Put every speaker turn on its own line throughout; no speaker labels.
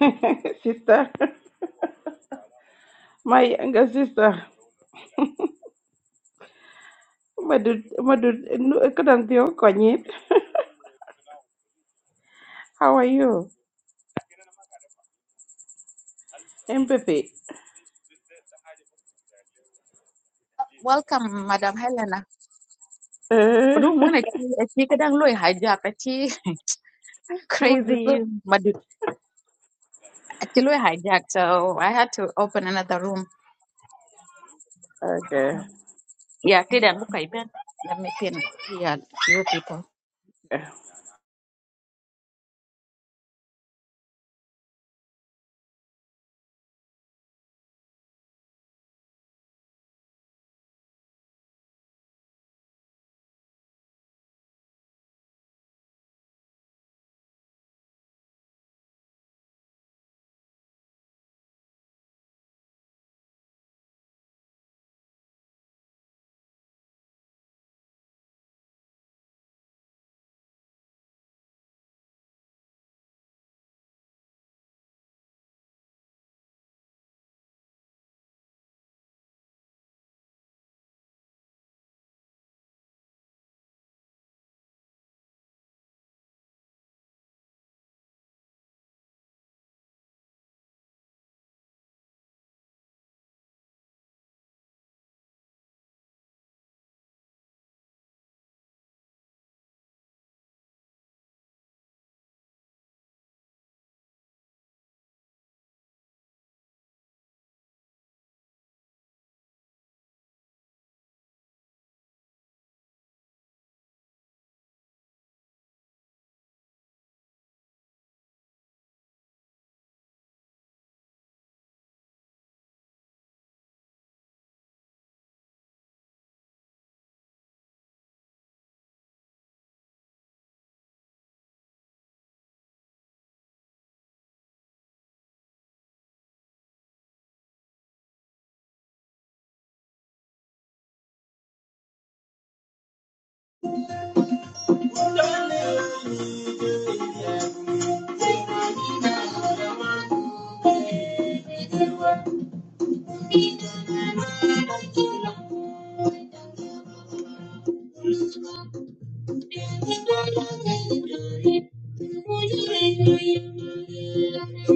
sister my younger sister madu madu kadang tio konyit how are you empathy
Welcome, Madam Helena.
eh
Room one she could loy hijack a chi
madu
crazy madu achi loy hijack, so I had to open another room.
okay
Yeah, kid and book I bet. Let me pin yeah, you
Yeah.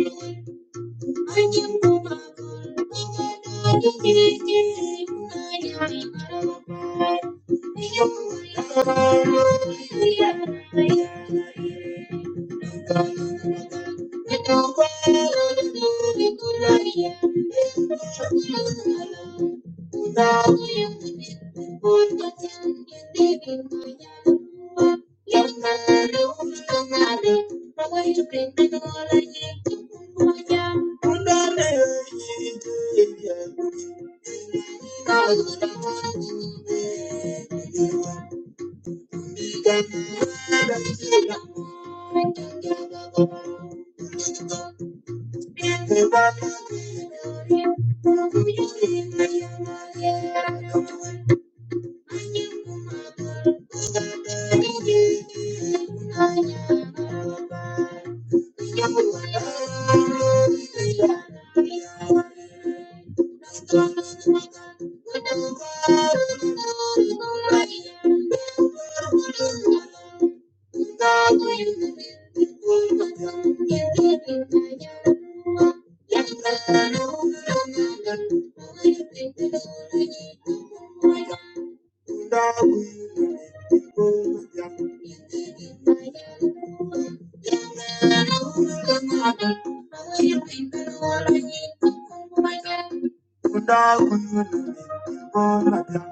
people. I am too much for you to take. I am too much for you to love. I am too much for you to love. I am too much for you to love. I'm Let's go, let's go, let's go, let's go. Let's go, let's go, let's go, let's go. Let's go, let's go, let's go, let's go. Let's go, let's go, let's go, let's go. Let's go, let's go, let's go, let's go. Thank you.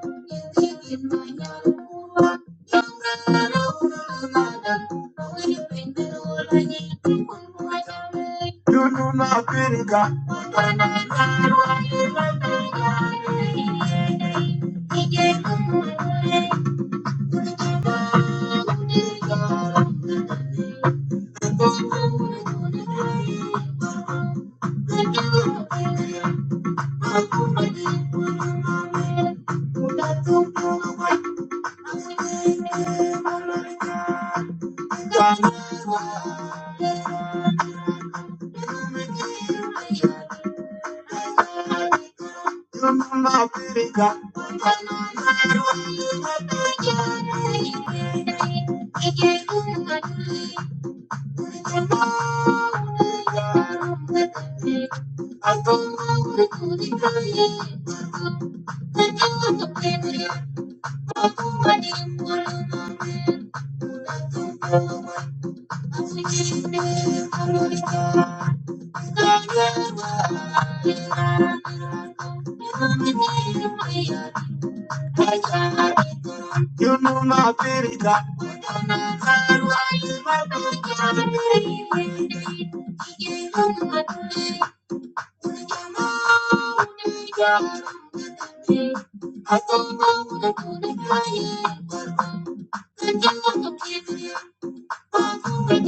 Thank you. Thank you. You know my pirita. I don't know what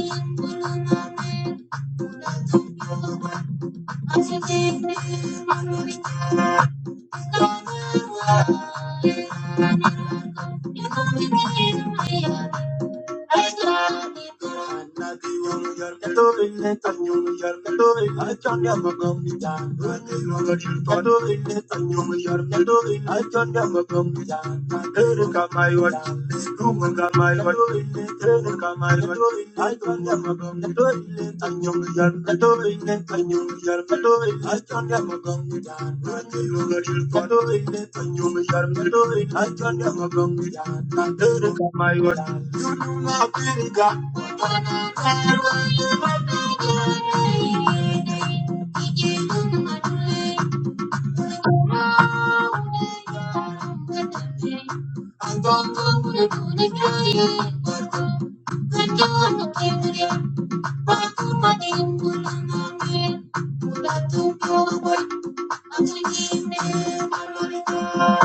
I'm Thank you. I Thank you.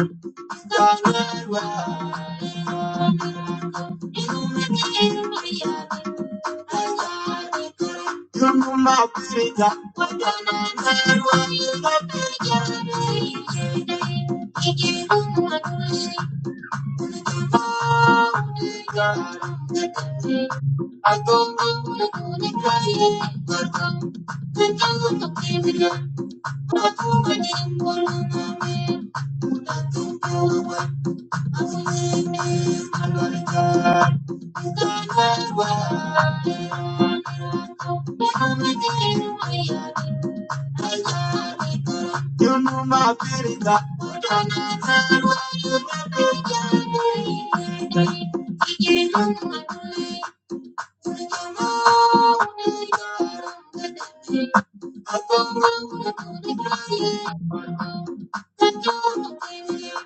Thank you. You know my baby, but I don't know why you love me. You know my baby.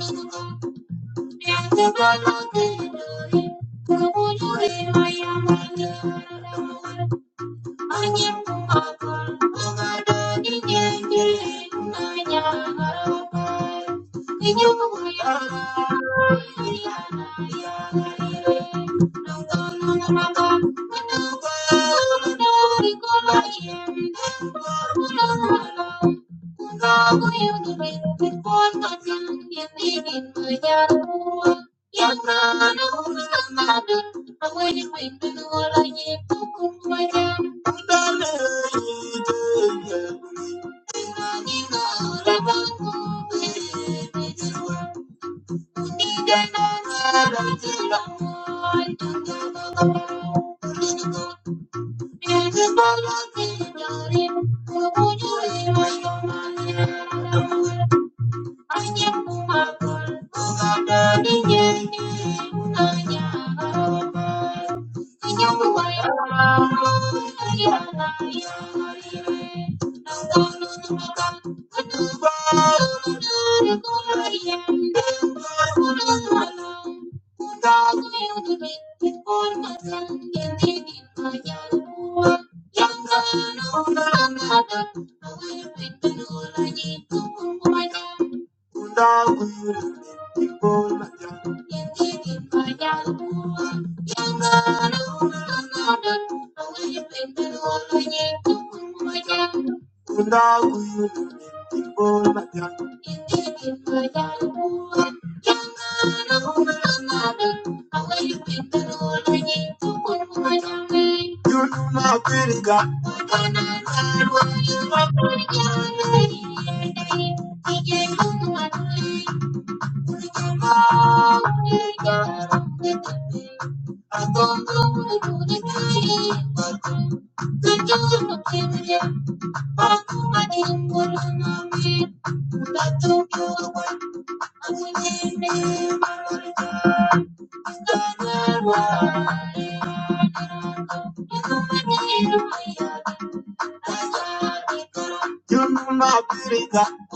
Thank you. Thank you. Yang mana urusan ada, awalnya main dulu lagi pukul banyak. Thank you. Undang-undang people. Thank You are my pretty girl, my pretty girl. I don't know what to do but you know my beauty got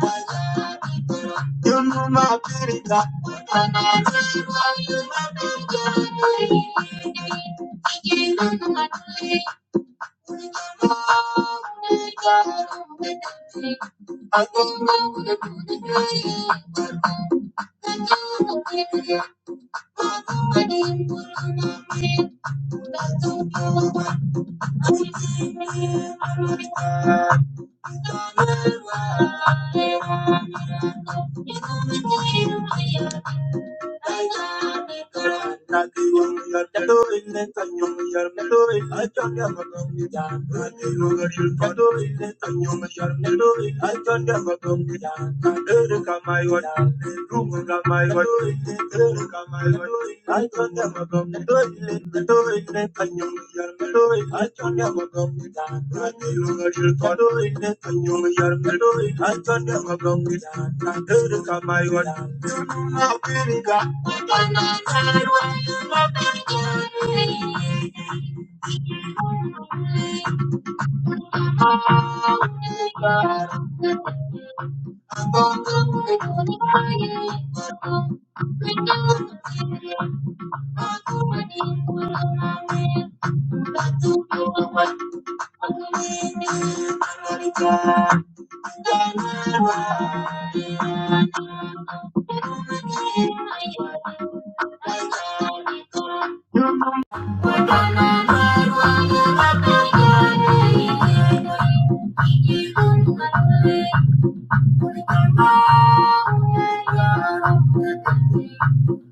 You know my pretty girl. And I wish you were you my pretty girl. I can't handle my day. Oh my God, I'm with that thing. I don't want to take. I think I wanna go to the I don't want to I didn't want to I don't know what I'm doing. I'm not going to I Thank you.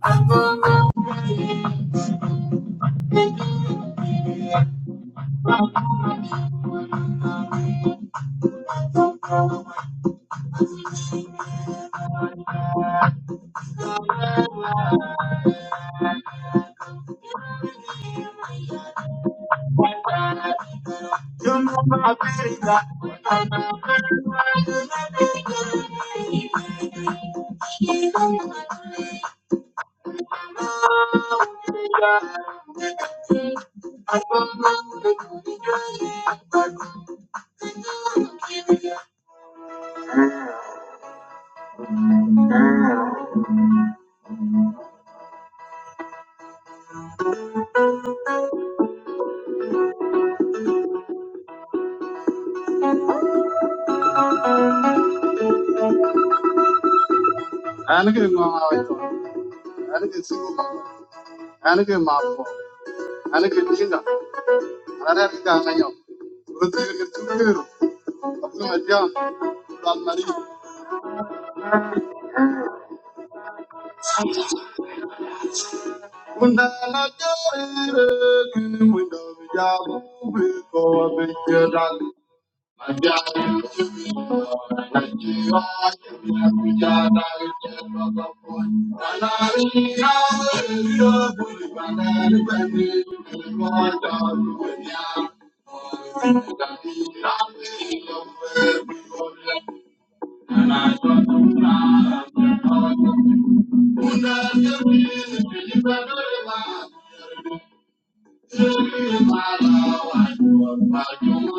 Thank you. I Thank you. be my Nigeria, we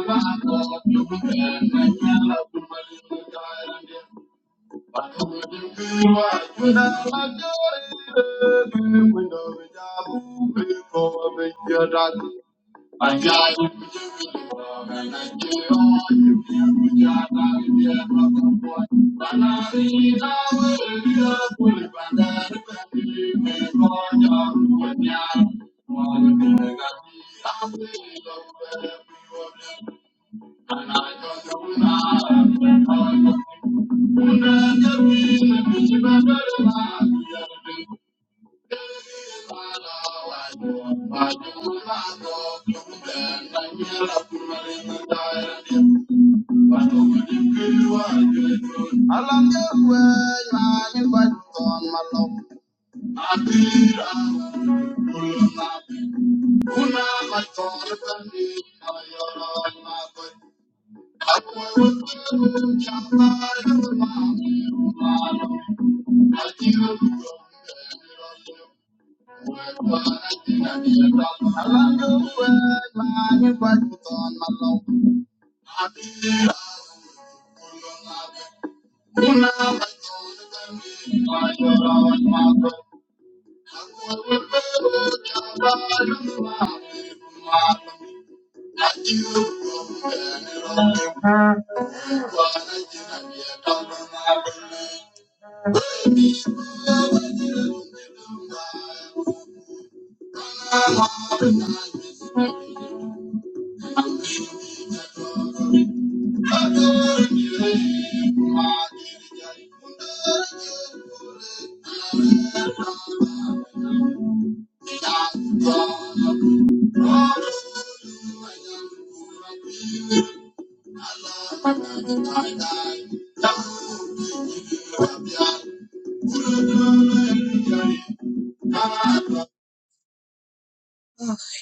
are the Thank you. Thank you.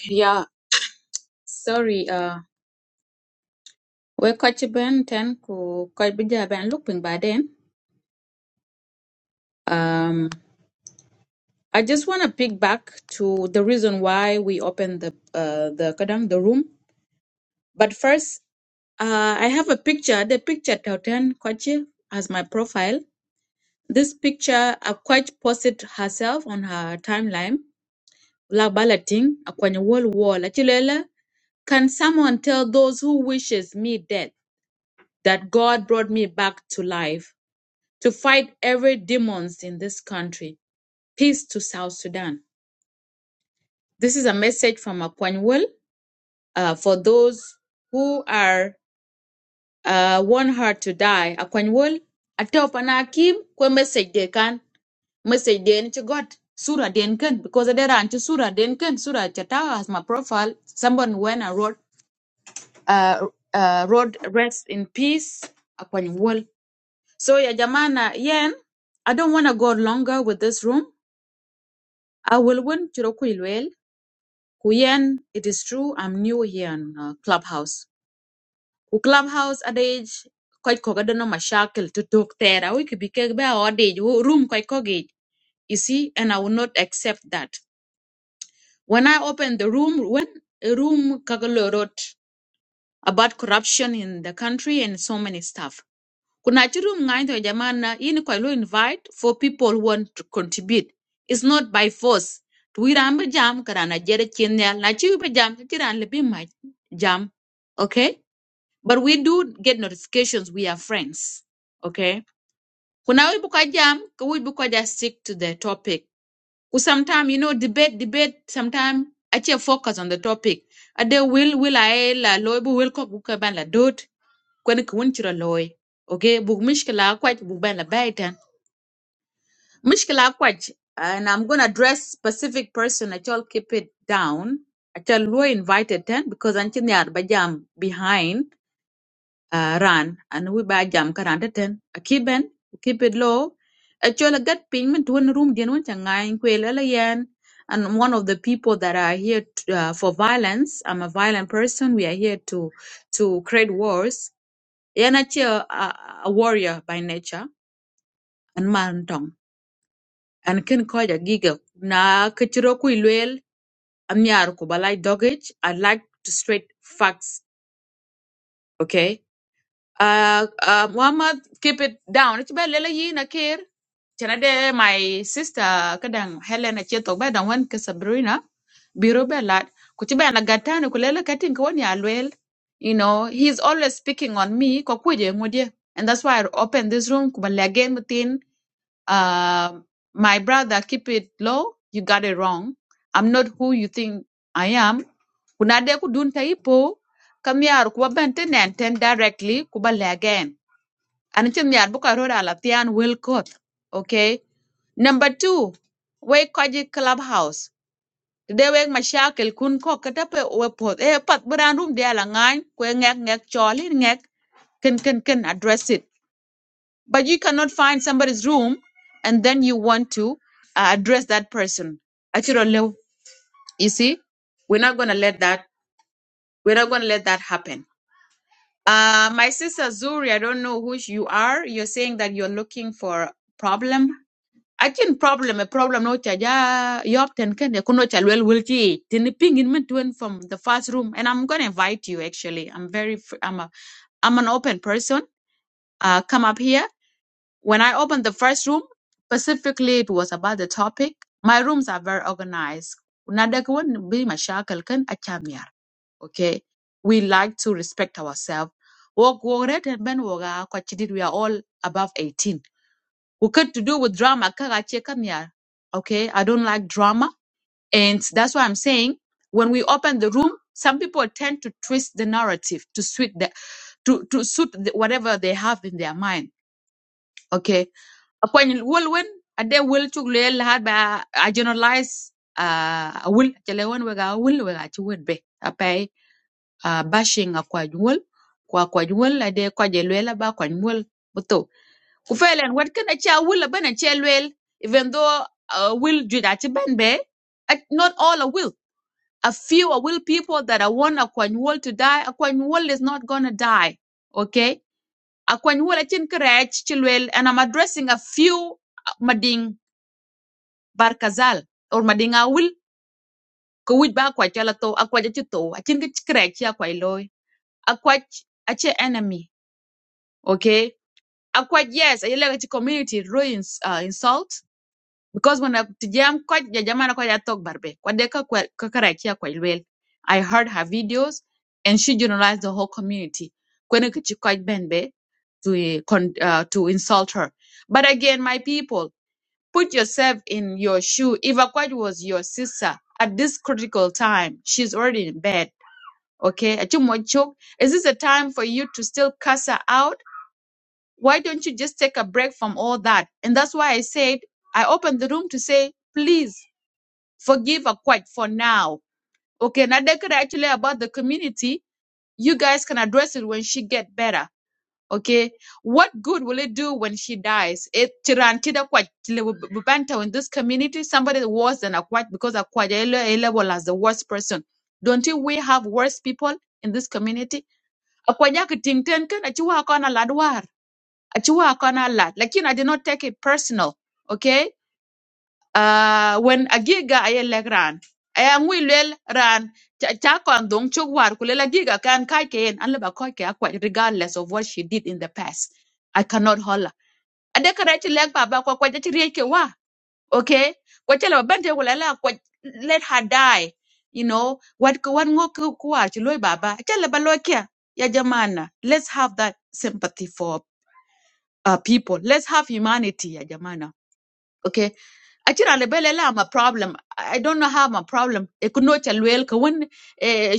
Yeah, sorry. Uh, we catch Ben ten ku catch bija Ben looping by then. Um, I just want to pick back to the reason why we opened the uh the kadang the room. But first, uh, I have a picture. The picture Tauten Kwachi as my profile. This picture, a quite posted herself on her timeline, la balloting, a kwenye wall wall. Achilele, can someone tell those who wishes me death that God brought me back to life to fight every demons in this country? Peace to South Sudan. This is a message from Akwanyewol uh, for those who are uh, want her to die. Akwanyewol, atopanaki kwe message dekan. message den ci got sura den ken because there are sura den ken sura chata as my profile someone when I wrote uh, uh wrote rest in peace upon wall so ya jamana yen I don't want to go longer with this room I will win chiro kuilwel ku it is true I'm new here in uh, clubhouse ku clubhouse adage quite kogadono mashakil to talk there we could be keg be odage room quite kogage you see and I will not accept that When I opened the room, when a room Kagalo wrote about corruption in the country and so many stuff. Kuna chi room ngaito ya jamana ini kwa ilo invite for people who want to contribute. It's not by force. Tuirambe jam karana jere chinya na chiwe jam chiran lebi ma jam. Okay? But we do get notifications. We are friends. Okay? Kuna wibu kwa jam, kwa wibu kwa just stick to the topic sometimes you know debate debate sometimes actually focus on the topic ade will will I la loy bu will ko bu ka ban la dot ko ne kun chira loy okay bu mishkila kwaj bu ban la baitan mishkila kwaj and i'm going to address specific person actually keep it down actually loy invited then because until they are bajam behind uh, run and we buy jam karanta ten a kiben keep it low a chola gat ping to one room den one changain kwelele yen and one of the people that are here t uh, for violence i'm a violent person we are here to to create wars yen a a, a a warrior by nature and man tong and kin koja giga na kichiro ku ilwel amyar ku balai dogage i like to straight facts okay uh, uh, Muhammad, keep it down. It's about Lela Yi Nakir. Chanade, my sister, Kadang Helen, and Chetok, but one Casabrina, Biro Bellat, Kuchiba and Agatan, Kulela Katin Kwani Alwell. You know, he's always speaking on me, Kokuje, Mudia. And that's why I opened this room, Kubalagain um, my brother, keep it low. You got it wrong. I'm not who you think I am. Kuna de kudunta ipo. Kamyar kuba bente and directly kuba le again. And it's myar buka roda latian will court. Okay. Number two, we kaji clubhouse. Today we mashakil kun ko katape we pot. Eh pat buran room de alangan kwe ngek ngek choli ngek ken ken ken address it but you cannot find somebody's room and then you want to uh, address that person actually you see we're not going to let that we're not going to let that happen uh, my sister zuri i don't know who you are you're saying that you're looking for problem I can problem a problem no chaja yopten ken kuno chalwel wilchi tin ping in min from the first room and I'm gonna invite you actually I'm very fr- I'm a I'm an open person uh come up here When I opened the first room, specifically it was about the topic. My rooms are very organized. Nada kawan bi mashakal kan acham yar. Okay. We like to respect ourselves. Walk walk red and ben woga kwachidit we are all above 18. We could to do with drama kaga che kam yar. Okay. I don't like drama. And that's why I'm saying when we open the room, some people tend to twist the narrative to suit the to, to suit the, whatever they have in their mind. Okay akwan wol wen ade wol cuk lueel lahat ba a generalize uh, a wol chele wen wega a wol wega ci wet be apai uh, bashing a kwaj wol kwa kwaj wol ade kwaje lueel ba kwaj wol buto ku felen wet ken aci a wol aben aci lueel even though uh, will juj aci ben be ac- not all a will a few a will people that are want a kwaj wol to die a kwaj wol is not gonna die okay a kwaj wol acin kerech ci lueel and i'm addressing a few uh, mading barkazal or madinga wil ko wij ba kwa chala to akwa ja to achin ke crack ya kwa loy akwa ache enemy okay akwa yes I like community ruins uh, insult because when I jam kwa ja jamana kwa ja talk barbe kwa deka kwa kwa crack ya kwa lwel i heard her videos and she generalized the whole community kwene kichi kwa benbe to uh, con, uh, to insult her but again my people Put yourself in your shoe. If Akwaj was your sister at this critical time, she's already in bed. Okay, Achimwachuk, is this a time for you to still cuss her out? Why don't you just take a break from all that? And that's why I said I opened the room to say, please forgive Akwaj for now. Okay, Nadeka actually about the community. You guys can address it when she get better okay what good will it do when she dies it tiran kida kwaj le- b- b- banta in this community somebody worse than a akwaj because a ele- ele level as the worst person don't you we have worse people in this community akwaj ak tingten A achiwa akona ladwar A achiwa akona lad lakin i did not take it personal okay uh, when agiga aye lek ran aya ngwi lwel ran cha cha kon dong chok war ku lel agiga kan kai ke en an leba koi ke akwa regardless of what she did in the past i cannot holla ade kare ti lek baba kwa kwa ti rieke wa okay kwa chela bente ku lela kwa let her die you know what ko wan ngo ku ku war loy baba chela ba loy kia ya jamana let's have that sympathy for uh, people let's have humanity ya jamana okay Achira lebele la I'm a problem. I don't know how I'm a problem. Ekuno chalwel kawin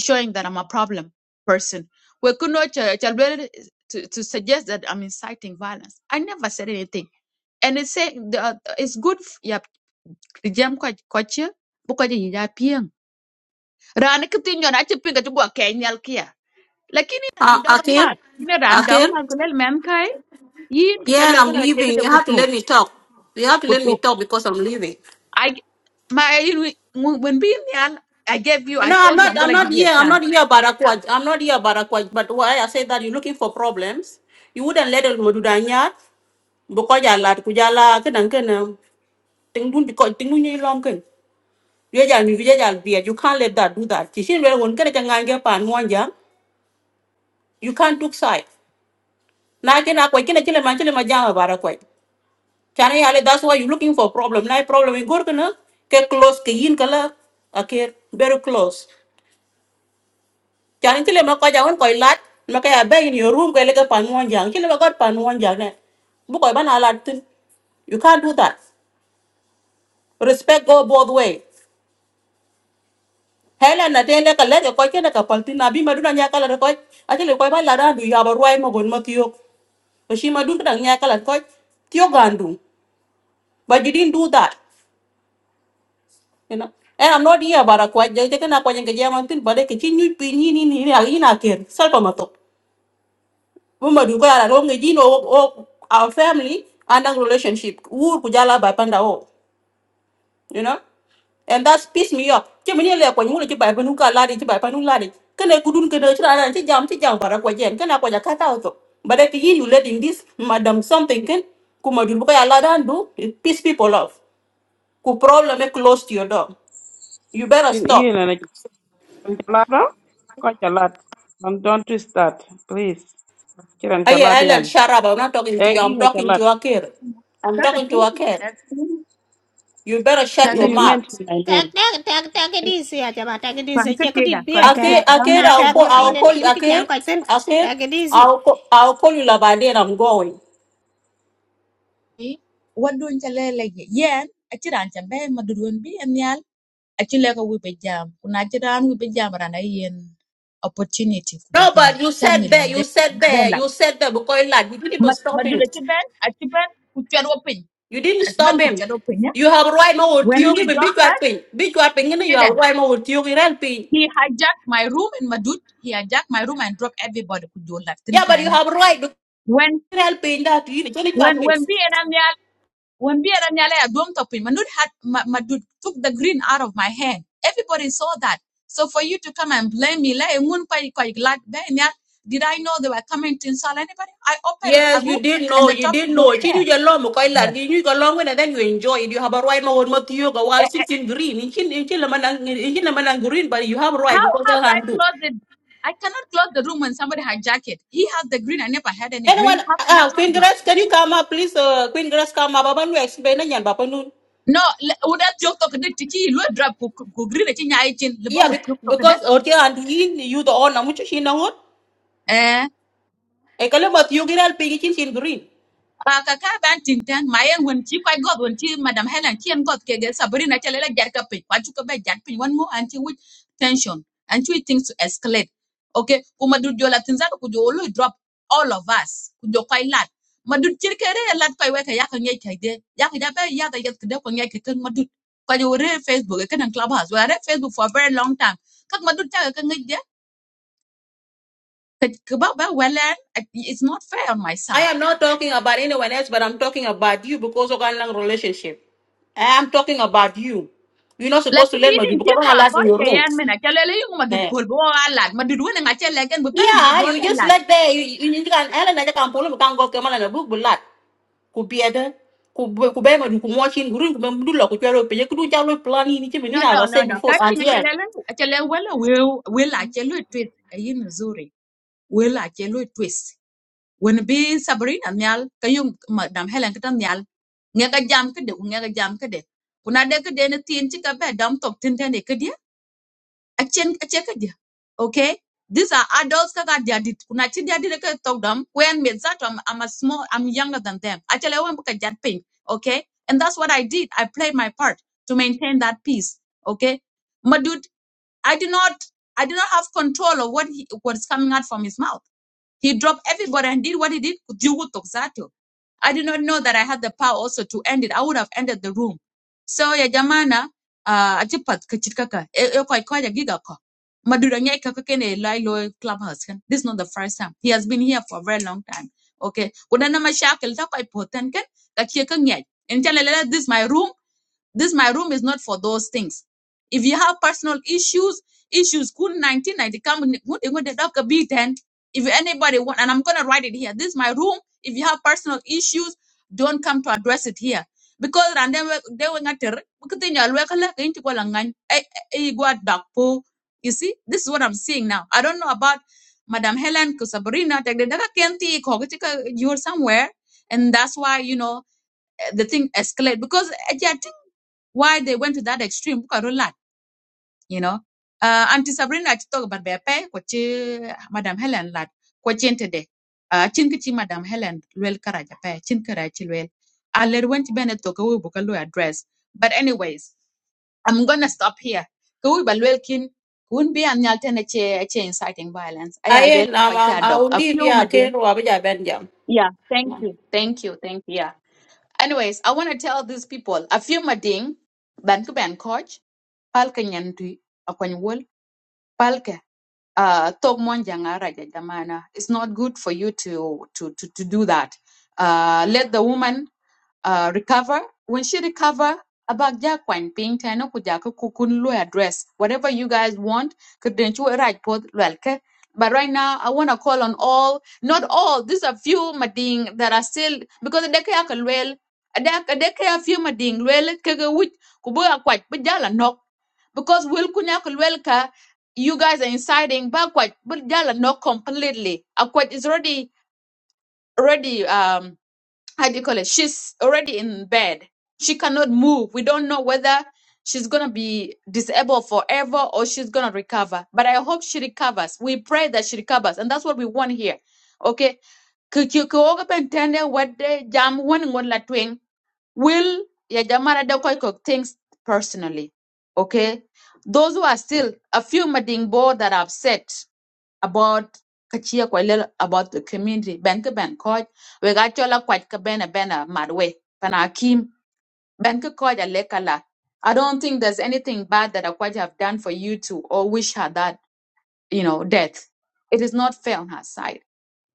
showing that I'm a problem person. We could not chalwel to to suggest that I'm inciting violence. I never said anything. And it's saying the, it's good f- ya jam kwa kwachi buka ji ya piang. Rana kitin yon achi pinga chugwa kenyal kia. Lakini
Uh,
ran dog
Akir,
man. Ina ran dog
Akir,
man kulel mem kai. Yin
yeah, and
kichalwel
I'm
kala
leaving.
kete
You have to
kutu.
let me talk. You have to let me talk because I'm leaving.
I my you know, when being young, I gave you. I
No, I'm
told you I'm
not. I'm
gonna
not
give you a
here. I'm
chance.
not here about Akwaj. I'm not here about Akwaj. But why I say that you're looking for problems, you wouldn't let it mududanya because you lad kujala kenang kenang tingun because tingun yung lom ken. You jal you jal biya. You can't let that do that. Chishin well one kena jangan ge pan You can't took side. Na kena Akwaj kena chile man chile man jang about Akwaj. Chana yale, that's why you're looking for problem. Now problem in Gorkana, ke close, ke yin kala, Okay. very close. Chana tile ma koja wan koi lat, ma kaya bay in your room kaya lega pan wan jang, tile ma got pan jang ne. Bu koi alat tin. You can't do that. Respect go both way. Hele na tele ka lege koi kena ka paltin na bi maduna nya kala koi, atile koi ban lada du ya barwai ma gon ma tiyo. madun kadang nya kala koi, tiyo gandu. But you didn't do that. you know and i'm not here about a kwa je je kana kwa nge jama tin bale ke chin nyu pi ni ni ni ni ni na ker sal pa mato bu ma du gara ro o o- our family and our relationship wur ku jala panda o you know and that's piss me off che me le kwa nyu le ba ba nu ka la di che ba pa nu la di kana ku dun kana chra na che jam che jam bara kwa jen kana kwa ja kata o to bale ke you letting this madam something can ku ma du ko ya dan du it piss people off ku problem e close to your door you better
And you
stop
know chiran chalado ko chalat don't don't twist that please chiran
Aye,
chalat yan
Ellen, shut up. I'm not talking to
eh
you.
you
I'm
had a
talking to
lot.
Akir. I'm
Kaka
talking to
tu,
Akir.
kaka tu,
You better shut
kaka
your
you
tu.
mouth.
mentioned my name
tek tek tek tek di chả cha ba tek di sia
Kwanka
che ke dit
teda,
bia
kwanka teda.
Akir,
kẹt cái
Dama
Akir,
nào
yako
I'll
ka
call,
dog
mun tin
I'll
en
basi.
call
kin cái jam
Akir.
cái tên
Akir,
ka tin tek di si
I'll call, I'll call you Labadi and I'm going.
Eh, Wadu nchalele yen. Achira anchambe madurun bi anyal. Achile ko wipe jam. Kuna achira an wipe jam rana yen opportunity ku be
No,
jam.
but you said
Achangi
there, you
lande.
said there,
Bella.
you said there because lad, you didn't even stop him.
Madura chiben, achiben kuchero pin.
You didn't
Achiben
stop him.
kuchero pin ya.
You have right now with
When
you,
he
give a big
dropped
weapon. Big weapon. you know, you
us,
have right now with you, helping.
He hijacked my room in Madut. He hijacked my room and dropped everybody. Could you like
Yeah, but you
tintana?
have right to
When
helping that you didn't
when when
helping.
B and Amyal when B and Amyal I don't top him. Madut had Ma- Madut took the green out of my hand. Everybody saw that. So for you to come and blame me, like "Mun kwai- kwai glad be nyal," did I know they were coming to insult anybody? I opened a
Yes,
room
you did
and
know,
the
you
topic
did
was
know. Chi
there.
nyu jalo mo koi lan,
Yeah.
you go long when and then you enjoy it. You have a right now on what you go while
Eh,
it's
eh,
in green. In chin in chin laman ang- in chin laman ang green, but you have a right
How
because
how
they
do I
can do.
close it? I cannot close the room when somebody hijack it. He has the green. I never had any
Anyone,
green. How can I
uh,
close
Queen
it?
Grace, can you come up, please? Uh, Queen Grace, come up. Baban, we explain na yan, Bapa Nun.
No, le- uda tiok tok de tichi lo drop ku ku ku green chi nyai chin le bo
Yeah, bec-
tiok tok de.
because okay, and in you the owner, mucho chin na ngot.
Eh,
E kalam at you ginal pingi chin chin green.
a ka ka ban tin tan ma yen won chi kwai god won chi madam Helen chi en god ke ge Sabrina chale la jar ka pe. Kwa chu ka be jar pin one more and chi with tension and chi things to escalate. Okay, ku madu jola tin za ku jo lo drop all of us. Ku jo kwai lat. Madu chir ke re lat kwai we ka ya ka nyai kai de. Ya ka da be ya da yet ke de ko nyai ke kan madu. Kwa jo re Facebook ke kan clubhouse. We are Facebook for a very long time. Kak madu ta ka ngai Ka- kababa welen it's not fair on my
I
side
am not talking about anyone else, but I'm talking about you because of our long relationship. I am talking about you. You're not supposed to
lakini
let me
yidin
do
ti
because when
ko
I last
ko
in your
ke
room.
yan mena ke lele yung madud
Eh,
pol bo alat madud wona nga che legen bu ben bu
yeah,
bo
you
ben
just
lat
let there. You, you, you can Ellen I can pull him, can go come on a book, but lot. Could be other. Could be could be my could watch in group, could do lock, could be open. You could do jalo plan in each
no no
as I
no
said
no ka
before.
ti
And
nga che
yeah,
lele che Will will we we la che lu twist e yin Will we la che twist when be sabrina nyal ka yung madam helen ka nyal nga ka jam ka de nga ka jam ka de kuna de ka de ne achen achen ka dia okay these are adults ka ka dia dit kuna chin dia dit ka talk them when me that I'm, I'm a small I'm younger than them actually when ka jat ping okay and that's what I did I played my part to maintain that peace okay madud I did not I did not have control of what he, what's coming out from his mouth he dropped everybody and did what he did. Jugu Toksato. I did not know that I had the power also to end it. I would have ended the room. So ya jamana, uh, Ajipat kachitkaka. Eko ikoja giga ko. Madura nyai kaka kene lai lo clubhouse. ken. This is not the first time. He has been here for a very long time. Okay. Kuna na mashakil ta kwa ipoten ken. Kachie kanyai. Inchalele, this is my room. This my room is not for those things. If you have personal issues, issues kun 1990 come in- kun in- kun de dab ka If anybody want, and I'm gonna write it here. This is my room. If you have personal issues, don't come to address it here. Because and then they were not back po. You see, this is what I'm seeing now. I don't know about Madam Helen Kusabrina. Take the data Kenti, You're somewhere, and that's why you know the thing escalate because eh, yeah, I think why they went to that extreme because of lot, you know. Uh, Auntie Sabrina I talk about their pay, which Madam Helen lad, which today. Uh, chin kichi Madam Helen well karaja pay, chin karachi well. I led went to Bennett to go book a lawyer address. But anyways, I'm gonna stop here. Go Balwelkin wouldn't be an alternative inciting violence.
I
I
am, um, um,
will
I
dog.
will leave here. Okay, Rob, yeah, Benjamin.
Thank you, thank you. yeah. Anyways, I want to tell these people a few mading ban ku ban coach palka nyantui akwan wol palka uh tog mon janga raja jamana. It's not good for you to to to, to do that. Uh, let the woman uh, recover. When she recover, abag ja kwan ping tano ku ja ku kun lo address. Whatever you guys want, could right pod lwelke. But right now, I want to call on all, not all, these are few mading that are still, because they can well, they can few mading, well, kege wit, kubo akwaj, but jala nok. Because will kunya kulwelka, you guys are inciting, but kwaj, but jala nok completely. Akwaj is already, already, um, how do you call it? She's already in bed. She cannot move. We don't know whether she's gonna be disabled forever or she's gonna recover. But I hope she recovers. We pray that she recovers, and that's what we want here. Okay. Kikioga pentende wede jam wani ngon la twing will ya jamara de koi kok things personally. Okay. Those who are still a few mading bo that are upset about kachia kwa lel about the community ben ka ben ko we ga chola kwat ka ben a ben a madwe pana kim ben ka ko ja lekala i don't think there's anything bad that akwaj have done for you to or wish her that you know death it is not fair on her side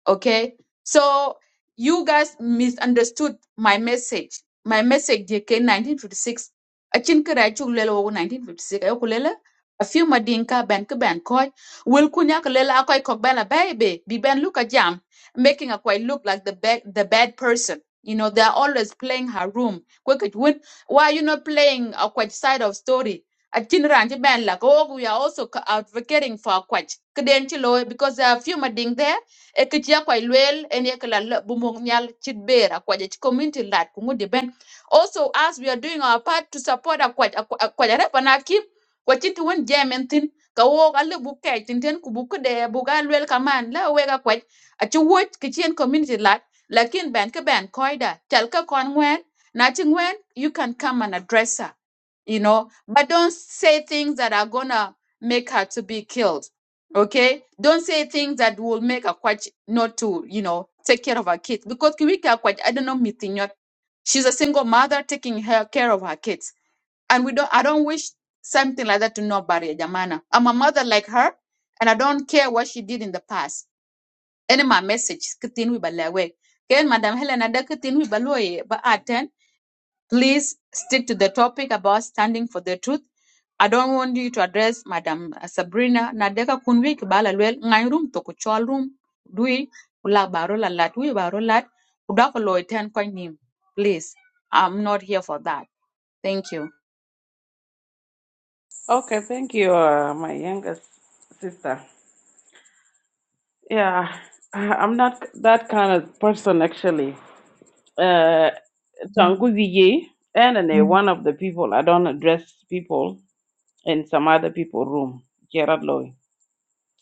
Okay. So you guys misunderstood my message. My message DK 1956. Achin kira chuk lelo wo 1956 ayo kulela a few madinka ben ka ben koy will kunya kulela akoi kok ben a baby bi ben look a jam making a quite look like the bad the bad person you know they're always playing her room quick win why you not playing a quite side of story Achin ranji ben like oh we are also c- advocating for a quite kden chilo because there are a few mading there e ke tia kwa ilwel en ye kala la bumong nyal chit bera kwa je community lat kungu de also as we are doing our part to support akwa akwa re panakim kwa chit won jamen tin ka wo ka le bu kai tin ten ku bu de bu ga lwel kaman la wega ga kwa a chu wo ke community lat lakin ben ke ben koida tel ka kon wen na ching wen you can come and address her you know but don't say things that are gonna make her to be killed Okay? Don't say things that will make a quite not to, you know, take care of her kids. Because Kiwika quite I don't know Mitinyot. She's a single mother taking her care of her kids. And we don't I don't wish something like that to nobody, Jamana. I'm a mother like her and I don't care what she did in the past. Any my message, kitin we balawe. Ken Madam Helena da kitin we baloye ba Please stick to the topic about standing for the truth. I don't want you to address Madam uh, Sabrina Nadeka Kunwi Kibala Lwel Ngai Room Toku Chol Room Dui Ula Baro La Lat Wi Baro Lat Udako Loy Ten Nim. Please, I'm not here for that. Thank you.
okay thank you uh, my youngest sister yeah I- i'm not that kind of person actually uh, Tangu Vijay, and then, uh, one of the people, I don't address people in some other people room, Gerard Loy.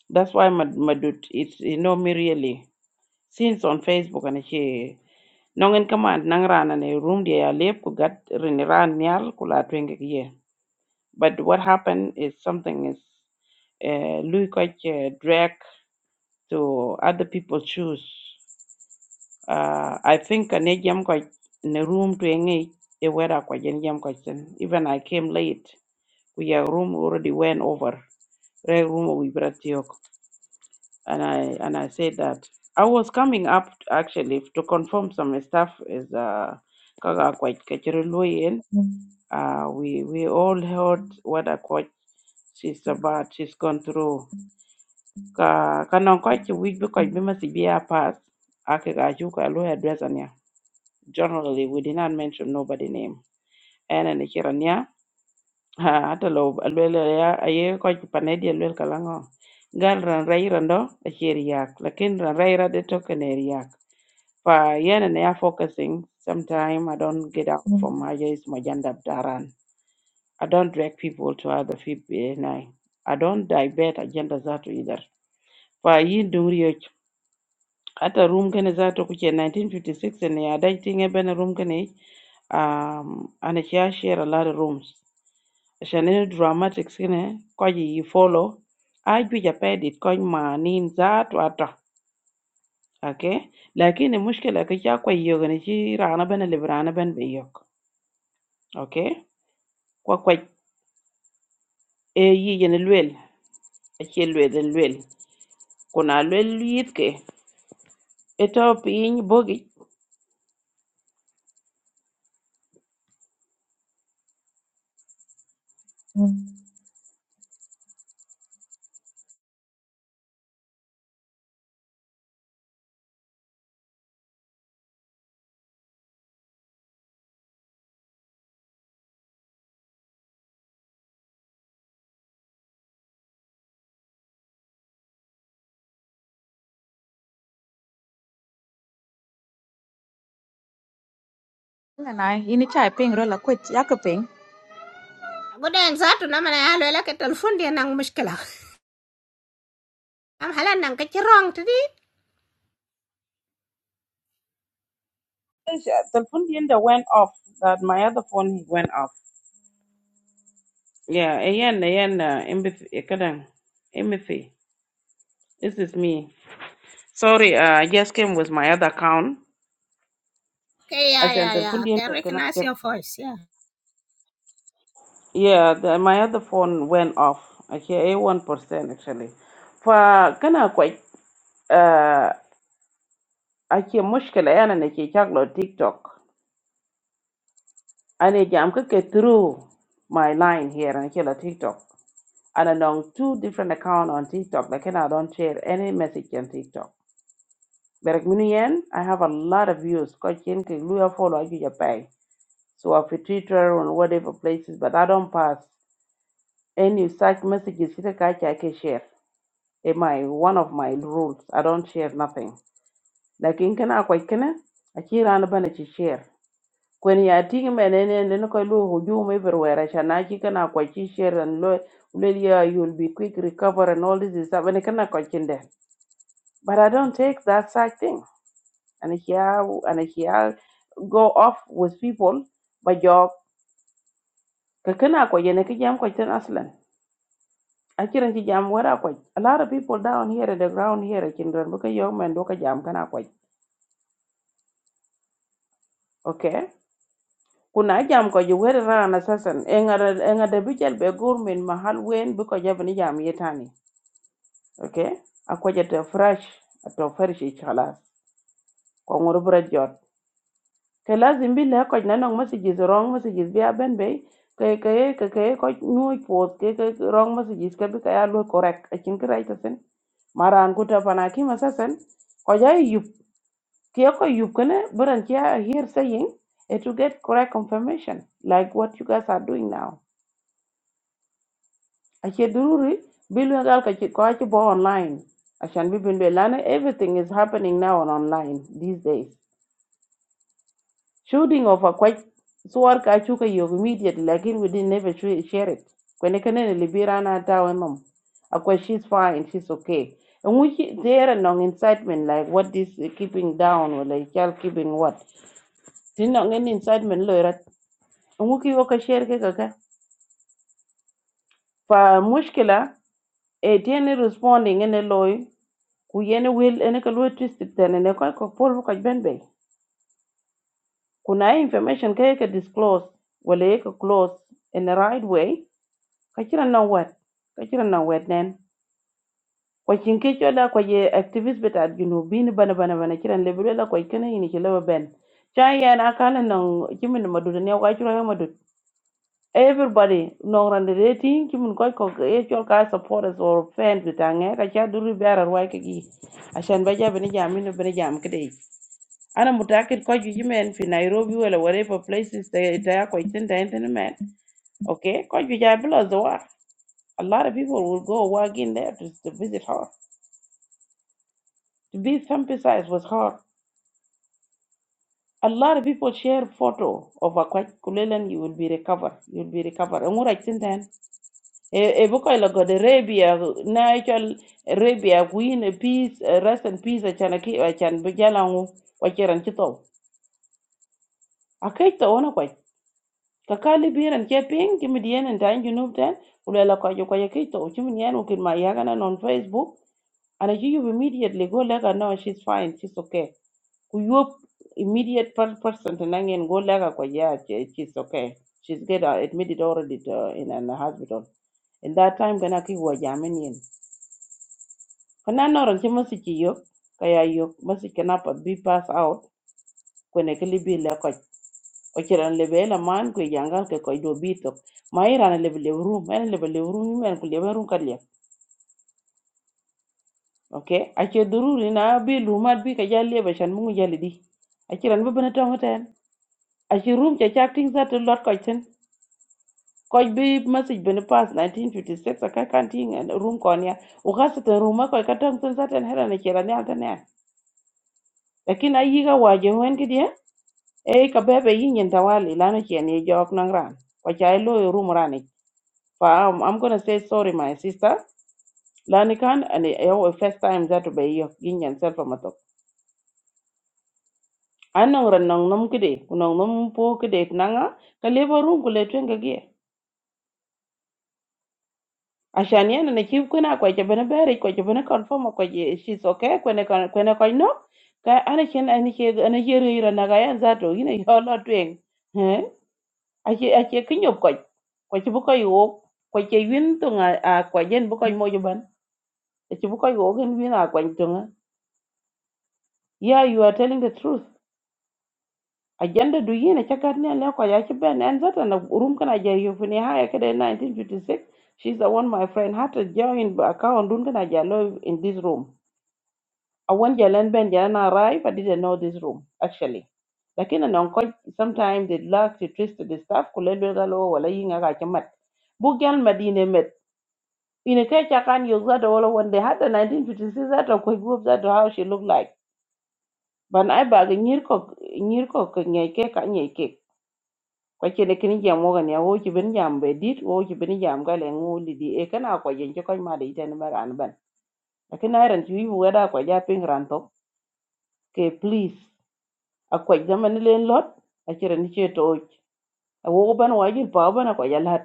That's why my, my dude, it's, you know me really. Since on Facebook, and she, nongen command nang ran and a room they are lip ku gat rin ran nyal ku twenge ye. But what happened is something is uh, Louis Koch uh, drag to other people's shoes. Uh, I think a ne jam ko a room to engage. e wera ko jen jam ko Even I came late. We are room already went over. Re room we brought yok. And I and I said that I was coming up actually to confirm some stuff is uh kaga ko kachiro loyen. Uh we we all heard what a quite she's about she's gone through ka kanon ko ci wij bi ko must be a pass ake ga ju ka lo address anya generally we did not mention nobody name ene ni kiranya ha ata lo alwel ya aye ko panedi alwel kalango gal ran raira ndo acheri yak lakin ran raira de tokeneri yak fa yene ne ya focusing sometime i don't get out from my is majanda daran i don't drag people to other people eh, i don't divert agendas zatu either For yin hata room kene zato kuche 1956 ne ya dai tinge bena room kene um ana kya share a lot of rooms shane dramatics kene ko yi follow a ju ja pedit ko ma nin zato ata okay lakini mushkila ka kya ko yoga ne chi rana bena librana ben be yok okay ko ko e yi yene lwel a che lwel den lwel kuna lwel yit ke eto piny bogi
And I ini chai ping rola kwet yako ping.
godan za tu na mana ya lo la ke telefon dia nang mushkila am halan cái ke wrong to đi,
Yes, yes. The phone yenda went off. That my other phone went off. Yeah, ayan ayan uh, empathy. eh, kadang, Empathy. This is me. Sorry, uh, I just came with my other account.
okay yeah
Ashan
yeah yeah
telephone
can
yenda kana
recognize
check.
your voice yeah
Yeah, the, my other phone went off. Actually, a one percent actually. Fa kana quite uh, ake mushkila yana nake kyaklo TikTok. Ane jam kake through my line here and kila TikTok. and along two different accounts on TikTok. Like, and I don't share any message on TikTok. But mini yen, I have a lot of views. Cause, yen ke luya follow you pay. So I fit Twitter and whatever places, but I don't pass any such messages. Ita kacha I can share. In my one of my rules, I don't share nothing. Like in kana kwa kana, akira na bana chi share. When you are Kwen ya tingi menene nene ko lu hujum everywhere. Shana chi kana kwa chi share and lo, lo you'll be quick recover and all this is happening kana kwa chinde. But I don't take that side thing. And here and here go off with people by job. Kakana ko yene ki jam ko ten aslan. Akiran ki jam wara ko. A lot of people down here at the ground here at Kindran because young men do ka jam kana ko. Okay? Kuna jam ko you were ran assassin. Enga enga de bijal be gurmin mahal wen because jabani jam yetani. Okay? Akwa jata fresh ato fresh chalas. Ko ngoro jot. ke lazim bi le ko nanong messages wrong messages bi aben be ke ke ke ke ko nyu post ke ke wrong messages ke bi ka ya lo correct a chin kra ita sen maran ku ta pana ki masasen ko ya yup ke ko yup kene buran kia here saying eh, to get correct confirmation like what you guys are doing now a che dururi bi lo gal ka chi ko a bo online Ashan bi bin be lana everything is happening now on online these days Shooting of a quite suwar ka chuka yog immediately. Like we didn't never sh- share it. Kwene kene ni libira na tawe mom. Akwa she's fine, she's okay. And we ki- there are no incitement like what this uh, keeping down or like child keeping what. Tin no ngin incitement lo rat. And we ki yoka share ke kaka. Fa mushkila e tiene responding ene loy ku yene will ene ka lo twist ten ene ko ko pol ko ben be. Kuna information ke ke disclose wala ye ka close in the right way ka kira nan wet ka kira nan wet nen kwa chin ke chola kwa ye activist beta you bin bana bana bana kiran lebele la kwa kana yini ke lewa ben cha na kala nan kimin madud ne kwa kira ya madud everybody non rande dating kimin kwa ko e chol ka supporters or fans beta nge ka cha duri bara rwa ke gi ashan ba ja bani jam ni bani jam kede ana mutakit kwa ju jimen fi Nairobi wala whatever places ta ta ya kwa itin ta itin men okay kwa ju ja bila zoa A lot of people will go walking there to, to visit her. To be sympathized with her. A lot of people share photo of Akwach Kulelen, you will be recovered. You will be recovered. And what I think then, a book I got Arabia, natural Arabia, win a peace, eh, rest in peace, a chanaki, a chan, bejalangu, wacher and chito. A kaito on a quite. Kakali beer and keeping, Kimedian and Dine, you know then, Ulela Kwayo Kwayakito, Chiminian, who can my yaganan on Facebook. And I you immediately go like, no, she's fine, she's okay. ku immediate per- person to nangen go laga kwa yeah she, she's okay she's get uh, admitted already to, uh, in an hospital in that time kana ki wa jaminin kana noron ki masiki yo kaya yok masiki na pa bi pass out kwene kili bi la kwa ochiran lebe la man kwe yangal ke koi do bito ma irana lebe le room en lebe le room men ku lebe room kalia okay ache dururi na bi lumat bi kaya lebe shan mungu jali di achiran bebe na tongoten achi room cha chak ting za to lot kwa koch bi message bene pass 1956 aka kan ting room kon ya u gasa ta room ko ka tang tun zaten hera ne kira ne alta ne lakin ayi ga waje wen ki dia e ka yin yin tawali lana ke ne jok nan ran ko chai lo yo room rani fa am I'm gonna say sorry my sister lani kan and yo first time that to be yo yin yin self matok anan ran nan nom kide kunan nom po kide nanga ka lebo room ko le twenga Ashan yan na chief kuna kwa che bene bere kwa che bene confirm kwa che she's okay kwene kwa kwene kwa no ka ana chen ana che ana che ri ra na ga yan za to ina yo lo twen he a che a che kinyo kwa kwa che bu ko yo kwa che yin to nga a kwa yen bu ko mo yeah you are telling the truth agenda do yin a ne le kwa ya che ben an za na urum kana je yo fini ha 1956 she's the one my friend had to join account dun kana ja in this room I Awan jalan ben jalan arrived. I didn't know this room, actually. Lakini na nonko, sometimes they lack to twist the stuff, kulelwe galo, wala yinga kacha mat. Bugyan madine met. Ine kai chakan yok zato wala when they had the 1956 that zato kwa group zato how she looked like. But I baga nyirko, nyirko nyeke ka nyeke. Kwa chene kini jam waga ni awo chibini jam bedit, awo chibini jam gale nguli di e kana kwa jencho kwa imada itani mara anban. Lakini iron chiwi wada kwa japing rantok. Okay, please. akwaj zaman len lot akira ni ce toj awogo ban wajil pa ban akwaj alat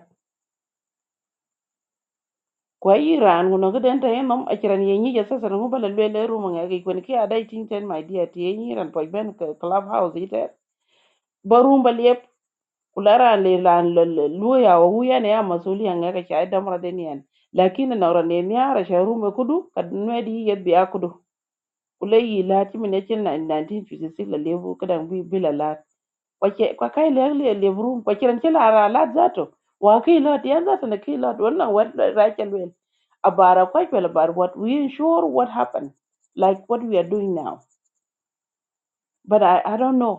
kwa iran kuno giden ta yenom akiran ye nyi jasa sana ngo bala lwele ruma nga gi kwen ki adai ting ten my dear ti ye nyi ran poj ben club house ite barum bal yep kulara le lan lu ya wu ya ne ya masuli nga ka chai damra den yan lakini na ran ne ni ara sha rume kudu kad nwedi yet biya kudu kule yi la ti mine chin na 1956 la lebu kada bi bila la kwa ke kwa kai le le lebu rum kwa kiran kila ara la zato wa kai la ti yanzu na kai la wannan wat rakel wel abara kwa ke bar what we ensure what happened like what we are doing now but i i don't know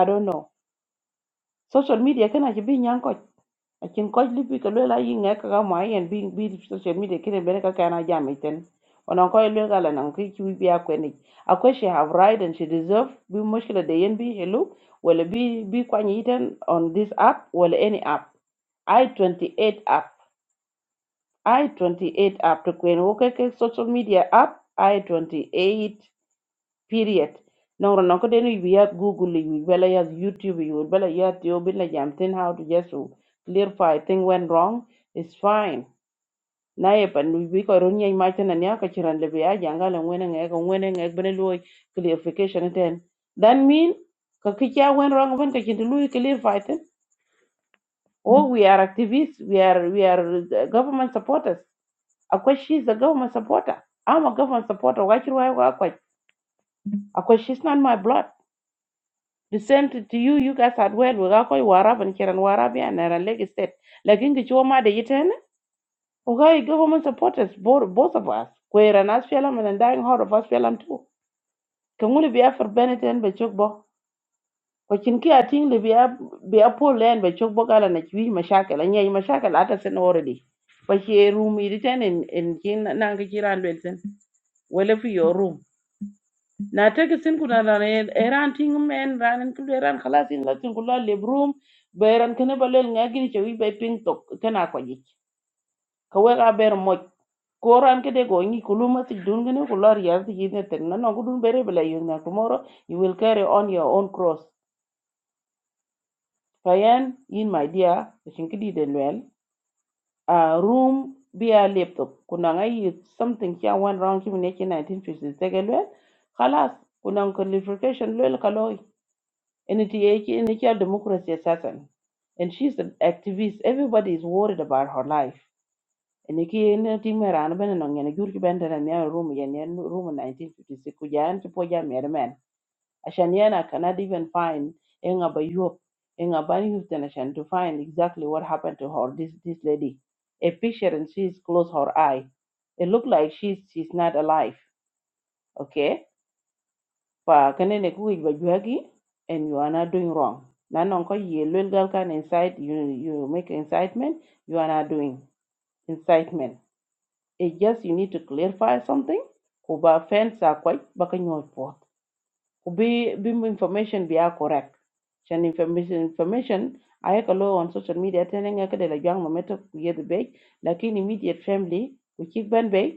i don't know social media kana ki bin yanko akin koc lipi ka luel ayi ŋe kaka mwa yen bi bi social media kine bene ka kana jam iten onon koy luel kala nan ki ki bi akweni akwe she have right and she deserve bi mushkila de yen bi hello wala bi bi kwany iten on this app wala any app i28 app i28 app to kwen wo ke ke social media app i28 period No ron No den we have google we bela yas youtube we bela ya tio bin la jam tin how to just to clarify thing went wrong is fine na ye pan we ko ron yai ma tan ya ka chiran le ya janga le ngene nge ko ngene nge bene lo clarification ten that mean ka kicha went wrong when ka chin lu clarify ten oh we are activists we are we are uh, government supporters akwai she's a government supporter i'm a government supporter why should i work with akwai she's not my blood The same to, to you, you guys at well, we got koi warab and kiran warab ya na ran leg state. Like in kichwa ma de yiten, okay, government supporters, both, both of us. Kwe ran aspelam and dying hard of aspelam too. Kanguli be for Benetton be chokbo. Kwa chinki ating li be a poor land. be chokbo gala na chwi mashakal. Anya yi mashakal ata sen already. Kwa chi room yiten in, in kin nang kichiran belsen. Wele fi your room. na teki sin kuna na eran tingum en ranen kulu eran khalas in latin kulu le brum be eran kene balel ngagin che be ping tok kana ko ji ka we ga ber mo ko ran kede go ni kulu ma ti dun gene kulu ya ti ji ne tek na no gudun bere bela yu na tomorrow you will carry on your own cross fayen in my dear shin kidi den wel a room be a laptop kuna ngai something here one round kimi ne 1956 tegel wel khalas kuna clarification lel kaloi And it in a democracy assassin. And she's an activist. Everybody is worried about her life. And iki in a team around ben and on a good band and a room yan yan room in nineteen fifty six kujan to poja merman. Ashaniana cannot even find Enga by Europe, Enga by Houston Ashan to find exactly what happened to her, this this lady. A picture and she's closed her eye. It looked like she's she's not alive. Okay? fa kanene ku ba juagi and you are not doing wrong na non ko ye lwel gal kan incite you you make incitement you are not doing incitement it just you need to clarify something ku ba fence a kwaj ba ka nyoj po ku bi bi information be a correct chan information information ay ka lo on social media telling nga ka de la jang ma meto ku ye de be lakin immediate family ku chik ban be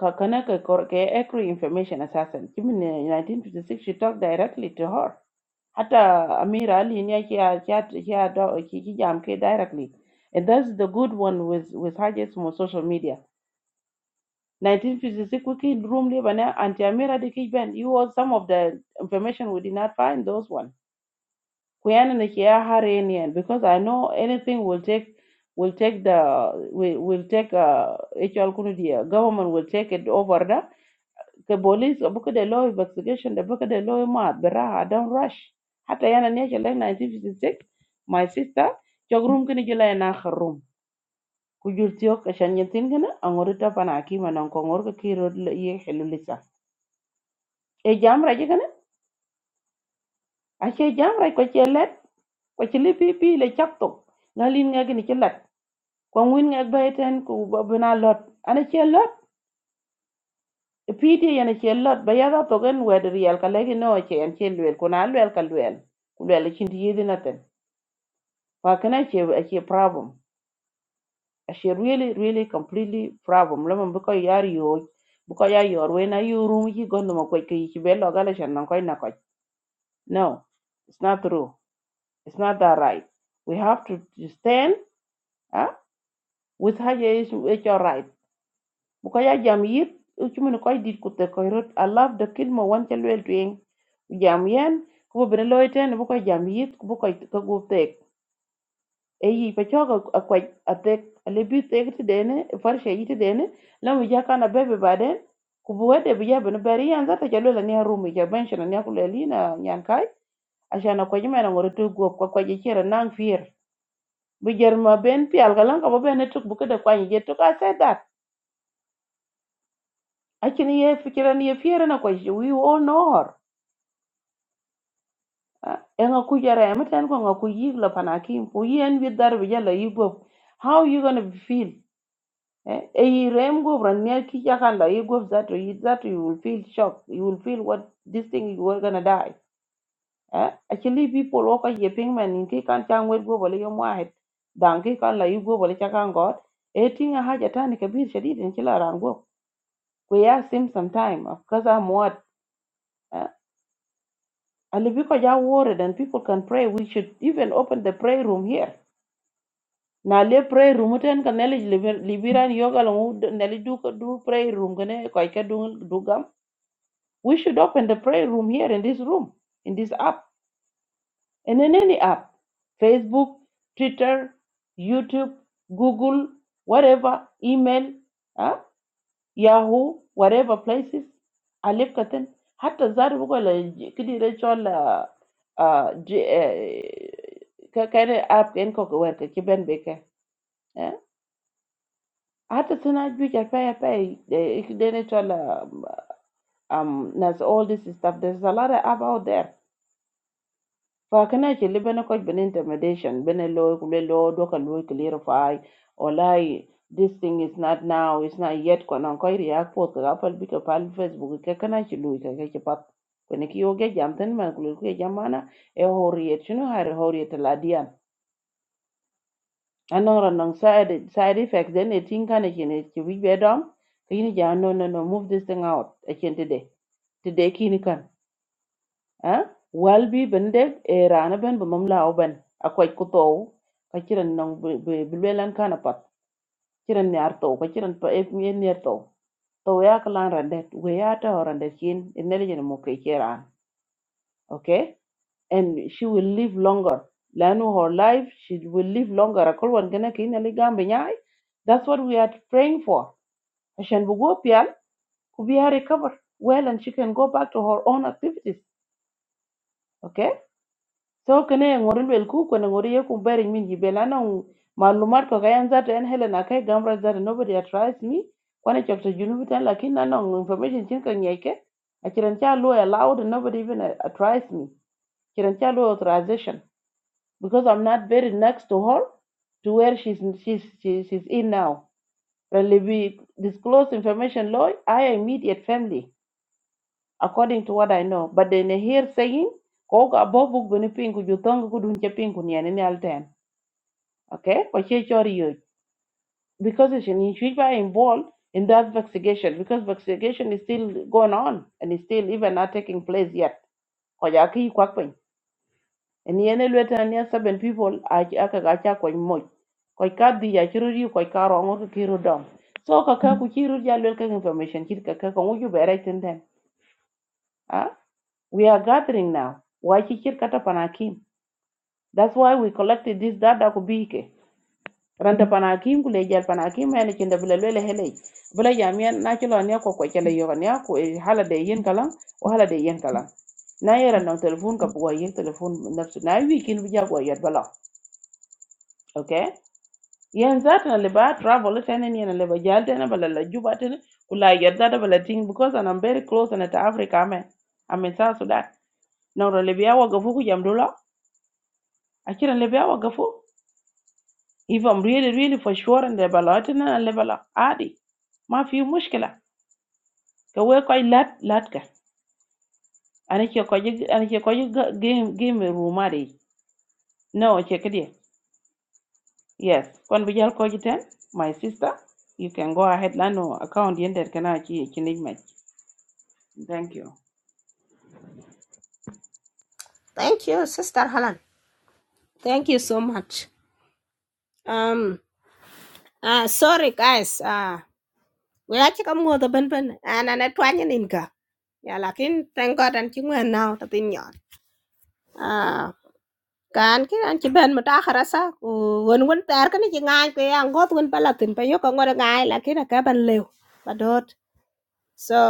Kakanaka Korke ekru Information Assassin. Even in 1956, she talked directly to her. Hata Amira Ali ni yake ya- ya- ya directly. And that's the good one with, with Hajj's on social media. 1956, we kid room libana, Auntie Amira de Kijben. You all some of the information we did not find, those one. Kuyana ni kia hare Because I know anything will take will take the will, will take uh, HR Kunudia government will take it over there the police abuka the law investigation, the book the law mad beraha, don't rush. Hata yana niacha like 1956, my sister, chogrum room kini jila yana akhir room. Kujur tiyok kana, angori tapa na akima na nkongor ka kiro ye hilulisa. E jam raja kana, ashe jam raja kwa che pipi le chaptok. Ngalin nga kini che let. Kwa ngwin nga kbaiten kubabina lot. Ana che pidi yana che lot ba yada to gen wed riel ka legi no che en che lwel kuna lwel ka lwel ku lwel e chin di yidi naten pa che a che problem a che really really completely problem lo man bu ko yar yo bu ko yar yor we na yuru mi go no ma ko ki ki be lo ga le chan nan ko na ko no it's not true it's not that right we have to stand huh? with her is it's your right bukaya jam yit uchumun koy dit kutte koy rot i love the kid mo wan chal wel twing jam yen kubo bene loy ten bu koy jam yit kubo koy ka gup tek e yi pa choga akwaj atek ale bi tek ti dene farsha yi ti dene lamu jaka na bebe baden kubo wede bi ja bene beri yan zata chal wel ania rumi ja benshi na nia kuleli na nyan kai ashana kwa jima na ngore tu gup kwa kwa jichira nang fier bi jer ma ben pial kalan ka bo bene tuk bu kada kwa je tuk I said that Actually, ye fikira ni fiera na kwa shi, we all know her. Ah, En a kujara emeten kwa nga kuyi la panakim, kuyi en bidar bija la yigwef. How you gonna feel? Eh, e yirem go branya ki yakan la yigwef that you that you will feel shocked. You will feel what this thing you were gonna die. Eh, actually people wako ye pingman in ki kan chang wet go bale yom wahet. Dan ki kan la yigwef bale chakan god. E tinga haja tani kabir shadid in chila rango. We ask him sometime, of course I'm what? Eh, And if you could just word it and people can pray, we should even open the prayer room here. Now le prayer room ten can neli libiran yoga long neli do do prayer room kene koike do do gam. We should open the prayer room here in this room, in this app, and in any app, Facebook, Twitter, YouTube, Google, whatever, email. huh? Yahoo, whatever places, alif katan, hatta zari bugo la j- kidi da chol la ah, j- eh, ka kare app en ko ko werka kiben beke. eh. Hatta suna juja pay pay ikide ne chol la, um, nas all this stuff. There's a lot of app out there. فكان اللي بنا كوج بين intimidation بين اللي كل اللي دوك اللي clarify or lie this thing is not now it's not yet كنا نكوي react فوت كابل بيك كابل فيسبوك كان اللي لوي كان كي بات كنا كي يوجي جامتن ما كل كي جامانا إيه هورية شنو هار هورية الأديان أنا رنن side side effects then it think كان كي نتكي بيدام كي نجي no no no move this thing out أكين today today كي نكان eh wal bi ben de e rana ben be mam law ben akoy ku tow ka ciren nong be be lelan kana pat ciren nyar tow ka ciren pa e nyen nyar tow tow ya ka lan rande we ya to rande kin inel yen mo ke ciran okay and she will live longer lanu her life she will live longer akol wan gana kin ali gambe nyai that's what we are praying for ashan bu go pial ku bi recover well and she can go back to her own activities okay so kene ŋori luel ku kwene ŋori ye kumberi min jibel anong malumat ko kayan zato en helen ake gamra zato nobody had trust me kwane chok to junu bitan lakin anong information chin ka ng'ei ke achiran cha lu allowed and nobody even advised me achiran cha lu authorization because i'm not buried next to her to where she's she's she's, she's in now relevi disclose information law i immediate family according to what I know. But then here saying, ko ka bobu gani pingu jutong ku dun pingu ni ani alten. Okay, ko che chori yo. Because it's an should be involved in that investigation because investigation is still going on and is still even not taking place yet. Ko ya ki kwak pin. And yene lweta ni seven people a aka ga cha ko mo. Ko ka di ya chiru yu ko ka ro ngur ki ru dom. So ka ka ku chiru ya lwel ka information kit ka ka ko ngu ju bere tin We are gathering now. Waichichir kata panakim. That's why we collected this data kubike. Ranta panakim kulejal panakim yani chinda bila lwele hele. Bila jamia na chilo niya kwa kwa chale yoga niya kwa hala de yen kalam o hala de yen kalam. Na yera na telefon ka buwa yek telefon nafsu. Na yu ikin bija kwa yad bala. Okay? Yen zata na liba travel tena ni na liba jal tena bala la juba tena. Kula yad zata bala ting because and I'm very close and to Africa man. I'm in South Sudan. Na uralibiya wa gafuku jamdula akira lebe awa gafu if I'm really really for sure and lebe la tina and lebe la adi ma fi mushkila ka we koy lat lat ka ana ke ko ana ke ko game game room adi no che kidi yes kon bi jal ko jiten my sister you can go ahead lano account yender kana ki kinig match thank you
thank you sister halan thank you so much um uh sorry guys uh we are chika mo the ben ben and an atwan nin ka yeah lakin thank god and chingwa nào, to tin yon Kan ki an ci ben mutakhara sa ku- won won ter kan ci ngaany ko ya ngot won palatin pa yo ko ngor ngaay la ki na ka ban lew ba dot so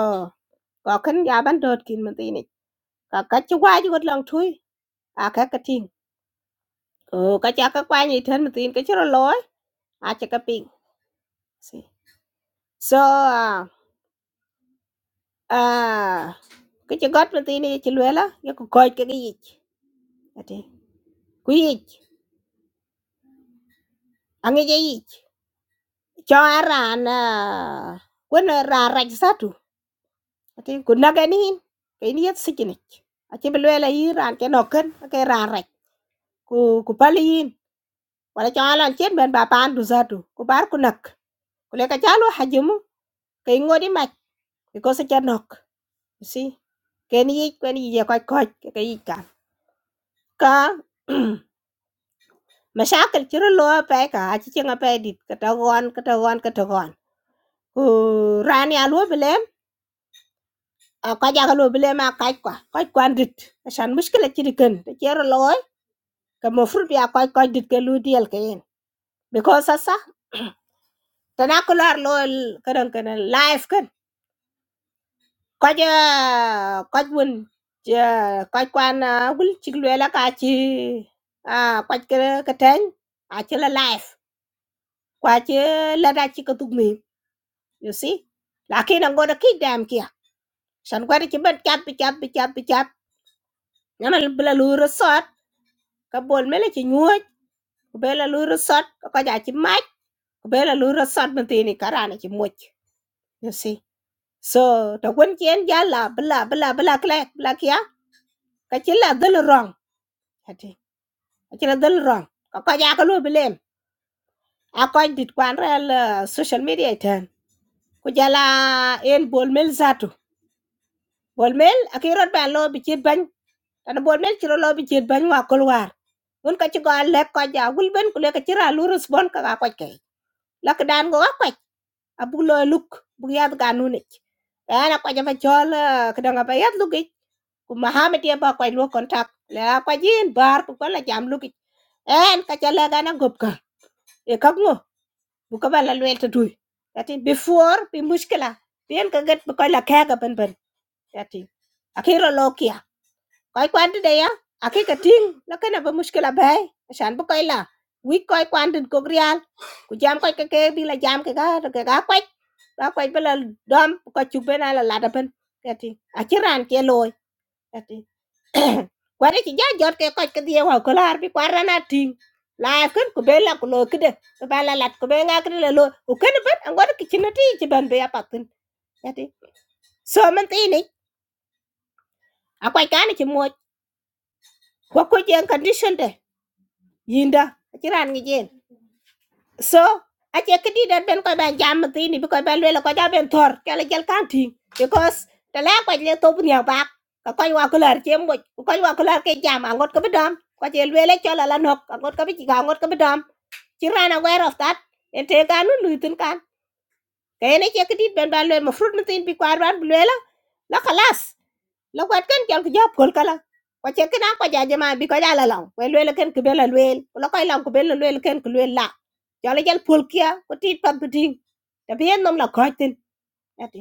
ko kan ya ban dot kin man tini ka ka ci waji got lang thui a ka ka ting ko ka cha ka kwa ni tan man tin ka ci ro loy a cha ka ping See. so ah ah, cái ci got man tini ci luela yo ko koy ka gi ati ku yi angi ji cho aran quân ra rạch tu Ati kunna ganin kaini yat sikinik. Ati belwela yi ran ke noken ke ran rek. Ku ku paliyin wala chalan chen ben ba pan du zatu. Ku bar kunak. Kule ka chalo hajumu kai ngodi mak because cha nok. You see ken yi kwen yi ya koch koch ke ka yi ka. Ka mashakal chiro lo pe ka achi chenga pe dit kata gon kata gon kata gon. Ku ran ya lo bilem. Ka ja ka lo bilem a kaj kwa. Kaj kwan dit. Asan mushkila chirikan. the Chiro lo ka mo fruit ya koy koy dit ke lu diel ke yen because asa tana ko lar lo kadan kana life kan ko ja ko won ja ko kwan gul chik lu la ka ci a ko ke ka tan a ci la life kwa ci la da ci ka tug mi you see lakin an goda ki dam kia san goda ci ban cap cap cap cap nana bla lu resort ka bol mele ci nyuoj ko bela lu resort ko ja ci maj ko bela lu resort mantini karana ci moj you see So to kun chen ja la bla bla bla kla bla kya ka chen la dal wrong hati ka chen la dal wrong ka ka ja ka lu bilem a ko dit kwan rel eh, social media ten ku jala el bol mel zatu bol mel akirot ban lo bi chet ban tan bol mel chiro lo bi chet ban wa kol war un ka ci go le ko ja gul ben ku le ka chira lu respond ka ka ko ke la ka dan go ka ko abu lo luk bu ya ga nu ne ana ko ja fa chol eh, ka da ga ba yat ku mahamed ya ba kwai luo kontak la kwa jin bar ku kola jam luki en ka jala gana gopka e kak ngo bu ka bala luel ta tui yati before bi mushkila bien ka gat bu kola ka ga ban ban yati akira lokia koi kwan de ya aki ka ting la kana ba mushkila bai shan bu kola wi koi kwan din ko grial ku jam koi ka ke bi la jam ka ga ka ga kwai ba kwai bala dom ko chu bena la la da ban yati akiran ke loy ati kwani ci ja jot ke koc kedi wa ko lar bi kwara na ting la ken ku bela ku lo kede ko bala lat ku be nga kede lo u ken ban an gor ki china ti ci ban be apatin yati so man ti ni akwai kan ci mo ko ko jen condition de yinda ci ran ngi jen so a ce kedi den ben ko ban jam ti ni bi ko ban lo ko ja ben tor kala jel kan ting because ta la ko le to bu ni ba ka ko wa ko lar ci mo ko wa ko lar ke jam an gor ko bi dam ko je le le chola la la nok an gor ko bi ci ka an gor ko bi dam ci ran aware of that en te ganu luitin kan kayene che kedit ben ban le mo fruit nitin bi kwar ban le la la khalas la kwat kan kel ku jap kol kala ko che kana ko jaje ma bi ko jala law we le ken ku bela luel ko la koy lam ku bela luel ken ku luel la jala jal pol kia ko tit pat biting ta bien nom la koitin ati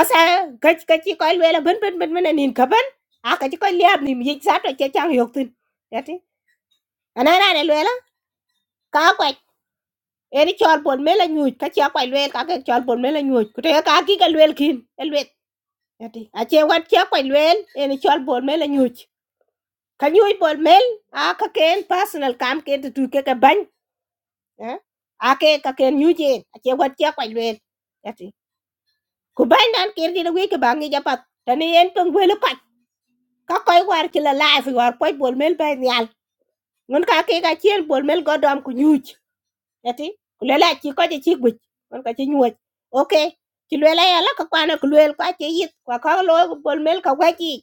asa gach gachi koy luel ben ben ben ben nin ka ben a ka ci koy liab ni mi sa to che chang yok tin ati anara ne luel eri chol pon mela nyuj ka chia kwai lwel ka ke chol pon mela nyuj ku te ka ki ka lwel kin e lwet ati a che wat chia kwai lwel eri chol pon mela nyuj ka nyuj pon mel a ka ken personal kam ke te tu ke ka ban a ke ka ken nyuj en a che wat chia kwai lwel ati ku ban nan ker di wi ke bangi ja pat tani en pon gwel ka ka koi war ki la life war poi pon mel ba nyal ngun ka ke ka chien pon mel godam ku nyuj yati kulela chi ko chi chi guch kon ka chi nyuoch okay chi lela ya la ka kwana ku lel ka chi yit kwa ka lo ku bol mel ka wachi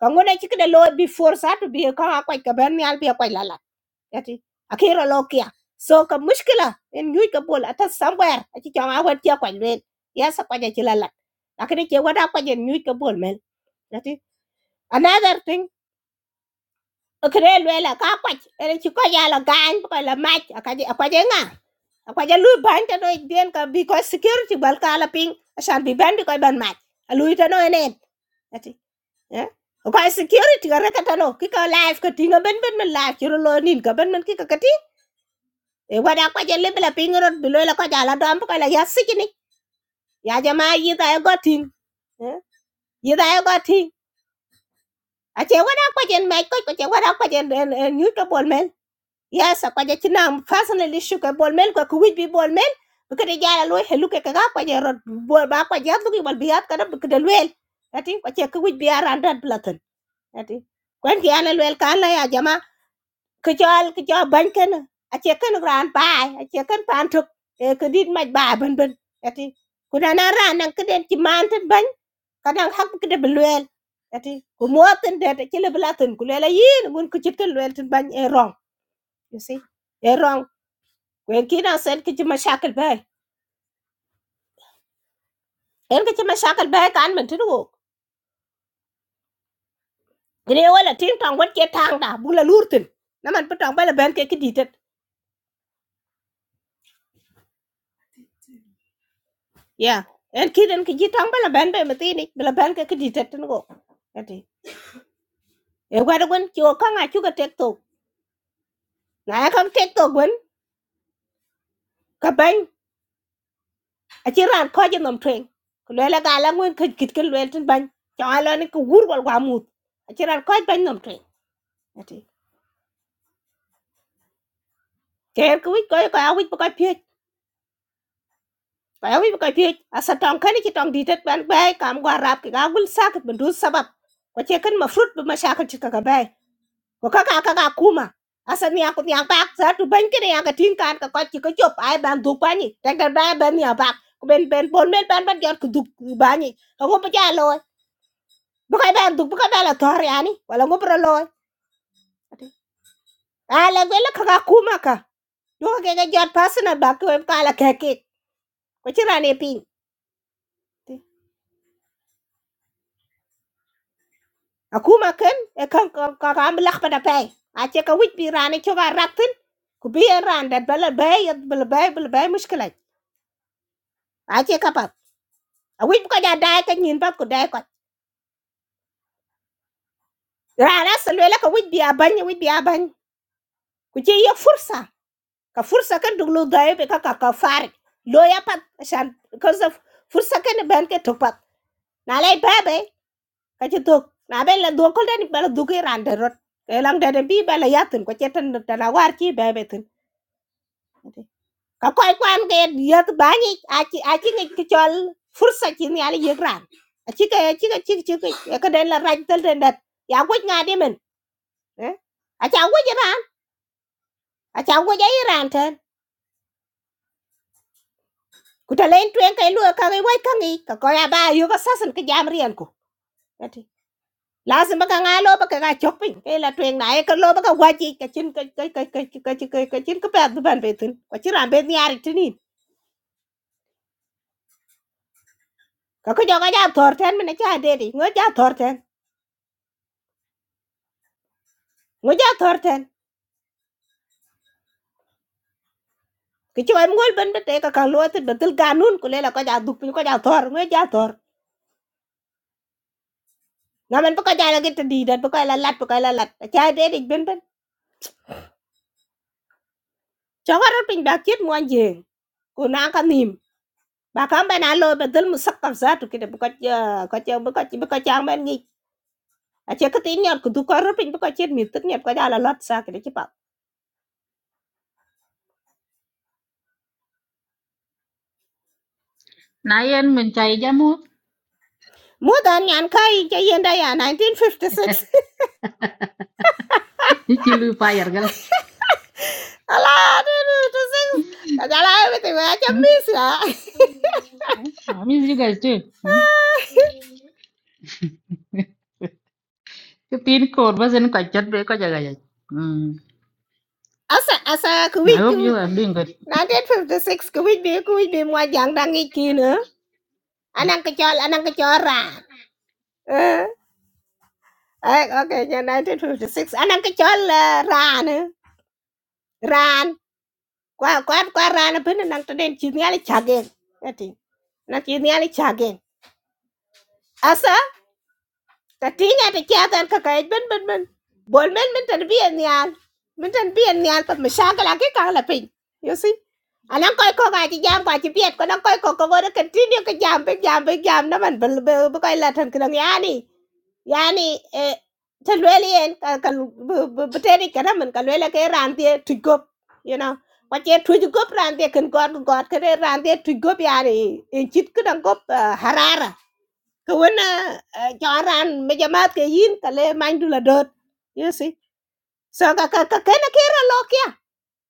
ka ngone chi kede lo before sa to be ka ka ka ben yal be ka lala yati akira lo kia so ka mushkila en nyuj ka bol ata somewhere achi chama wat ya kwa lel ya sa kwa chi lala lakini chi wada kwa jen nyuj ka bol mel yati another thing akire lela ka kwa ene chi ko ya la gan ko la mach akaje akaje nga kwaja lui ban ta noi den ka because security bal ka ala ping asan bi ban ko ban mat lui ta noi nen ati eh kwa security ka reka ta no ki ka live ka tinga ben ben men live chiro lo nin ka ben men ki ka kati e wada kwaja le bla ping rot bi lo la kwaja la dam ko la ya sikini ya jama yi ta ya gotin eh yi ta ya gotin ache wada kwaja mai ko ko che wada kwaja en en nyuto bol men yes akwaje chinam personally issue ke bol mel ko ku wij bi bol mel bu kede jala lo helu ke ka kwa je rod bol ba kwa je bu bal biat kada bu kede lwel ati kwa che ku wij bi aranda blatan ati kwen ki ana lwel ka la ya jama ke chal ke chal ban ken a che ken ran bai a che ken pan tuk e ke dit maj ba ban ban ati kuna na ran nan keden ki man tan ban kadang hak bu kede lwel ati ku motin de te chile blatan ku lela yin ngun ku chit ken lwel tan ban e rong you see Erong Kwen kina sen kichi mashakil bay. En kichi mashakil bay kan men tinu wok. Gine wala tin tong wat ke tang da bula lurtin. Naman pa tong bala ben ke keditet. Ya. En kiden kiji tong bala ben bay matini. Bala ben ke keditet tinu wok. Ati. E wada gwen kiwa kanga chuka tek tok. Na ya kam tek tok gwen. Ka bany. Achi ran kwa jin nom tweng. Kulwela gala ngwen kit kit kin lwel tin bany. Chong alo ni ka wur wal wamut. Achi ran kwa jin nom tweng. Ati. Kayan ka wik koy koy awik pa Ba wi ko ti asa tong kan ki tong ditet ban bai kam gwa rap ki ga gul sakit bundu sabab. Ko ce kan mafrut bu mashakil ci kaga bai. Ko kaka kaka kuma. Asa ni aku nyang bak za tu ban kini yang ka tin kan ka ko ci ko jop ai ban du pani. Tek dar bai ban ya bak. Ko ben ben bon ben ban ban jot ku du bani. Ko ko pa jalo. Bu kai ban du bu kai bala tor yani. Wala ngo pro loy. Ala gele kaka kuma ka. Do ka ga jot pasna bak ko kala keke. Ko ci rane pin. aku makan, e kan kan kan belak pada pay ache ka wit bi rane cho ga ratin ku bi bela ran dat bel bay bel bay bel bay mushkila ache ka pat a wit ko ja dai ka nyin pat ku dai ko rana selwe la ka wit bi abany wit fursa ka fursa kan dulu dai be ka ka ka lo ya pat shan because fursa kan ben ke to pat na lay babe ka ci tok na ben la do ko den bel du ke ran de rot ke lang bi bela yatin ko cetan tan war ci babe tin ka koy kwan ke yet bani achi achi ngi ki chol fursa chi ni ali yegran achi ka achi ka chi chi ka ka den la raj tel den dat ya gwej nga di men eh acha gwej ran acha gwej ai ran ten ku ta len twen kai lu ka ngi wai ka ngi ka koy ba yu ka sasan ka jam rian ku ati lazim ba ka nga lo ba ka ga chok pin ke la twen na e ka lo ba ka waji ka chin ka ka ka ka ka ka ka chin ka pa du ban be tin ka chi ran be ni ari tinin ka ko jo ga ja thor ten men cha de di ngo ja thor ten ngo ja thor kichwai mol ben bete ka kan luatin betul ganun kulela ko ja duk ko ja tor ngwe ja tor ngamen ko ja la get di dat ko la lat ko la lat cha de dik ben ben chawar pin ba kit mo anje ko na ka nim ba kan ben alo betul musakkab za tu kide ko ja ko ja ko ja ko ja men ngi a che ka tin nyar ku du ko pin ko chet mi tin nyar ko ja la lat sa kide ki pa
na yen min chai jamu
mo dan yan kai ja yenda ya 1956
ichi lu pa yargal
ala 1956 ka ja la bete wa cha
Hmm?
mi sa
Ah, miss you guys too Hmm? cái pin code bớt dân quạch chất với có giờ gầy
asa asa ku
I hope
wi
you are doing good
1956 kuwich bi kuwich bi mwa jang dang ik kina anang kachol anang kachol ran eh eh, okay ja 1956 anang kachol eh, ran eh, ran kwa kwa kwa ran bin nang taden chi ngali chagen ati na chi ngali chagen asa ta tinga ta chatan ka kai bin bin bin bol men men tan bi nyal men tan bi nyal pat mashakala ke kala pin You see? anh alan koy ko ga ci jam kwa ci piet ko nan koy ko ko wona continue ko jam cái jam be jam nó man be be koy la tan kan yani yani e te lweli bê ka ka be teri kana man là cái ke rante tu gop you know qua chơi kwa ci tu gop rante kan god god ke rante tu gop yani en cái kan gop harara ko wona choran me jamat ke yin ka le man là dot you see so cái cái cái cái nó kia ra lo kia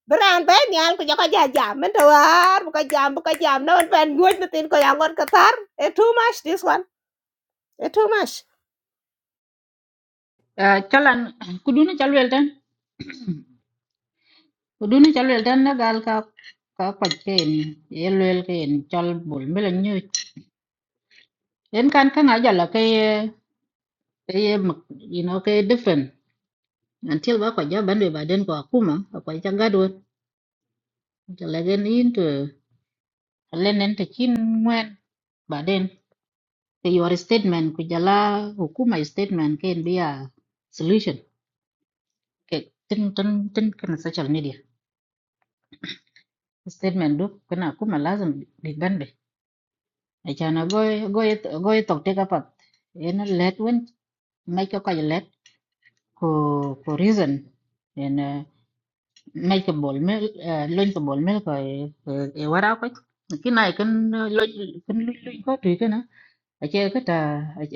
Beran be nian ku joko jajam men tawar buka jam buka jam no men pen guoj na tin ko yangon katar. It's too much this one. It's too much.
à cho lần cứ đúng nó cho luyện tên cứ đúng nó cho luyện tên nó gal ka ka quạch cái in ye luyện cái in cho buồn mới là như đến can cái ngã giờ là cái cái mực you know cái different until bác quạch giá bán được bà đến của cú mà quạch chắc gắt luôn cho lại cái in tờ. lên lenen te chin ngwen baden ke your statement ku jala hukuma statement ken bia solution ke tin tin tin kana social media statement du kana kuma lazim big bande achana goy goy goy tok te kapat en let wen make ko let ko ko reason en eh, make bol mel loin ko bol mel ko e e, e wara ko kinai kan loin kan loin ko tu ace kata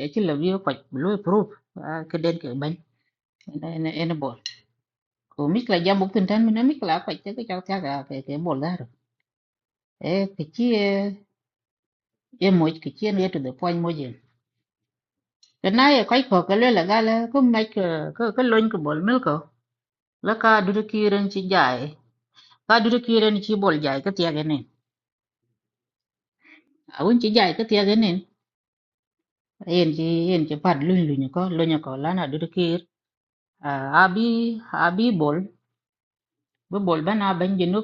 ace love you kwaj lu proof ke den ke ban ene ene bol ko mi kla jam buk tan mi na mi kla kwaj te ke chak ta ga ke ke bol dar e ke chi e moj ke chi ne to the point moj ke na ye kwaj ko ke le la ga le ko ma ke ke ke lon ko bol mil ko la ka du de ki ren chi jai ka du de ki ren chi bol jai ke ti ga ne a un chi jai ke ti ga ne yen chi yen chi pat lu lu ko lu ko la na du de ki abi abi bol bu bol bana ban je no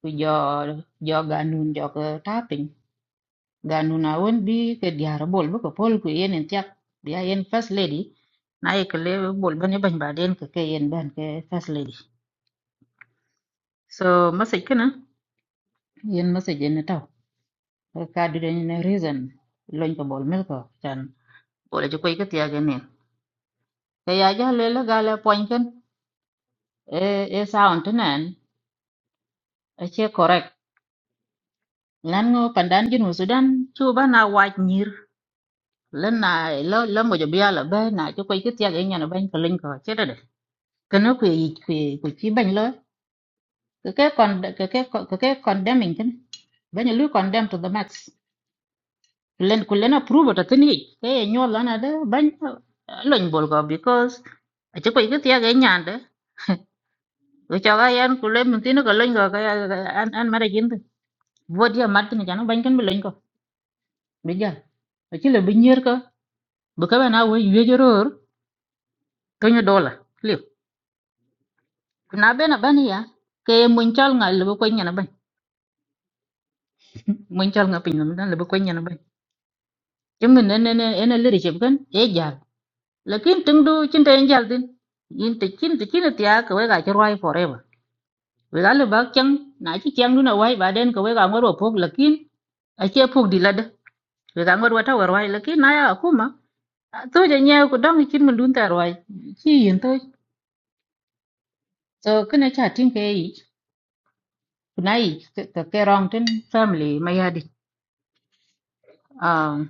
ku jo jo ganun jo ko taping ganun a won bi ke diar bol bu ko pol ku yen en tiak bia yen first lady na ye ke le bol ban ye ban ba den ke ke yen ban ke first lady so message kana yen message en taw ka du den ne reason loñ ko bol mel ko tan bol je koy ke tiak ne ke ya ja le le ga le poñ ken e e sound nan a che correct lan ngo pandan jinu sudan chu ba na waj lần này lo lo mo jobia là bên na cho quay cái tia cái nhà nó bên cái linh ko chết rồi đấy. cái nó quỳ quỳ quỳ chi bánh lo cái cái con cái cái con- cái cái con đem mình thế bánh lu con đem to the max lên cứ lên approve ta tin hi cái nhỏ là na đó bên lên bol ko because cho quay cái tia cái nhà đấy rồi cho cái anh cứ lên mình tin nó cái linh ko cái cái- anh anh mà đấy vô dia mặt tin cái nó bên cái mình linh ko bây giờ chỉ là bình nhiêu cơ bữa cái nào với yêu rồi cái nhà đô la na be na bani ya ke mun chal nga le ko nyana ban mun chal nga pin na le ko nyana ban jëm ne ne ne ene le rechep kan e jal lakin tung du chin te jal din yin te chin te chin te ya ka we ga chirwai forever we ga le ba chang na chi chang du na wai ba den ka we ga ngor pok lakin a che pok di lad we ga ngor wata war wai lakin na ya kuma to je nya ko dang chin mun dun ta wai chi yin to so kana cha tin ke yi kunai ka ke rong tin family mayadi um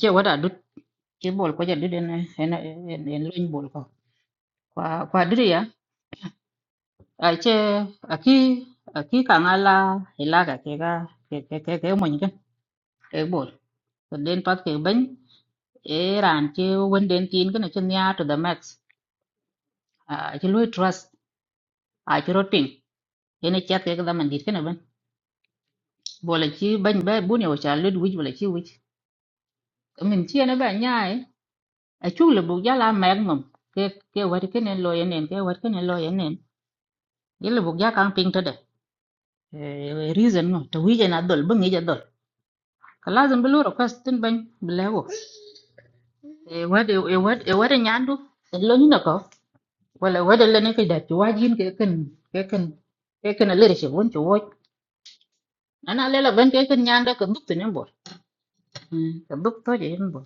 che wada ke bol ko jadi den en en en lin bol ko kwa kwa diri ya a che aki aki ka ngala hila ka ke ga ke ke ke ke mo nyi ken ke bol to den pat ke ben e ran che wen den tin ken chen ya to the max a che lui trust a che rot ping ene chat ke ga man dit ken ben bol chi ben ba bu ne o cha lid wij bol chi wij min chi ne ba nya e a chu le bu ya la mer mum ke ke wa ken en lo yen en ke wa ken en lo yen en ye le bu ya kang ping to de Eh, reason no tawija na dol bangi ja dol kalazim bilu request tin ban bilago e wade e wade e wade nyandu eh, lo ni nako wala wade le ne ke da ti wajin ke kan ke kan ke kan le reshe won ti woj ana le la ban ke kan nyanda ka duk tin bo ka duk to je bo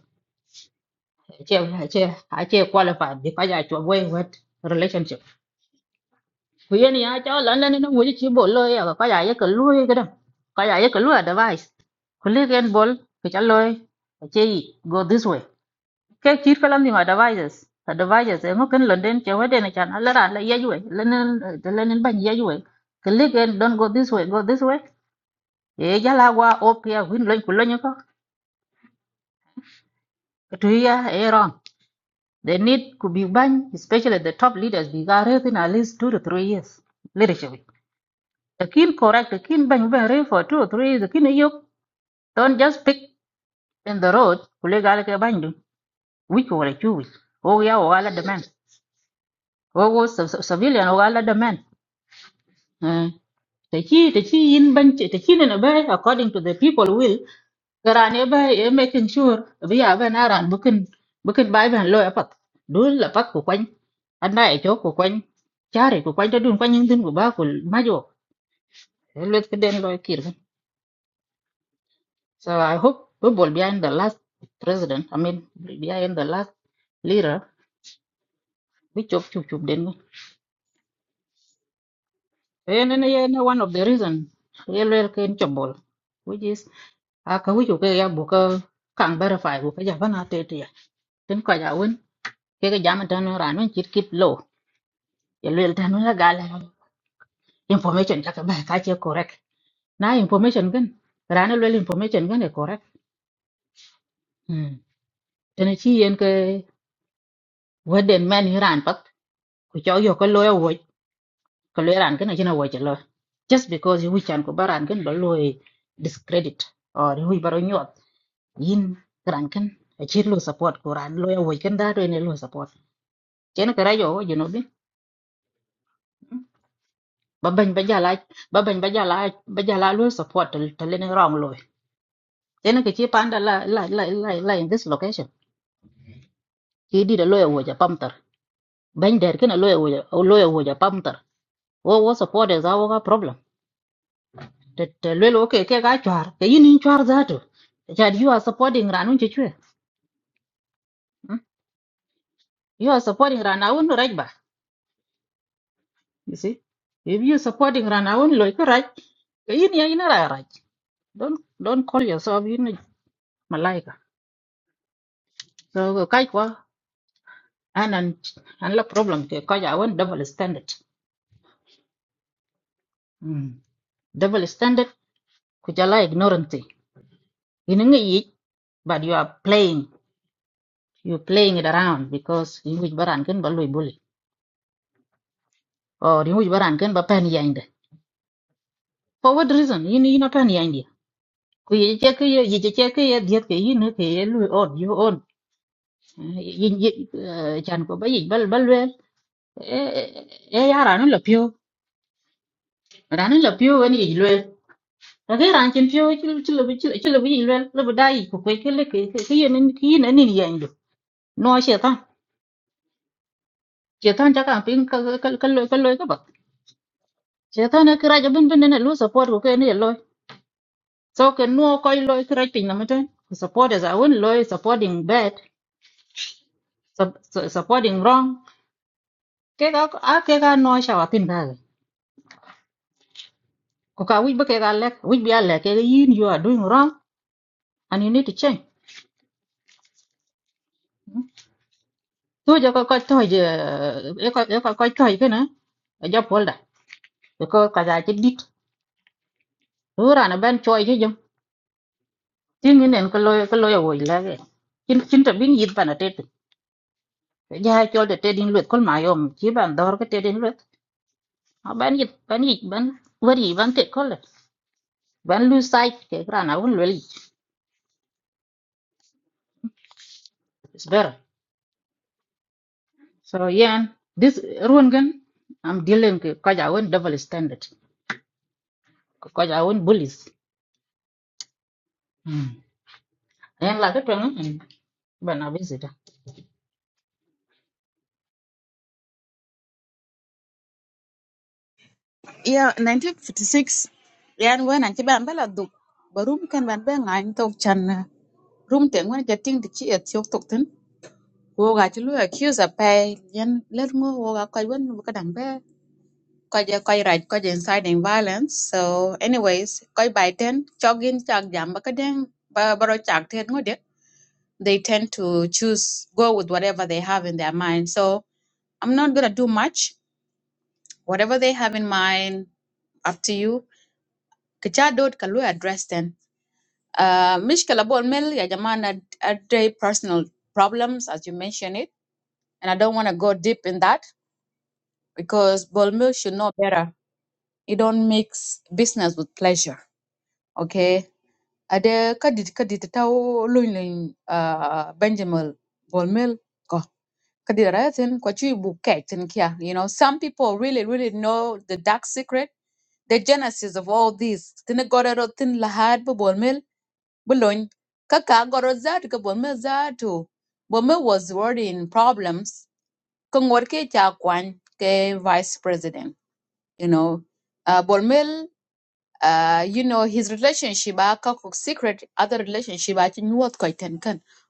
che eh, che a che qualify bi ka ja chwa boy wat relationship ku yen ya cha lan lan ne wo chi bo lo ya ka ja ye ka lu ye ga ka ja ye ka lu advice ku le gen bol ke cha loy che go this way ke chir kalam ni ma devices ta devices e ngoken london che wede ne chan ala ran la yeywe lenen de lenen ban yeywe klik and don't go this way go this way e jala wa opia win loy ku loy ko to ya e wrong they need to be ban especially the top leaders be gare in at least 2 to 3 years leadership the kin correct the kin ban ban re for 2 or 3 years the kin yok don't just pick in the road kule gale ke ban du wiko wala chu wiko o ya o ala de man. o go civilian o ala demand the chi the chi yin ban chi the chi ne ba according to the people will garane ba e making sure we are ban aran bukin bukin bai ban lo apat dul la pat ko kwany anda e chok ko kwany chare ko kwany ta dun kwany yin tin ko ba ko majo let ke den lo so i hope we will behind the last president i mean behind the last leader we chop chup chup den gan. en one of the reason yelwel ken chobol which is a ka wiju ke ya bu ka kan verify bu ka ja bana te te ya tin ka ja won ke ga jam tan ran won chit kit lo ya le tan la gala information ka ka ba ka che correct na information gan ran le information gan e correct hmm tan chi yen ke waden man ran pat ku cho yo ko lo ya wo ko le ran gan na wo che lo just because you chan ko baran gan lo lo e discredit or wi baro nyot yin ran kan a chit lo support ko ran lo ya wo kan da do ne lo support chen kara yo wo jino bi ba ban ba jala ba ban ba jala ba jala lo support to le wrong lo chen ke chi panda la la la la la in this location ki di da lo wo ja pamtar ban der kana lo wo ja lo wo ja pamtar wo wo support is our problem That, te le lo ke ke ga chwar ke yin in chwar za to cha you are supporting ranun che chwe Hmm? you are supporting ranun right ba you see if you supporting ranun lo ke raj ke yin ya ina ra raj don't don't call yourself yin malaika so cái quá anh anh anh là problem cái coi giáo vẫn double standard mm. double standard cứ chả ignorance you know gì but you are playing you are playing it around because in which baran ken ba bully or in which baran ken ba pen yande for what reason you know you know pen yande ku ye che ke ye che che ke ye diet ke you know ke ye loy on you on yin yin chan ko ba yi bal bal wel e e yara no la pio ran la pio wen yi Rake ran chin pio chilo bi chilo bi yin lel lebo dai ko kwe kele ke le ke ke yen ni ki yin ani ni yen do. No shetan. Shetan ta kan pin ka ka ka lo ka lo ka ba. Shetan na kira ja bin bin na lu support ko ke ne lo. So ke no ko lo kira pin na meten. Support is a win lo supporting bad sup- su- supporting wrong. Ke ka a ke ka no sha wa tin ga. Ko ka wi ba ke ga lek wi bi a lek ke yin you are doing wrong and you need to change. So ja ko ko to je e ko e ko ko to je na. Ja polda. because kaza ci dit ora chứ ben choy ci jëm có nen ko loy ko loy woy la ge cin cin ta bin yit bana tet ja chol de tet din luet kol ma yom ci ban dor ko tet din luet a ban yit ban yit ban wari ban tet kol ban lu sai ke grana wol wel is better so yen this ruộng gan I'm dealing ke kaza won double standard ko kaza won bullies hmm. en la ko tan bana visita
Yeah, 1956. Yan wen an chiban bala duk. Barum kan ban ba ngai tok chan. Room teng wen jating di chi et yok tok wo ga ci lu accuse a pay yen let ngo wo ga koy wen bu kadang be koy je koy raj koy je inciting violence so anyways koy by ten chogin chak jam ba kadang ba baro chak tet ngo de they tend to choose go with whatever they have in their mind so i'm not going to do much whatever they have in mind up to you kicha dot ka address then uh mishkala bol mel ya jamana a day personal problems as you mentioned it and i don't want to go deep in that because bold milk should know better. You don't mix business with pleasure. Okay. Ade kadit kadit tau luin uh Benjamin bold milk ko kadit rayatin kwa chui bu kek tin kia. You know, some people really really know the dark secret, the genesis of all this. Tine gorero tin lahad bu bold milk bulon kaka goro zatu ka bold milk zatu. Bold milk was already in problems. Kung warke cha kwan ke vice president. you know. Uh, Bolmel, uh, you know, his relationship, uh, Kakuk's secret, other relationship, I think what quite can,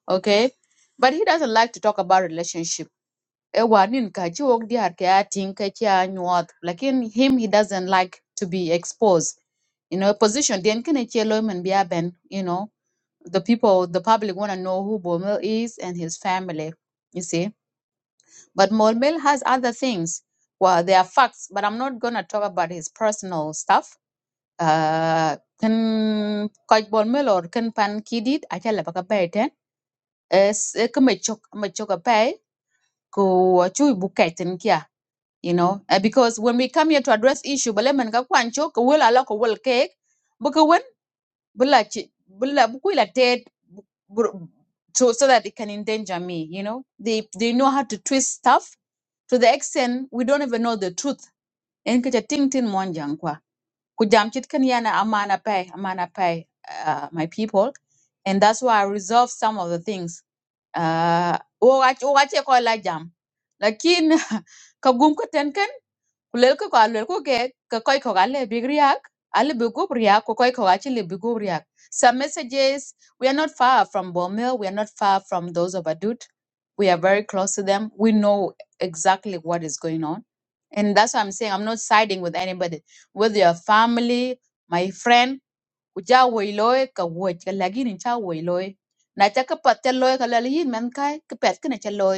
okay? But he doesn't like to talk about relationship. Ewa, nin ka ji wok di har ka ya tin ka ki ya nyuwat. Like in him, he doesn't like to be exposed. You know, position, then can it yellow man be ben, you know, the people, the public want to know who Bolmel is and his family, you see. But Bolmel has other things. Well, there are facts, but I'm not going to talk about his personal stuff uh, kan koc bol mel or kan pan kidit acala baka bai ten es kama chok ma chok apai ko achu bu kaitin kia you know uh, because when we come here to address issue bale man ka kwan chok ko wel ala ko wel cake buka wen bula chi bula bu ted bu- bu- so so that it can endanger me you know they they know how to twist stuff to the extent we don't even know the truth en ka ting tin mon jang Kujam chitkan yana amana pay, amana pay, uh, my people. And that's why I resolve some of the things. Uh, wache ko la jam. Lakin, kagum ka tenkan kulel ko ka ke ka koy big riak ale bi riak ko koy le bi riak some messages we are not far from Bomel we are not far from those of Adut we are very close to them we know exactly what is going on and that's why I'm saying I'm not siding with anybody with your family my friend uja woiloy ka woj ka lagin cha woiloy na cha ka pat cha loy ka lal yin man kai ka pet ka na cha loy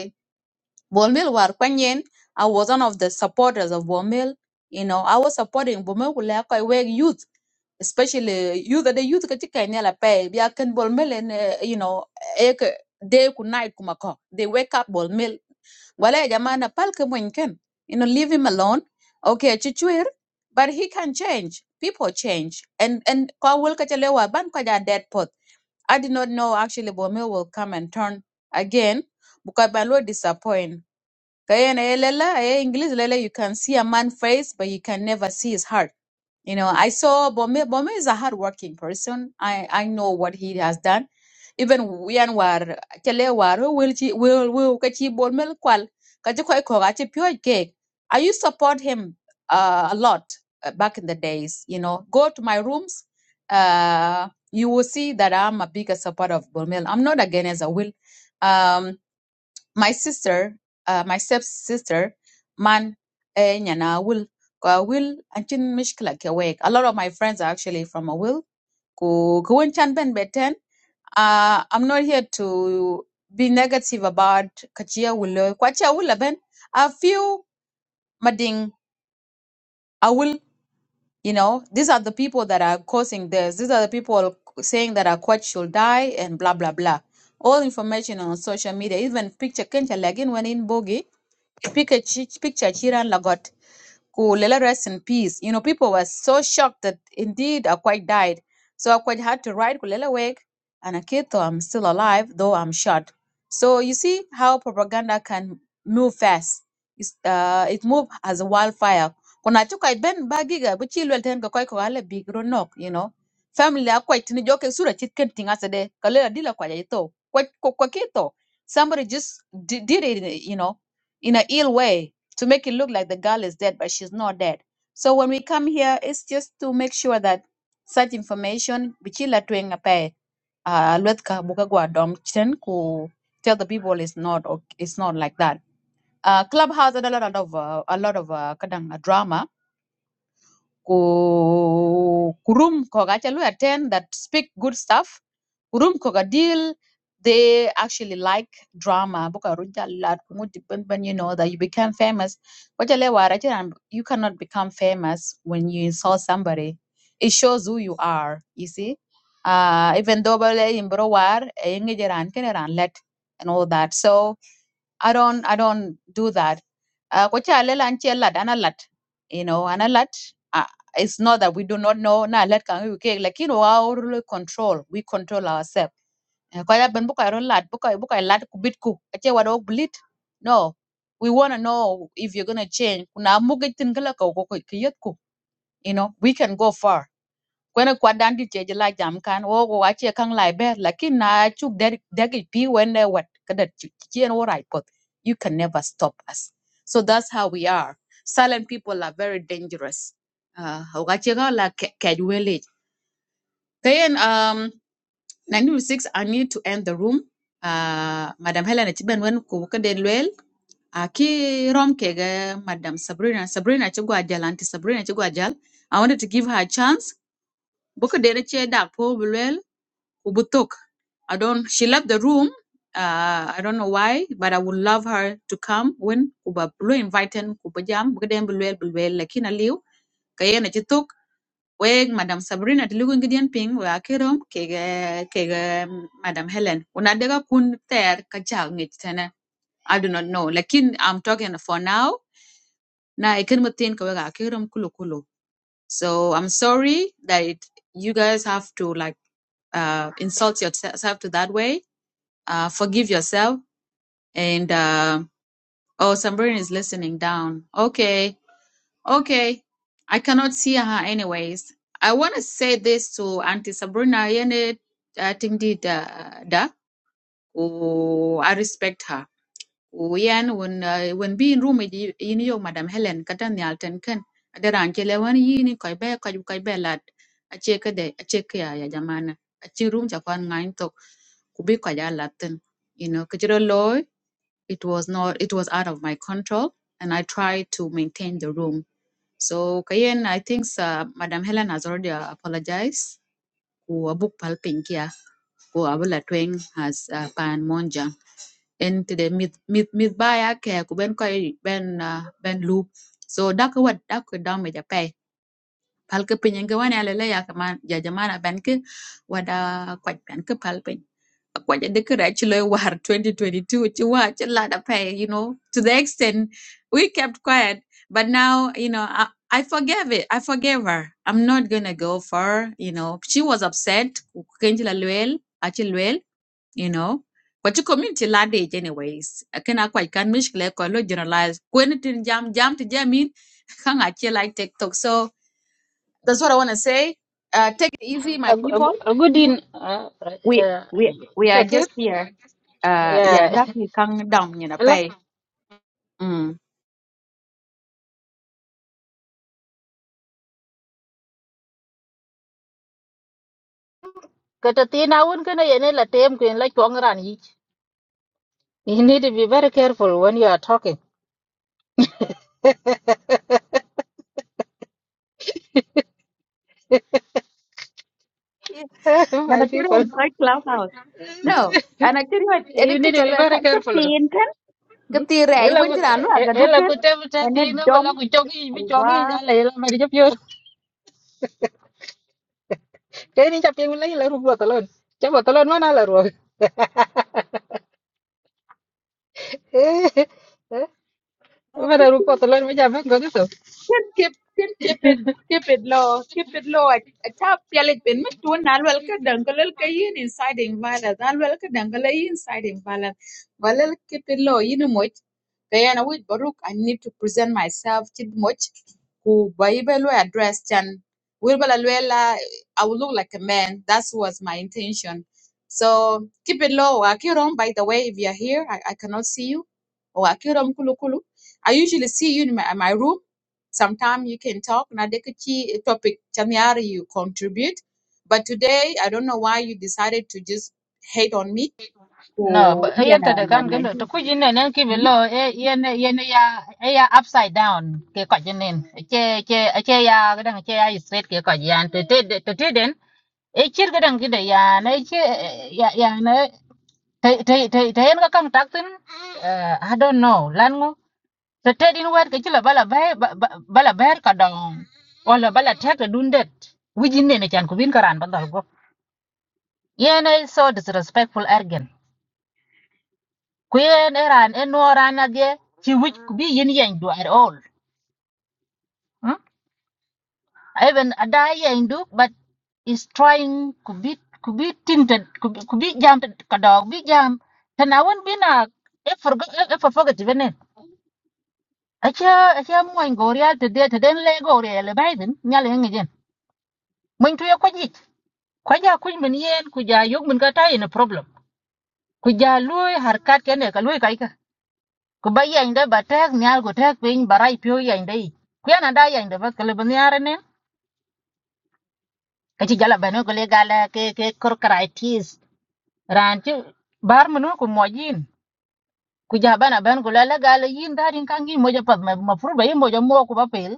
Bolmel war Kwanyin. I was one of the supporters of Bolmel. You know, I was supporting Bolmel Kulakoi Weg youth, especially youth the youth Kachikainela Pay, Biakan Bolmel and uh, you know, Eke Day ku night, Kumako. They wake up Bolmel wala ya jamaa na palke mwenken. You know, leave him alone. Okay, chichuir. But he can change. People change. And and kwa wil ka chalewa ban kwa ja dead pot. I did not know actually Bomil will come and turn again. Because by disappoint. Kayenelela, eh, English lele, you can see a man's face, but you can never see his heart. You know, I saw Bome. Bome is a hardworking person. I, I know what he has done. Even yan war chale war will chi will will kachi bol mel kwal kachi koi ko kachi pure cake. I used to support him uh, a lot uh, back in the days. You know, go to my rooms. Uh, you will see that I'm a bigger supporter of Bolmel. I'm not against a will. Um, my sister, uh, my stepsister, man, eh, nyana will, ko will, anchin mishkila ke wek. A lot of my friends are actually from a will. Ku kuwen chan ben beten. Uh, I'm not here to be negative about kachia will. Kwachia will ben. A few mading a will, you know, these are the people that are causing this. These are the people saying that a quach should die and blah blah blah. All information on social media, even picture kencha lagin when in bogi Pika chi- picture chiran lagot Ku let rest in peace. You know, people were so shocked that indeed Akwaj died. So Akwaj had to write Kulela wake and Akito, I'm still alive, though I'm shot. So you see how propaganda can move fast. It's, uh, it moved as a wildfire. Kuna chuka ben bagiga, but chilwell ten go koi ko ale big knock, you know. Family akwaj tini joke sura chitken thing as tingasade, kalela dila kwa jaito, Quite kwa kito somebody just di- did it you know in a ill way to make it look like the girl is dead, but she's not dead. So when we come here, it's just to make sure that such information, bichila tuenga pae, uh, lwetka buka gwa dom chen ku tell the people it's not, o- it's not like that. Uh, Clubhouse had a lot of, uh, a lot of, uh, kadang, uh, drama ku kurum koga chalu attend that speak good stuff kurum koga deal they actually like drama buka ruja lat kumu depend when you know that you become famous Ko chale wara chira, you cannot become famous when you insult somebody it shows who you are you see uh even though bale imbro war eh, ngeje ran kene ran let and all that so i don't i don't do that uh, ko cha lela an che lat ana lat you know ana lat uh, it's not that we do not know na lat kan yu ke lakin wa or control we control ourselves ko ya ben bu ka ro lat bu ka bu ka lat ku bit ku che wa dog blit no we want to know if you're going to change kuna mugitin kala ko ko ko- ku you know we can go far kwene kwa dandi cheje la jam kan wo wo ache kang lai be lakin na chuk der degi pi when eh, what kada chien wo right pot you can never stop us so that's how we are silent people are very dangerous uh ache kang la kaj wele kayen um 96 i need to end the room uh madam helen chiben wen ku kade lwel aki rom kege madam sabrina sabrina chugwa jalanti sabrina chugwa jal i wanted to give her a chance book de che dak po Ubutok. I don't she left the room. Uh, I don't know why, but I would love her to come when kuba blue invited kuba jam gden bulwel bulwel lakini aliu kayena chitok weg madam Sabrina tilugu ngidien ping we akirom kege kege mm, madam Helen unadega kun ter kacha ngich tena I do not know lakin I'm talking for now na ikin mutin ka wega akirom kulu kulu so I'm sorry that it, you guys have to like uh, insult yourself to that way uh, forgive yourself. And uh, oh, Sambrina is listening down. Okay, okay. I cannot see her anyways. I want to say this to Auntie Sabrina. yene, I think did da. da. Oh, I respect her. Oh, Yan when uh, when being room with you, you know, Madam Helen katan ni alten ken. Adara anchele wan yini koi be koi koi be lad. Acheke de acheke ya ya jamana. Achi room chakwan ngain tok kubi koi ya latin. You know, kachiro loy it was not it was out of my control and i tried to maintain the room so kayen i think uh, madam helen has already uh, apologized ku abuk palping kia ku abula tweng has uh, pan monja And today mid mid mid baya ke ku ben ko ben uh, ben loop so dak wat dak damage pal ka piny ka wan ala la ya kaman ya jamana ban ka wada kwaj ban ka pal piny a kwaj de ka ra chilo war 2022 chi wa chi la da pay you know to the extent we kept quiet but now you know I, I forgave it. I forgave her. I'm not gonna go for you know. She was upset. Kukenjila luel, achi luel, you know. But your community lad anyways. I cannot quite can mish kle generalize. When tin jam jam to jam hang Kang achi like TikTok so. That's what I want to say. Uh, take it easy, my people.
a good in
We we we are
cái cái uh,
just here. Uh, yeah,
yeah
that we come down, you know,
lắc
pay. Mm.
Kata tina wun kana yene la tem kwen la chwang ran yich. You need to be very careful when you are talking.
Yeah. And
My
I tell you,
people,
I'm quite clubhouse. No, and I tell you, and I
you need to
tell you,
be
I
very
can't
careful. Hmm?
katira ay
Ela ku
wanti na lu
e-
aga
ela
dukan
ku tem ta
ene
tina ko la
dom
ku chogi bi chogi ja
aywa
la ela mari jap yor. Ke ni chap yeng la ela ru po talon. Chap talon mana la ru. Eh. Eh. Mana ru po talon me ja ben ko
keep keep keep it keep it low keep it low I, a top yalit pin mit tun na lwel ka dangalal ka yin inside in vala na lwel ka dangala inside in vala valal keep it low You know much kayana with baruk i need to present myself chid much ku bible address chan will bala lwela i will look like a man that was my intention so keep it low akirom by the way if you're here i, I cannot see you or akirom kulu kulu i usually see you in my, my room Sometimes you can talk na dekuchi topic chanyari you contribute. But today I don't know why you decided to just hate on me.
No, but
Ku- iya
ayen
na
to the
na
kan
na.
gendo to kujin ne nen ki
Hmm?
below e yen yen ya e ya upside down ke ko jenen che che che ya gadan che ya straight ke ko yan te te to te den e chir gadan gide ya na che ya ya na te te te te yen ka kan taktin I don't know lan ngo te te din wer ke chila bala bay bala ber ka dong wala bala tek dundet wujin ne ne chan ko bin karan bandal go yen so disrespectful arrogant kuyen eran enoran adye ci wic ku bi yin yeng du at all hmm? even ada yeng du but is trying ku bi ku bi tinted ku bi ku bi jam ted- ka dog bi jam tana won bina e forgo e forgo ti benen acha acha mo en gorial te de te den le gorial le baiden nyale ngi jen mun tuye ko jik ko ja kuj min yen ku ja yog min ka tayi na problem ku ja loy harkat kene ka loy ku ba yany de ba tek nyal ku tek piny ba rai pio yany de ic ku yan ada yany de ba kele bi niare nen ka ci jala bene ku le gala ke ke kor karai tis ran ci bar munu ku mo yin ku ja bana ben ku le gala yin da rin kan gi mo ja pat ma ma furu ba yin mo ja mo ku ba pel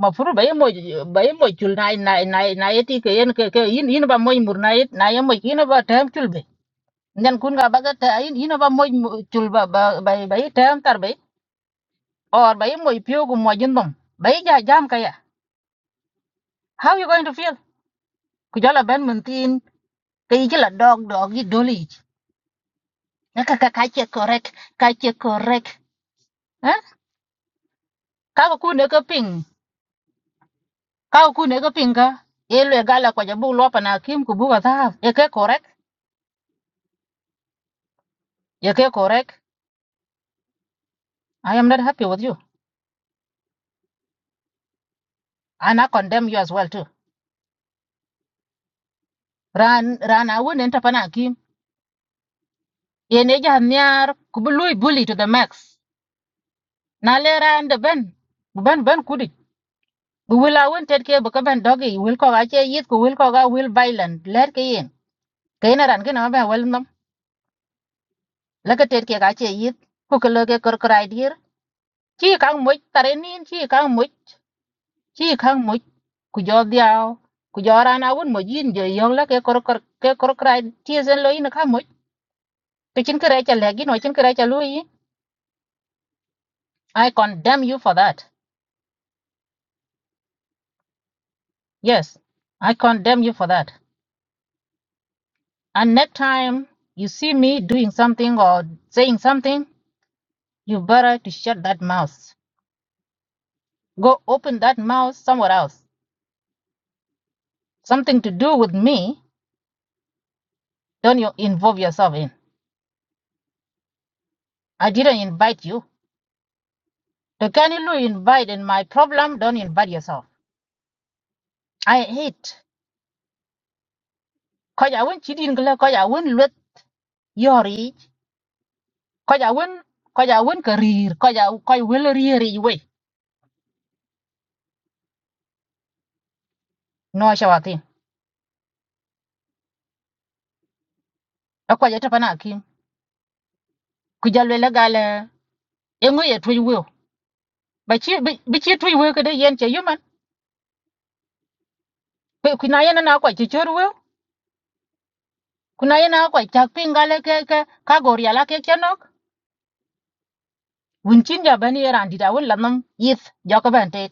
ma furu ba yin mo ba yin mo chul na na na na yeti ke yen ke ke yin yin ba mo mur na yet na yin mo yin ba tem chul be ngan kun ga ba ga ta yin yin ba mo chul ba ba ba ba yi tem tar be or ba yin mo pio ku mo jin dom ba yi ja jam ka ya How you going to feel? Kujala ben mentin, kayi dog dog yi doli. Naka ka kache korek, kache korek. Eh? Kaka ku neka ping, kaka ku neka ping ka. Yelo egala kwa jabu lopa na kim kubuga thahaf. Yeke korek, yeke korek. I am not happy with you. And I condemn you as well too. Ran, ran awun enta pana akim. Yeneja hanyar kubului bully to the max. Na lera and the ben. Ben ben kudi. Will I won't take care because Ben doggy will call a yet will call a will violent. Let me in. ke ina ran ke na ba wel nom la ke ter ke ga che yit ku ke lo ke kor krai dir chi kang mo tare nin chi kang mo chi kang mo ku jo diao ku jo ran a won mo yin je yong la ke kor kor ke kor krai ti zen lo ina ka mo ke chin kre cha le gi no chin kre cha lu i condemn you for that yes i condemn you for that and next time you see me doing something or saying something you better to shut that mouth go open that mouth somewhere else something to do with me Don't you involve yourself in. I didn't invite you. The kind you invite in my problem, don't invite yourself. I hate. Cause I won't cheat in cause I won't let your age. Cause I won't cause I won't career. Cause I cause I will rear way. No I shall think. A cause I tapana kim. Could you let a gala? Young way at will. But she but she three will could yen che human. But could na kwa chichur will? Could I na quite chuck pingale kagoria la kekanok? Winchin jabani erandida won lanum yith jacobante.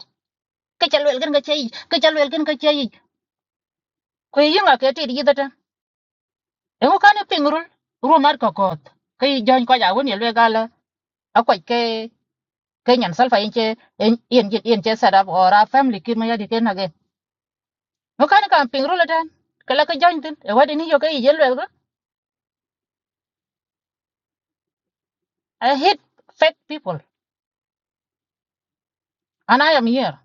cái cha lwel ken ke chei ke cha lwel ken cái chei ko yi nga ke ti di da tan e ko kan pingrul ru mar ko kot ke yi jon ko ja won ye lwe gala a ko ke ke nyan sal fa yin che yin yin yin che sada or a family kin ma ya di cái age ko kan kan pingrul tan ke la ke jon tin e wadi ni yo ke yi lwel i hate fake people and i am here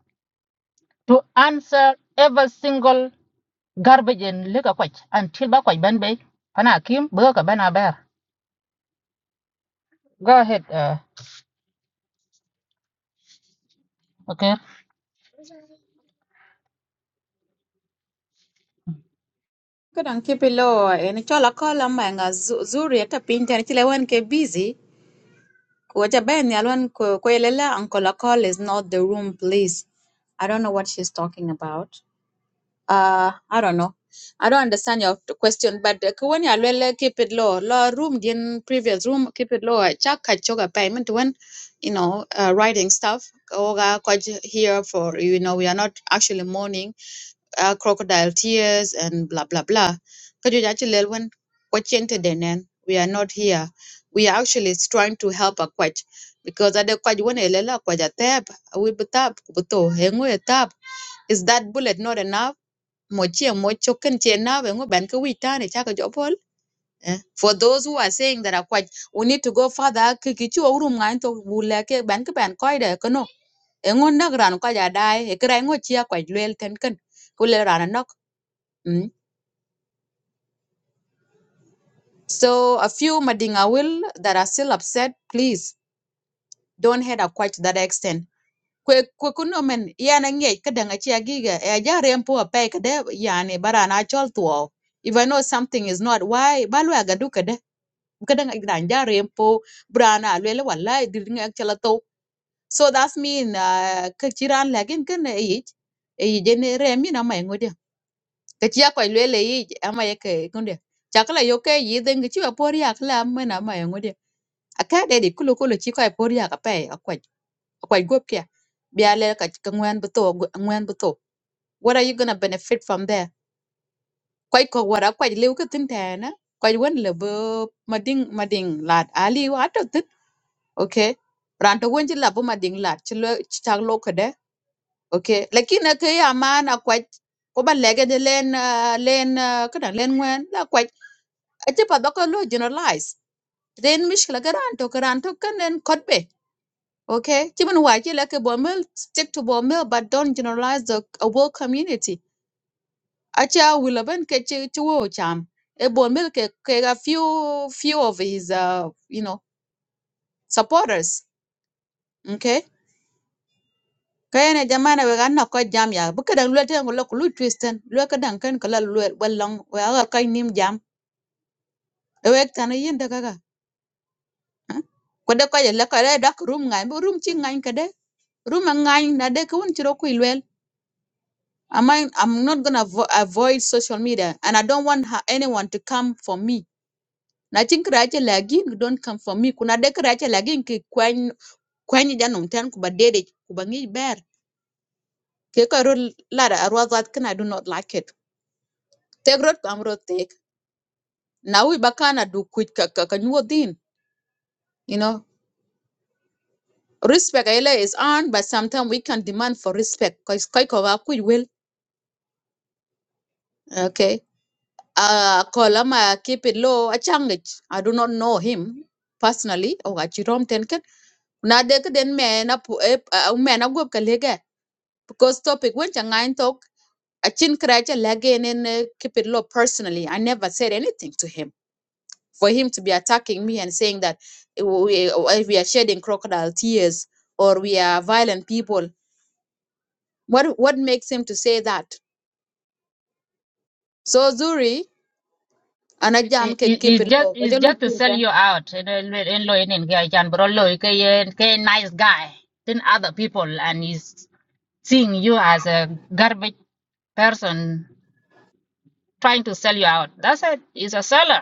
to answer every single garbage in lika kwach until ba kwach ban bay pana kim bơ ka bana bear go ahead uh, okay
Kadang ki below en chola kola manga zu- zuri ata pinta ni chile wan ke busy ko ja ben ya lwan ko ko yelela uncle call is not the room please i don't know what she's talking about uh, I don't know. I don't understand your t- question, but uh, when you are keep it low, low room, in previous room, keep it low. I Check catch your payment when you know uh, writing stuff. Oga kwaji here for you know we are not actually mourning uh, crocodile tears and blah blah blah. Could you actually when kwachente denen we are not here. We are actually trying to help a kwach because at the kwaj when elela kwaja tab we butab buto hengu tab is that bullet not enough? mo che mo choken che na we ngo ben ko wi ne cha ko jo eh. for those who are saying that are quite, we need to go further ki ki chu rum ngan to bu le ke ben ko ben ko de ko no e ngo na ran ko ja dai e kra ngo chi akwa lel ten ken ku le ran nok mm. so a few madinga will that are still upset please don't head akwa to that extent kwe kwe kuno men yana nge ka danga chi agiga e ja rempo a pe ka de yani bara na chol tuo if I know something is not, why? Balu kadang granja rempo brana lwela wallahi dirnga chala to so that's mean uh, ka chiran lagin kan e yij e yije ne remi na mai ngodia ka chia ko lwela yij ama yake kunde chakala yoke yiden gichi apori akla ama na mai ngodia aka de de kulo kulo chi ko apori akape akwaj akwaj gopke biale ka ka ngwan buto ngwan buto what are you going to benefit from there kwaj ko wara kwaj lew ka tin tana kwaj wan lebo mading mading lad ali wato okay ranto wonji la buma ding lat ci lo ci tag lo ko de okay lakini ke ya man akwaj ko ba lege de len ah, len kada len wen la kwaj a ci pa bako lo generalize then mishkla garanto garanto kan len kodbe okay ci mun waje la ke bomel stick to bomel but don't generalize the a whole community a ci a wilaben ke ci ci wo cham e bomel ke ke a few few of his uh, you know supporters ok? kayene jamana we ganna ko jam ya bu kadang lu te ngol lu twisten lu kadang kan kala lu balong we aga kay nim jam e we tan yin de gaga ko de ko le ko de dak room ngai bu room chi ngai ka de room ngai na de ko un chiro ku lwel am I, am not going to avo- avoid social media and i don't want ha- anyone to come for me na chin kra lagin don't come for me kuna de kra che lagin ki kwen kwen janum tan ku ba dede ku ba ngi ber ke ko ro la arwa zat kana do not like it Take road, I'm road. Now we bakana do quick kakanyuwa din, you know. Respect ele is earned, but sometimes we can demand for respect. Koi koi kowa kuj will, okay. Uh, kolama keep it low, a changich. I do not know him personally. Oh, I chirom tenken. Na deka den man na pu eh, a man a gwab kalega. Because topic when changain talk, a chin krecha lagin and keep it low personally. I never said anything to him for him to be attacking me and saying that eh, we, eh, we are shedding crocodile tears or we are violent people. What what makes him to say that? So Zuri, anajam
It,
ke
it,
keep
it's
it
just
low.
it's
wajalo lu
just to sell
tinkan.
you out and and and can bro lo ke ye- ke nice guy Then other people and he's seeing you as a garbage person trying to sell you out that's it he's a seller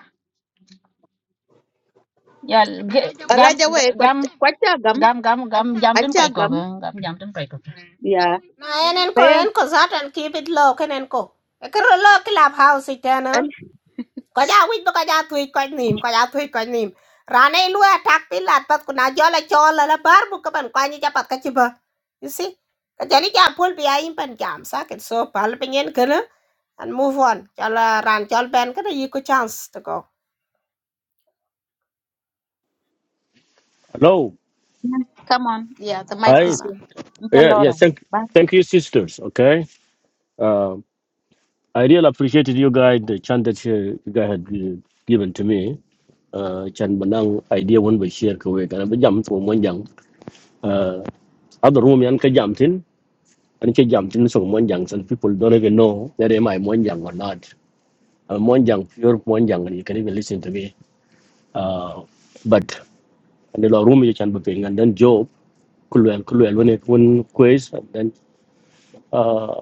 yeah g- gam
Raja we
gam
kwachagam,
gam gam gam jam tin kai ko
achagam.
gam jam tin kai ko
Yeah.
Na enen ko
Kaya
en ko zat and keep it low kenen ko. E kero low clubhouse house itena. Ko ja wit buka ja tuit ko nim ko ja tuit ko nim. Rane lu attack pilat pat kuna jola chola la bar buka ban kwani japat kachiba. You see? Kajani jam pul bi ayin pan jam sakit so pal pengen kena and move on. Jala ran chol ben kena yiku chance to go.
Hello.
al- come on. Yeah, the mic
No,
I
is
no.
here. Incha
yeah yeah. Thank
Ba
thank you, sisters. Okay. Uh, I really appreciated you guys the chance that you, you guys had uh, given to me. Uh, chan banang idea one by share kawe kana ba jam so mon jang. Uh, other room yan ka jam tin. And ka jam tin so mon jang. Some people don't even know that am I mon jang or not. Uh, mon jang pure mon jang. and You can even listen to me. Uh, but and the law room you chan ba ping and then job kulwel kulwel when it when quiz uh,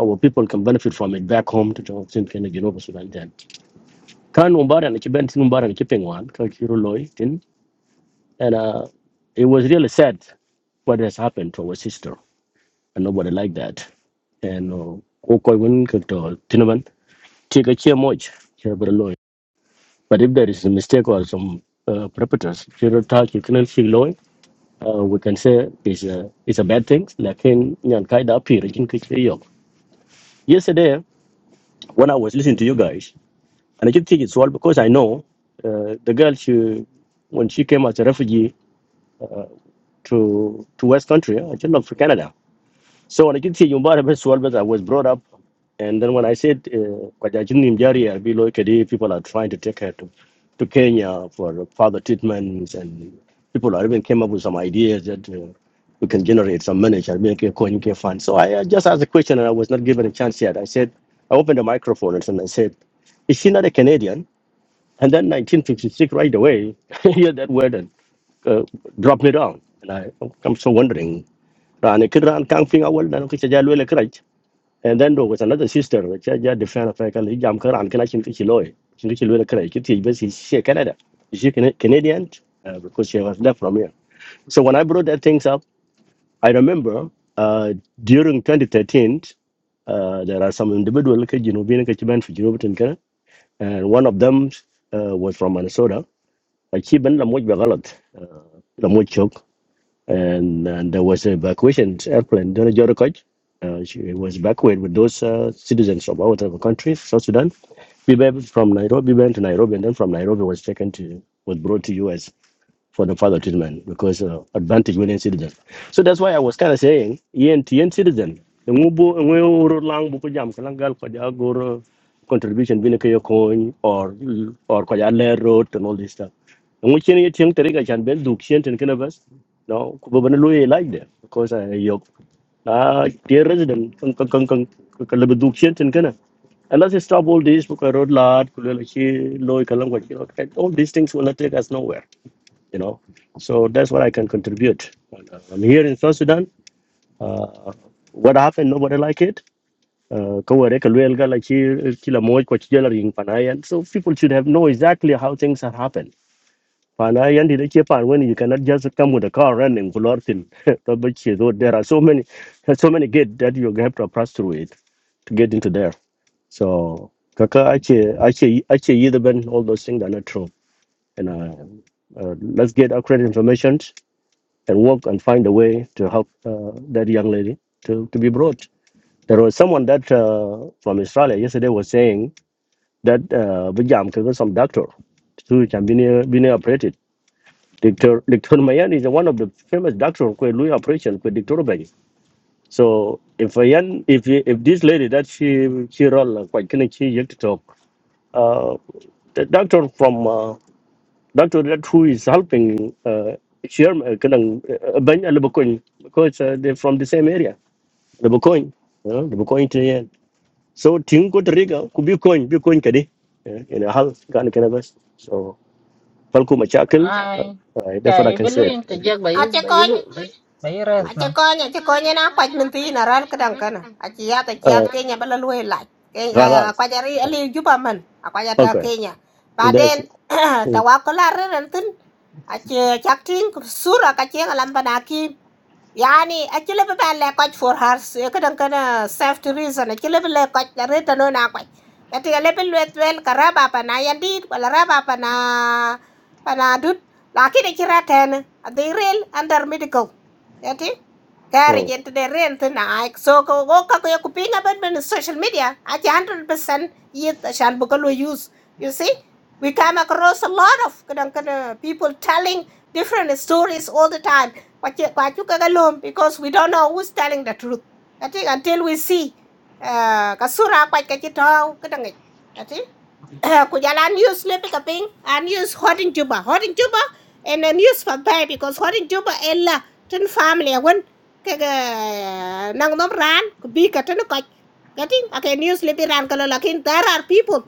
our people can benefit from it back home to talk in Kenya, Genova, Sudan. Then can umbara and chiben tin umbara and chipping one kakiro loy tin and uh, it was really sad what has happened to our sister and nobody like that and okoi win kakto tinaman take a chair much Cherbero loy. But if there is a mistake or some uh, perpetrators, you talk you cannot see loy. Uh, we can say it's a it's a bad thing. Like in Nyan Kaida Pir, Yesterday, when I was listening to you guys. And I just think it's all because I know uh, the girl, she, when she came as a refugee to, to West Country, I just love for Canada. So when I just see you bought I was brought up. And then when I said, uh, people are trying to take her to, to Kenya for further treatments, and people are even came up with some ideas that uh, we can generate some money. shall we, okay, coin, okay, fund. So I uh, just asked a question and I was not given a chance yet. I said, I opened the microphone and I said, Is she not a Canadian? And then 1956, right away, hear that word and uh, drop me down. And I, I'm so wondering. And Rani kid ran kang fing awal na nuki chaja lwele right." And then there was another sister, which I just defend of Ekal, Jam Karan, can I chin kichi loy? Chin kichi lwele krach. It is she Canada. She Cana- Canadian uh, because she was there from here. So when I brought that things up, I remember uh, during 2013, uh, there are some individual like, You ke Jinubi ke Chiban for Jinubi and Canada, and one of them uh, was from Minnesota achievement la moj bagalot la moj chok and, and there was a evacuation airplane dona jor koj uh, she was evacuated with those uh, citizens of our other country south sudan we went from nairobi we went to nairobi and then from nairobi was taken to was brought to us for the further treatment because uh, advantage within citizen. So that's why I was kind of saying, yen to yen citizen, ngubu nguru lang buku jam kalang gal kaja guru contribution bina coin or or kaja layer road and all this stuff. Ngu chen ye tiang teri kajan ben duk chen ten kena bas. No, kubabana lu ye like there because I yok ah dear resident kang kang kang kang kalau duk chen ten kena. And let's stop all this because road lad, kulele chi loy kalang kaja all these things will not take us nowhere you know. So that's what I can contribute. uh, I'm here in South Sudan. Uh, what happened, nobody like it. Uh, kawa reka la chi- kila moja kwa chijela ring panayan. so people should have know exactly how things have happened. Panayan did a chip and when you cannot just come with a car running for nothing. But she thought there are so many so many gates that you have to pass through it to get into there. So Kaka ache, ache, ache. Yidben all those things that are not true. And uh, uh, let's get accurate information and work and find a way to help uh, that young lady to, to be brought. There was someone that uh, from Australia yesterday was saying that uh, Vijam could go some doctor who can be near, be near operated. Dr. Dr. Mayan is one of the famous doctor who doing operation with Dr. Bang. So if Mayan, if he- if this lady that she she roll uh, quite can she yet to talk, uh, the doctor from uh, Dr. That who is helping uh, Sherman, kadang uh, Ben and Lebacoin, because uh, they're from the same area. Lebacoin, you know, Lebacoin to the end. So, Ting Costa Rica, could be coin, be coin kadi, you know, how can cannabis. So, Falco Machakal, uh,
ai
uh, that's what I
chai
can
belu
say.
in te jag
Uh,
啊，
bai
结
bai
果
lu bai bai res
aje
nam
konye aje konye na kwaj min thi na ran kadan kana aje ya ta
uh,
kiat kenya bala luwe laj kenya
Garaz.
kwaj ari ali juba man akwaj ata
Okay,
kenya
that's.
baden
Uh,
tawakala ran tin aje chak sura ka che ngalam banakim yani aje lebe ba le for har kadan kana safety reason aje lebe le kwaj na reta no na kwaj ati lebe luet wel karaba pa na yandi wala raba pa dut lakini kira tena adhi under medical yati kari
uh,
gente de rent na so ko ko ka ko kupinga ben ben social media at 100% yet shan bukalo use you see we come across a lot of kadang kada people telling different stories all the time kwachu kwachu kagalom because we don't know who's telling the truth i think until we see uh, kasura kwach kachitau kadang ik i think kujalan use lepi kaping and use hot in juba hot in juba and then use for pay because hot in juba ella tin family wen ke ke nang nom ran ku bi no tin ko gatin ake news le bi ran kala lakin there are people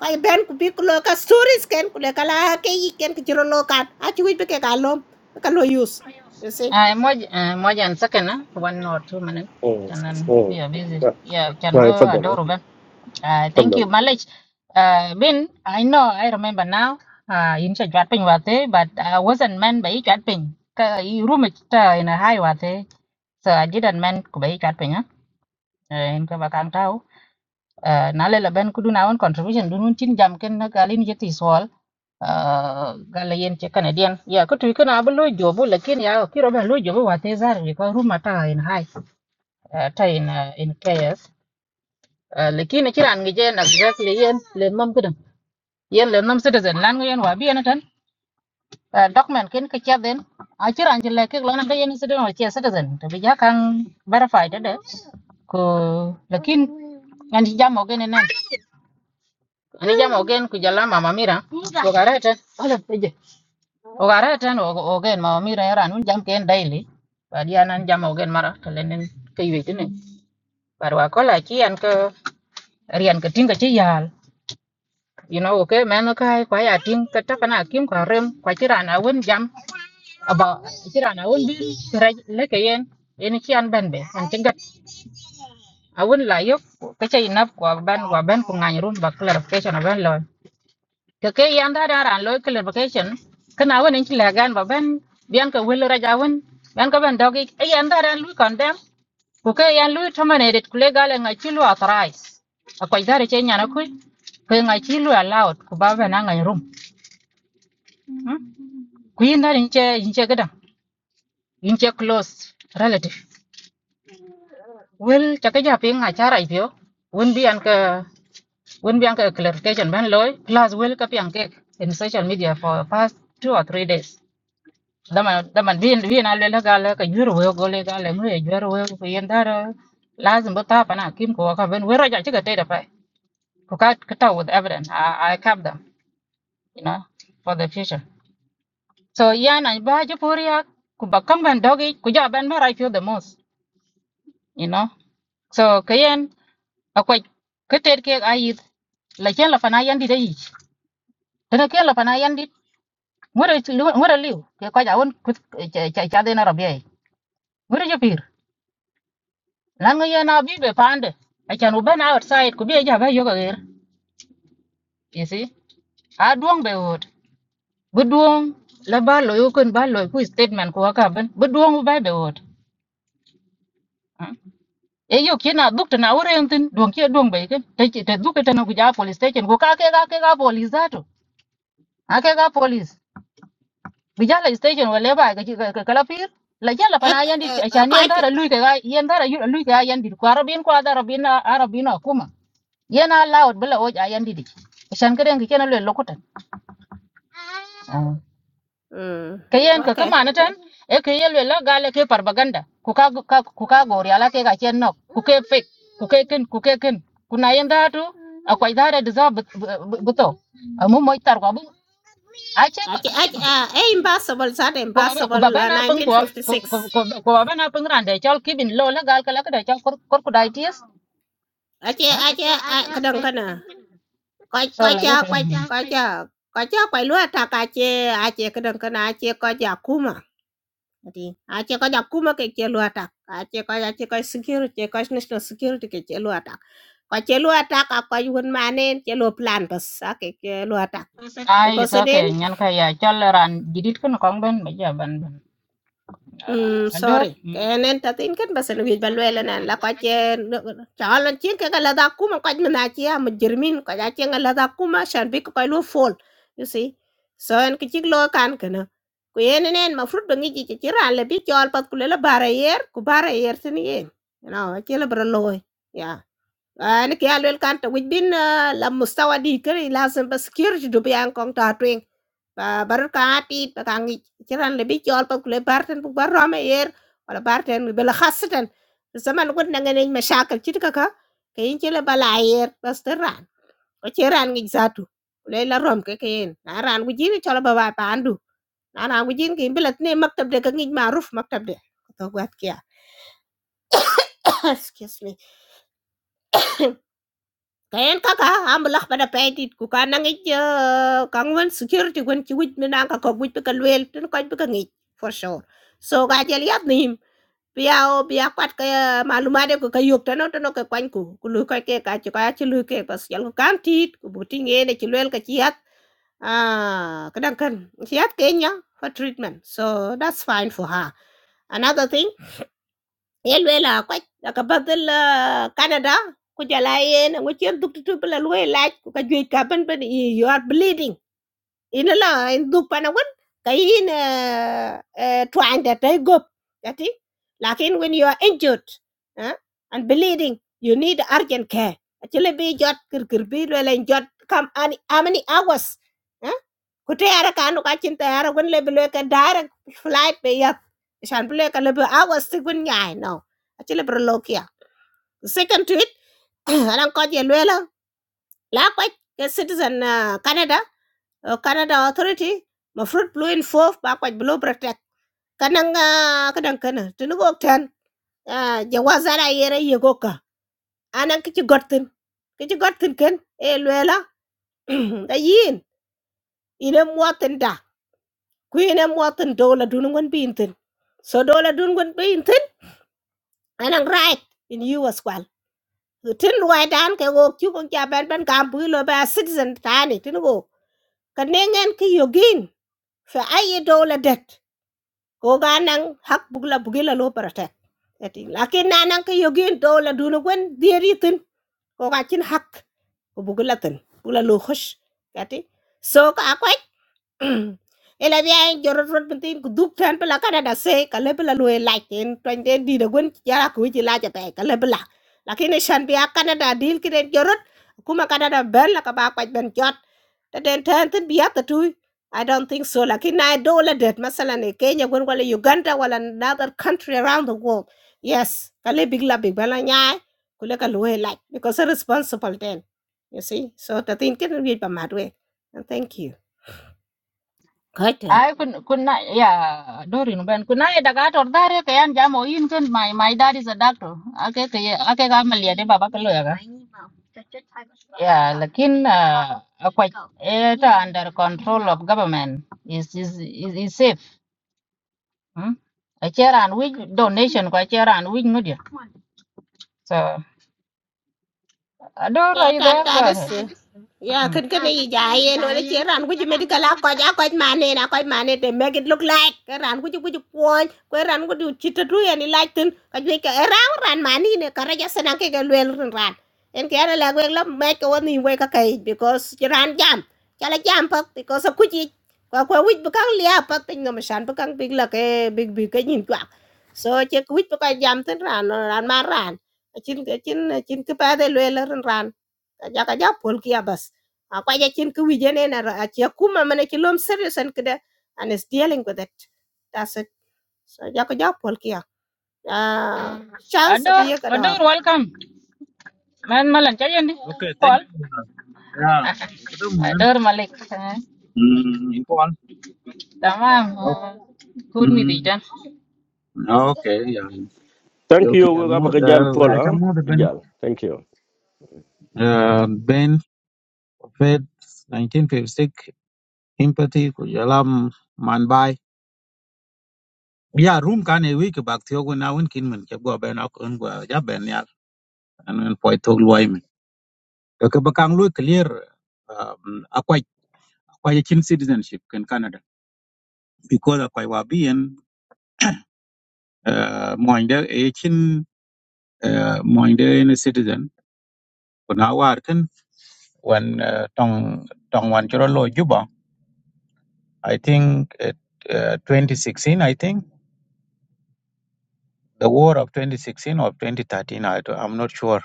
ko ben ku bi ko ka stories ken ku le kala ke yi ken ki jiro lo kan a chi wi be ke lom be lo use you see
ai moj moj an second na one or two minutes
uh,
and then we are busy
uh.
yeah can be
Right, Fadal,
adorable Uh, thank you,
Fadal.
Malik. Uh, Bin, I know, I remember now. Uh, in cha chat ping wate, but I wasn't meant by chat ping. Ka i room it uh, in a high wate, so I didn't meant to by chat ping. huh? Uh, in ka bakang tau. Uh, na le ben kudu na on contribution dunun chin jam ken na galin jeti swal. Uh, galayen che Canadian. Ya, ko tu kana ablo jobo lakin ya ki roba lo jobo wate zar ko room ata in high. Uh, ta in uh, in KS. Uh, lakin kiran ngi je na exactly yen le mam kudu. yen le nom citizen lan yen wa bien tan uh, document ken ke cha den a chira an le ke lan ga yen citizen wa che citizen to bi ja kan verify de de ko lakin an ji jam ogen nan an ji jam ogen ku jala mama mira ko garata ala peje o garata no ogen mama mira era nun jam ken daily ba dia nan jam ogen mara to lenen ke yiti ne bar wa ko la chi an ko rian ke tinga chi yal you know okay man ka kwa ya ting ka ta kana kim ka rem kwa chira na wen jam aba kiran awun bin tiraj lekeyen ene ki an ben be an tigat awun la yok ka chay nap ko ban wa ban ko ngany run ba clarification ban lo ke ke yan da daran lo clarification kana awun en ki la gan ba ban bian ka wel raja awun ban ka ban dogi e yan daran lu condemn ko ke yan lu terminated ku le gale ngai chi lu authorize akwai dare che nyana ku ko ngai chi lu allowed ku ba ban ngai rum ku yin darin che yin che gadan yin che close relative Well, chaka ja ping a chara ibyo. Wouldn't be anka wouldn't be anka clarification ban loy. Plus will ka piang cake in social media for past two or three days. Daman daman bin bin a lela gala ka juro weo gole gala mu e juro weo ku yendara lazim bata pana kim ko ka ben wera ja chika teda pai. Ku ka kata with evidence. I, I kept them, you know, for the future. So yeah, na ba jo poria ku ba kam ban dogi ku ja ban ba I feel the most, you know. So kayen akwai ka ted kek a yith la chen la fana yandit ayic tene ken la fana yandit ŋöre liw ke kɔc awon cadhin arabiai ŋöre jopir lan ŋö yen abibe paande acan u ben outside ku bi eja be yokoker yesi a duoŋ be wot bi duoŋ la ba loi okön ba loi ku statement ku wakaben bi duoŋ bi bai be wot e yok cin a dhuk tena wureŋ thin duoŋ ci eduoŋ be ken te dhuke tena ku ja police station ku kakek akek a police zatu akek a ke ka police vijala station wala ba ga ga kala pir la jala
Eh, e
pana yan di chani yan
ko
dara lui ga yan dara yu lui ga yan di ko arabin ko ada arabin arabin kuma yana laud bala o ja yan di di shan ka den ke na le lokutan
mm
ka yan ka
okay
kama na tan e ka yel la gale ke propaganda ku ka ku ka gori ala ke ga ken no ku ke fake ku ke kin ku ke kin kuna yan datu akwai dara da za bu to mu moitar ko ache pa
Ache
ache
ache
pa
ah, eh impossible sat
ko baba ko
impossible
baba
ah,
na pung ko ko ko
1956.
ko baba na pung ran de chol kibin lo la gal kala kada chol kor kor ku dai ties
Ache
ha
ache ah, kadang kana. Koi
so
koi
la wet
ja koi koi ja koi ja koi lu tak ache ache kadang kana ache koi ja kuma. Ati ache koi ja kuma ke che lu atak. Ache koi ache koi security koi national security ke che lu atak. Koi che lu atak ah, koi manen che lu plan bas ah, ke lua tak lu
ai so ke
atak.
nyan ka ya chol ran didit kun kong ben ba ja ban ban
Ừm, sorry, kailan tatiin kan bas nabiyad balwelan an
ador
lakwachen chalan chin ka galada kuma kwaj manachia mujrimin kwaja chen galada kuma shan bik koy lu fol you see so en kichik lo kan kana ku yenen en mafrut bangi ji ji ran le bi chol pat kulela barayer ku barayer tin yen you know achela bra Yeah. Anak ya loel kantor, udin lah Mustawa di ker, langsung bersikir jadi bayang kongtah tuh yang baru kan hati, kangkiri ceran lebih jalpa kulah berterus berrom air, kalau berterus bela khas terus zaman udah ngenengin mesak kerjitu kakak, kini kalo bela air, restoran, kau ceran ngingzado, udah lalu rom kau kini, naran kau jin cilah bawa apa handu, naran kau jin kini bela nih mak tabe kau ngingma Ruf mak tabe, kau tau gua kaya, excuse me. Kayen kaka ambulah pada paitit ku kanang ik kangwan security gwen ci wij mina ka ko wij ka lwel tin ko ka ngi for sure so ga jel yat nim biya o biya kwat ka maluma de ko kayuk tano tano ka kwan ku ku lu ka ke ka ci ka ci lu ke pas jal ku kan tit ku buti nge de ci lwel ka ci yat ah kadang kan ci yat kenya for treatment so that's fine for her another thing yelwela kwaj aka badal canada ku jala yen ngu chen duk tu bla lwe laj ku ka jwe ka ban you are bleeding ina la in du pana wan kayin uh, uh, trying that they go that is lakin when you are injured uh, and bleeding you need urgent care actually be jot kir kir bi le len kam ani how many hours uh, ku te ara kanu ka chin te ara wan le le ka direct flight be ya shan bi le ka le hours ti gun nyai no actually bro lokia second to it anan ko je le la ke citizen uh, canada Uh, Canada Authority ma fruit blue in fof ba kwaj blue protect kanang uh, kadang kana tunugo tan uh, jawaza da yere yegoka anan kici gotin kici gotin ken e lela da yin ina muatin da ku ina muatin dola dunungon bintin so dola dunungon bintin anan right in you as well tin ruai dan ke go chu kon ja ben ben kam bu lo ba citizen tani tunugo kanengen ki yogin fa ayi dola det ko ga hak bugla bugila lo protect eti lakin nanang nan ka yogin to la dunu gwen dieri tin ko ga hak bugla tin bugla lo khush eti so ka aku ela bien yo rot rot bintin ku duk tan pela kada da se kala pela lo e like en twen den di da gon yara ku ji la ja pe kala bela lakini shan bi akana da dil kiden yo rot kuma kada da ben la ka ba kwaj ben jot ta den tan tin bi ata tu I don't think so. Like in I do that masalan e Kenya gon wala Uganda wala another country around the world. Yes, kale big la big bala nyai kule ka lo e like because they're responsible then. You see? So the thing can read by my And thank you. Good.
I could could not yeah Dorin Ben could not da gator dare ke an jamo in ken my my dad is a doctor ake ke ake ga malia de baba ke loya yeah lakin uh, quite it under control of government is is is, is safe hmm? a chair and we donation kwa chair and we media so ador
哒
are you
哒
there go
哒的
ahead
死。Yeah,
hmm.
can can you jai and when it's here and would you medical accord accord man and accord man it they make it look like around would you would you point where and would you chit through any light then can you make a round run man in a courageous and a kick a well run and care a lag well make one in wake a cage because you ran jam chala jam puck because of kuchi kwa kwa wich bukang lia puck thing no mashan bukang big luck a big big a yin quack so check wich bukang jam then ran or ran man ran A chin a chin a chin kupa de well run ran Kaja kaja pol kia bas akwa ja chin ki wije ne na achi akuma mane chi lom serious and kida and is dealing with it that's it so ja ko ja kia uh, chance abi
ador
ye kador
ador welcome man malan chayendi
Okay, thank
paul
you. Yeah, itu mungkin
ador malik Eh?
hmm, import.
Tamam.
Oh,
Good mi di
hmm,
tan.
okay, ya.
Thank
Jual
you,
ke jalmu, eh,
Abakajal
macam
Paula.
mu ben,
Bijal, thank you.
eh, ben, Fed, 1956, empathy, ku jalam man bay. Yeah, room kan eh, wik bak tiyo gu nawin kin min, kep gua ben aku un gua ja ben ya, anwen poi tog luai min. Ke bekang lu clear, um, akwai, akwai chin citizenship ken Canada. Because akwai wabien, eh, moinde, eh, chin uh, moinde in a citizen kuna warken when uh, tong tong wan chiro lo juba i think it, uh, 2016 i think the war of 2016 or 2013 I, don't- i'm not sure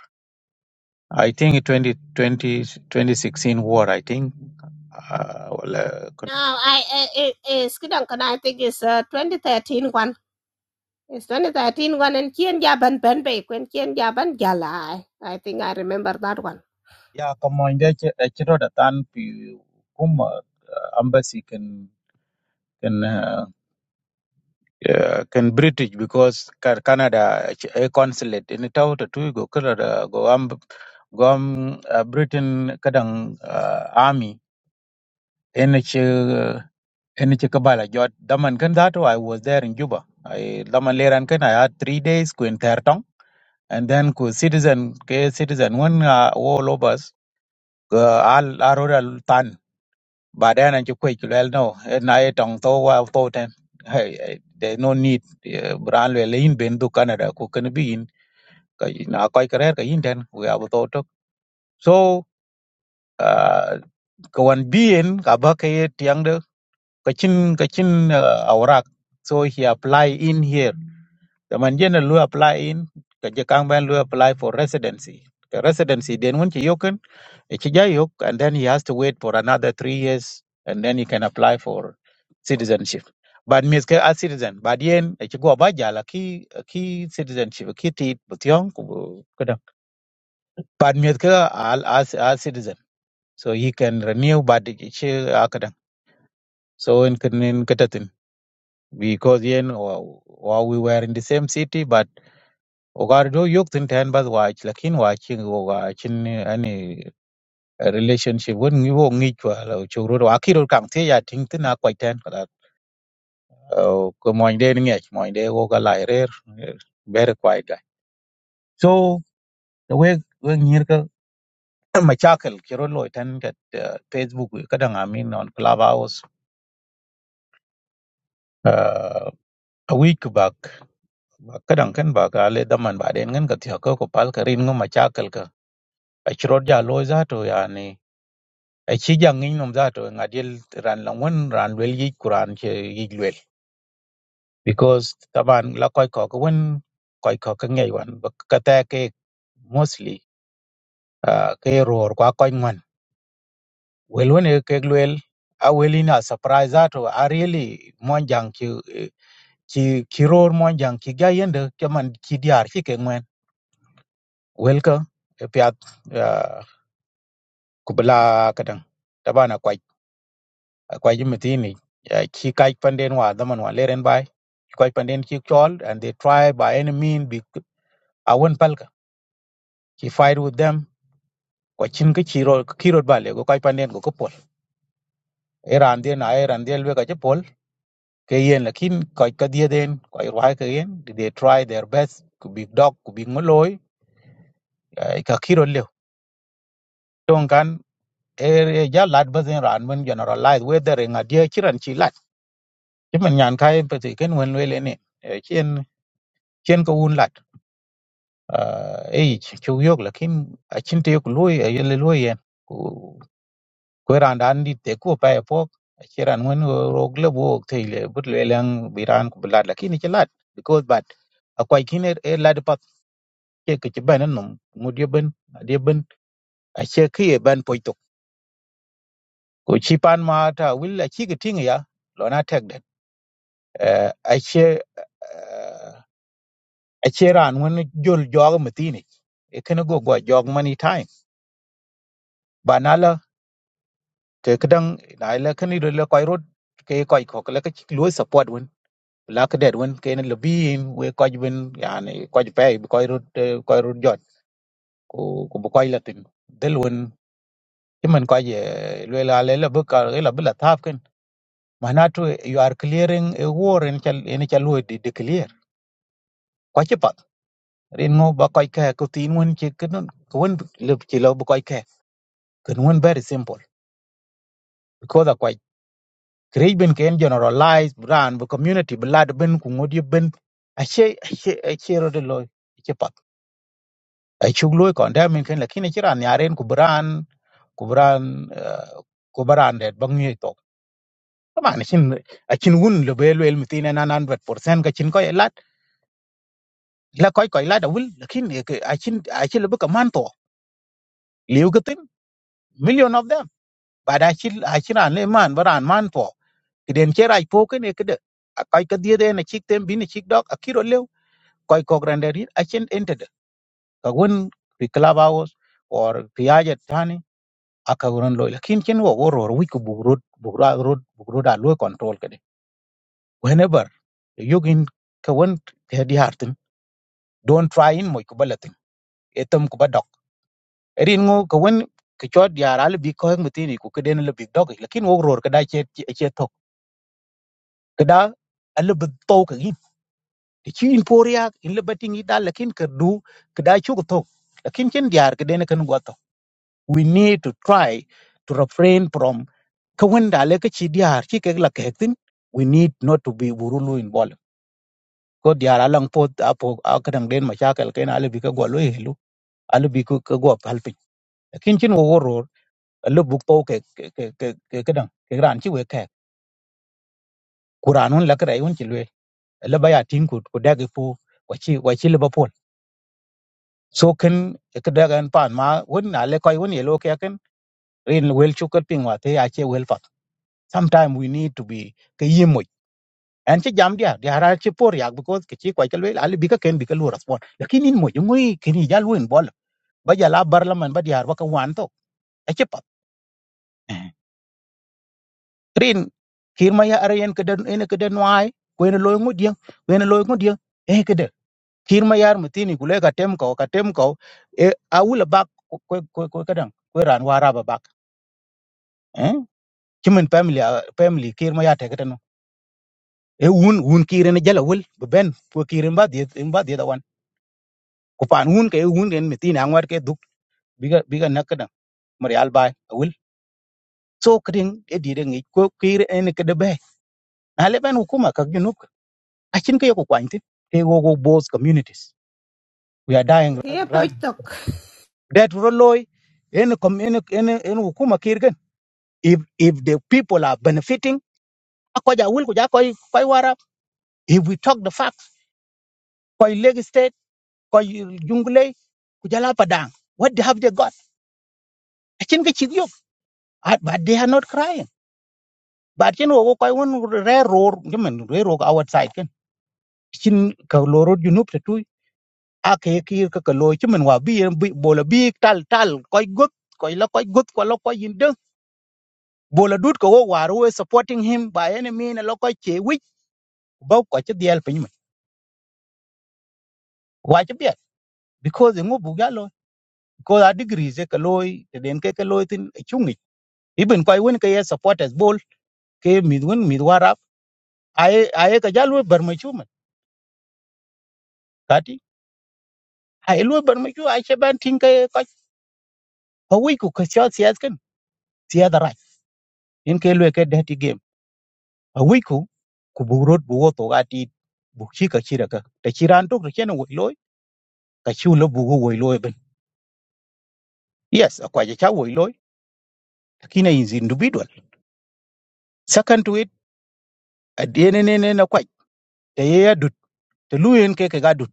i think 2020 2016 war i think uh, well, uh, kun-
now i i- i- is kidan kana i think is uh, twenty thirteen one It's 2013 one and kien ja ban ban be kwen kien ja ban jala i I think i remember that one
yeah ko moinde chiro da tan pi kuma uh, embassy can can Yeah, can British because Ca- Canada ch- a consulate in Tauta Tuigo Canada go am go am uh, Britain kadang uh, army in ch in ch Kabala jot daman kan that I was there in Juba I daman leran kan I had 3 days ku in Tertong and then ku citizen ke citizen one uh, all of us uh, al aroda Baadaye anachukua ikiwa no naye tong to wa to ten hey eh, there no need eh, bran le lein ben du Canada ku kan bin ka na koi karer ka in ten we have to to so uh, ka wan bien ka ba ka ye tiang de ka chin ka uh, aurak so he apply in here the man jen lu apply in ka je kang ben lu apply for residency the residency den won chi Ichijayuk, and then he has to wait for another three years, and then he can apply for citizenship. But miske a citizen, but yen ichigo abaja la ki ki citizenship ki tit butyong kubu kadang. But miske al as a citizen, so he can renew but ichi akadang. So in kin- in katatin because yen wa wa we were in the same city but ogardo yuk tin ten bas wach lakin wachin wachin Ờ, relationship won ngi wo ngi chwa lo churu wa kiro kam the ya ting tina kwai ten kada ko moin de ngi moin de wo ga lai rer eh, very quiet guy so the way we ngir ka machakal kiro lo ten kat eh, facebook kada ngamin on clubhouse uh, a week back ba kadan kan ba ga le daman ba den ngan ka tiya ko ko pal ka rin ngo machakal ka a chiro ja lo za to ya ni a chi jang ngi nom za to ngadil ran lang won ran wel yi kuran che yi because taban la koy ko ko wen koy ko ka ngey wan ba ka ta ke mostly uh, ke ror kwa koy ngwan wel wen e ke lwel a welina surprise ato a really mon jang ki ki ki ror mon jang ki ga yende ke man ki diar ki ke ngwen wel ka e piat uh, kubla kadang taban a koy koy mitini ki kai panden wa daman wa leren bai koy panden ki chol and they try by any mean be awon palka he fight with them ko chin ke chiro kiro bale go kai panen go ko pol e randien na e randien we ka che pol ke yen lakin ko ka die den ko i wai ke yen they try their best ku big dog ku big moloi eh, ka kiro le ton kan e ja lat bazen ran men generalize whether in a die chiran chi lat chi men nyan kai pe te ken wen we le ne chen chen ko un lat e chu yok lakin a chin te yok loi e le loi yen kwe randan dit te ku pa po chiran wen rog le wo te le but le lang biran ku blad la kini chilat because but akwai kini e lad pat che ke chiban num ngudye ben adye ben a che ke ye ban poitok ko chi pan ma ta will a chi ke ting ya lo na tek det a che a che ran wen jol jog matini e kana go go jog many time ba na la ke kedang na la kani le koy rot ke koy khok la ke chi lo support wen la ka det wen ken lo bin we ko ben yani ko pe ko ru ko ru jot ku ku bu ko la tin del wen ti man ko ye le la le la bu ka la bu la tap ken manatu you are clearing a war in chal in chal wo di de clear ko ci pat rin ngo ba ko ka ko tin wen ci ken ko wen le ci lo bu ko ka ken wen very simple because a ko create ben ken generalize brand bu community blood ben ku ngodi ben a che a che ro de lo ci pat ai chung loy kon da min ken lakini chiran yaren ku bran ku bran eh, ku bran det bang to kama ni chin a chin un le bel wel mi tin na nan vet percent ka chin ko lat la koy koy lat awul lakini a chin a chin le ka man to liu ka tin million of them ba da chin a chin an le man bran man to kiden chera po ken ne kede a koy ka die de na chik tem bi ni chik dok a kiro lew koy ko grander a chin entered ka won pi club house or pi ajet akaguran loy lakin chen wo goror wi ku bugrod bugra rod bugroda loy control kade whenever yogin ka won te di hartin don't try in moy ku balatin etam ku badok erin ngo ka won ka chod yar al bi ko mutini ku keden le big dog lakin wo goror kada che che tok kada al bi to ka gi chi in poria in le batin ida lakin ka du kada chu ku tok lakin chen diar keden kan go to we need to try to refrain from ka wanda le ka chi diar chi ke la ke tin we need not to be burulu in bol ko diar alang po apo akadang den ma chakel ken ale bi ka go lo helu ale bi ko ka go pal pin kin chin wo wor le buk to ke ke ke ke ke kadang ke ran chi we ke kuran un la ka un chi le le ba ya tin ku ku dagi pu wa chi wa chi le ba pol so ken ka dagan pan ma won na le koi won ye lo ke ken rin wel chu ka pin wa te ya che wel pat sometime we need to be ke yim en ci jam dia dia ra ci por yak because ke ci ko ke lel al bi ka ken bi ka lu respond lakini in mo jungui kini jal win bol ba jala barlaman ba diar waka wan to e ci pat rin kir ma ya arayen ke den ene ke den wai ko ene loy ngudien ko ene loy ngudien e ke de kir ma yar mutini gule ka tem ko ka tem ko e awula bak ko ko ko kadan ko ran wara ba bak eh kimen family ah, family kir ma ya te kedan e wun wun kir ene jala wul ben ko kir ba di ba di ku pan hun ke hun gen mi tin angwar ke duk biga biga nakada marial bai awil so kring e dire ngi ko kire en ke de be na le ben hukuma ka ginuk a chin ke ko kwanti ke go go both communities we are dying ra
kia
ra-
tok
that roloy en kom en en en hukuma kir if if the people are benefiting ko ja wil ko ja koy koy wara if we talk the facts koy leg state koy jungle ku jala padang what they have they got a chin ke chig yo but they are not crying but chen wo ko won re ror men re ror outside ken chin ka lorot junub te tu a ke ki ka ka lo chimen wa bi bi bola bi tal tal koy gut koy la koy gut ko la koy yinde bola dut ko wo war we supporting him by any mean la koy che wi ba ko che dial pin men wa che bi because ngo bu ga lo ko a degree ze ka lo te den ke ka lo tin chungi ibn koy won ke ye supporters bol ke midwin midwara ai ai ka jalo bar ma men kati ai lo bar ma chu ai che ban tin ke awi ku ka cha sias kan sia da rai in ke lwe ke de ti game awi ku ku bu rot bu wo to ga ti bu chi ka chi ra ka ta chi ran to ke na wo loy ka chi lo bu wo wo loy ben yes akwa ja cha wo loy kina is individual second to it a de ne ne ne na kwa ta ye ya dut ta lu yen ke ka dut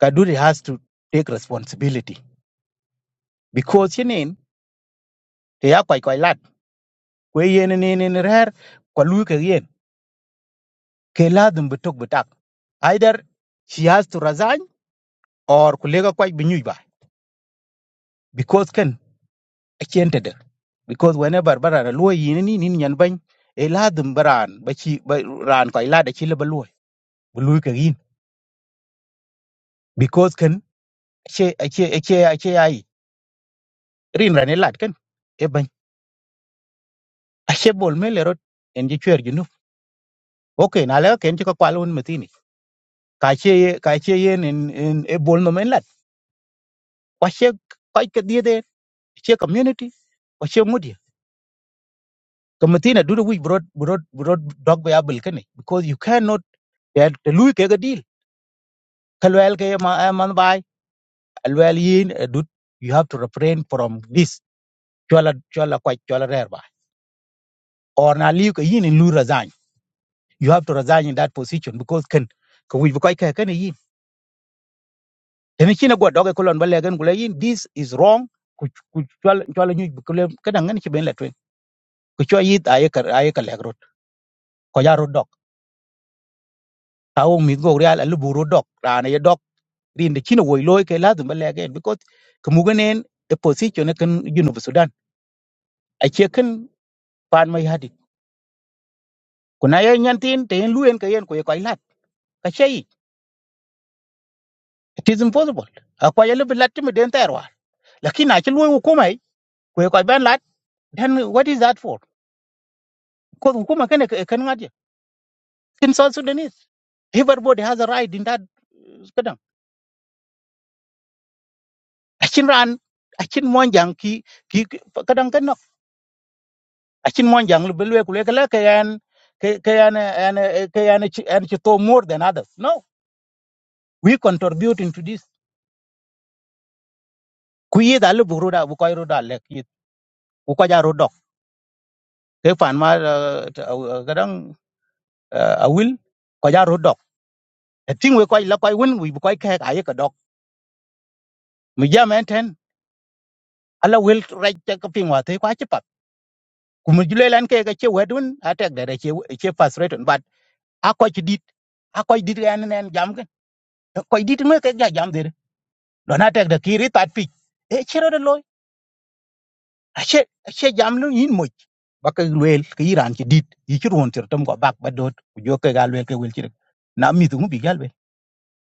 ka dut has to take responsibility because yen en te ya kwai kwai lat kwe yen ne ne ne rer kwa lu ke yen ke la dum bu tok bu tak either she has to resign or ku lega kwaj bi nyuj ba because ken a chente de because whenever bara na luo yin ni nin nyan ban e ladum baran ba chi ba ran ko ila da chi le ba luo bu luo ka yin because ken che a che a che che ai rin ran e lad ken e ban a che bol me le rot en ji chwer ji nu okay na le ken ti ko kwal un metini ka che ye ka che ye en en e bol no men lad kwa che kwa ke die de che community kwa che mudi kamatina duro wi brod brod brod dog ba yabul kane because you cannot then the lui ke deal kalwel ke ma eh, man bai alwel yin eh, dut you have to refrain from this chola chola kwai chola rer or na liu ke yin in lu resign you have to resign in that position because can ko wi ko ke ken yin then china go doge kolon balle gen gule yin this is wrong ku ku chola chola nyu kule kedan ngan chi ben la twen ku cho yit aye kar aye ka legrot ko ya ro dok ta wo mi go real alu buru dok rana ye dok rin de china wo loy ke la dum balle gen because kemugenen a position e ken junub sudan ache kin pan mai hadi kuna yan yantin te yin luyen ka yen ko ko ilat ka chei it is impossible akwa yele bilat mi den terwa lakini ache luyen hukuma yi ko ko ban lat then what is that for ko hukuma kan kan ngadi in south sudanese everybody has a right in that uh, kadang achin ran achin monjang ki ki ki- kadang kan no achin monjang le belwe kule kala kayan kayan an kayan an to more than others no we contribute into this kuyi da le buru da bu koy ru da le ku ko ja rodok ke fan ma gadang a wil ko ja rodok e ting we ko la ko win wi ko ka ka ye ka dok mi ja men ten ala wil right te ka pin wa te kwa chi pat ku mi jule lan ke ga che wedun a tek da da che che frustrated but a ko chi dit a ko dit ga nen jam ke ko dit me ke ga jam de lo na tek da ki ri tat pi e chero de loy a che a che jam lu yin mo ba ka lwel ke iran chi dit yi chi ron ter tam ko bak ba dot ku jo ke ga lwel ke wel chi na mi tu bi gal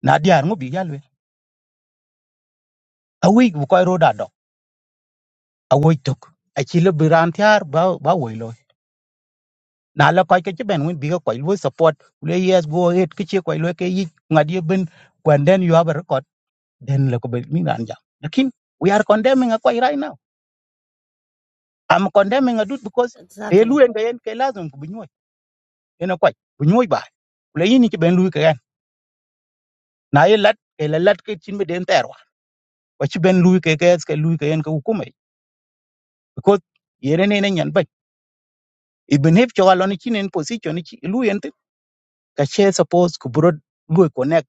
na diar ŋo bi yalwe awi bu koy roda dok awi tok achi le biran tiar ba ba woi loy na la koy ke ben win bi ko koy lo support le yes go ahead ke che koy lo ke yi ngadi ben when then you have a record then le ko be mi ran ja lakin we are condemning a koy right now i'm condemning a dude because te lu
exactly
en gayen ke lazum bu nyoy ena koy bu nyoy ba le yini ke ben lu ke gan na ye lat ke la lat ke chin be den terwa ko chi ben lu ke ke ke lu ke en ko hukume because yere ne ne nyan i believe cho lo ni chinen position chi lu yent ka che suppose ku bro lu e connect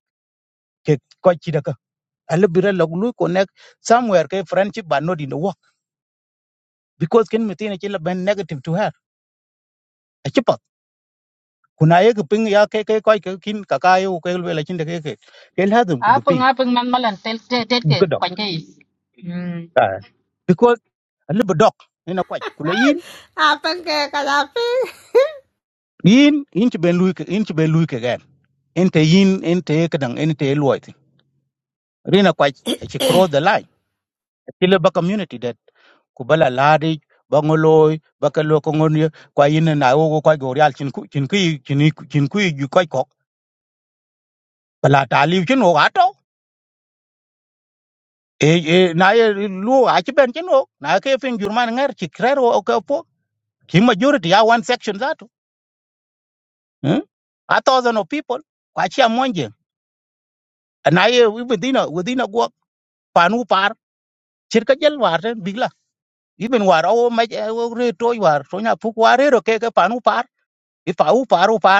ke ko chi bira lu e connect somewhere ke friendship but not in the work because kin mitin chi la ben negative to her a chi pat kuna ye ku ping ya ke ke ko ke kin ka ka yo ke lu la chin de ke ke ke la dum ku bu
Apeng
ping
apeng man malan tel tet tet
bu
ke
ko dok
kwan ke. Hmm.
Ah. because a little dok ina ko ku le yin
apa ke kadapi
yin yin chi ben lu e ke yin chi ben lu e ke gan en te yin en te ke dang en te lu rina kwa chi cross the line chi la ba community that ku bala ladi ba ngoloi ba ka lo ko ngon kwa yin na wo ko go real chin ku chin ku chin ku chin ku ju ko ko bala ta li chin wo ato e e na ye lu a chi ben chin wo na ke fin jurman ngar chi krer wo ko po ki majority ya one section that hmm? a thousand of people kwa chi amonje na ye within a within a go panu par chir ka jel war ten bigla even war o ma o re to war so nya pu war re ro ke ka panu par i pa u par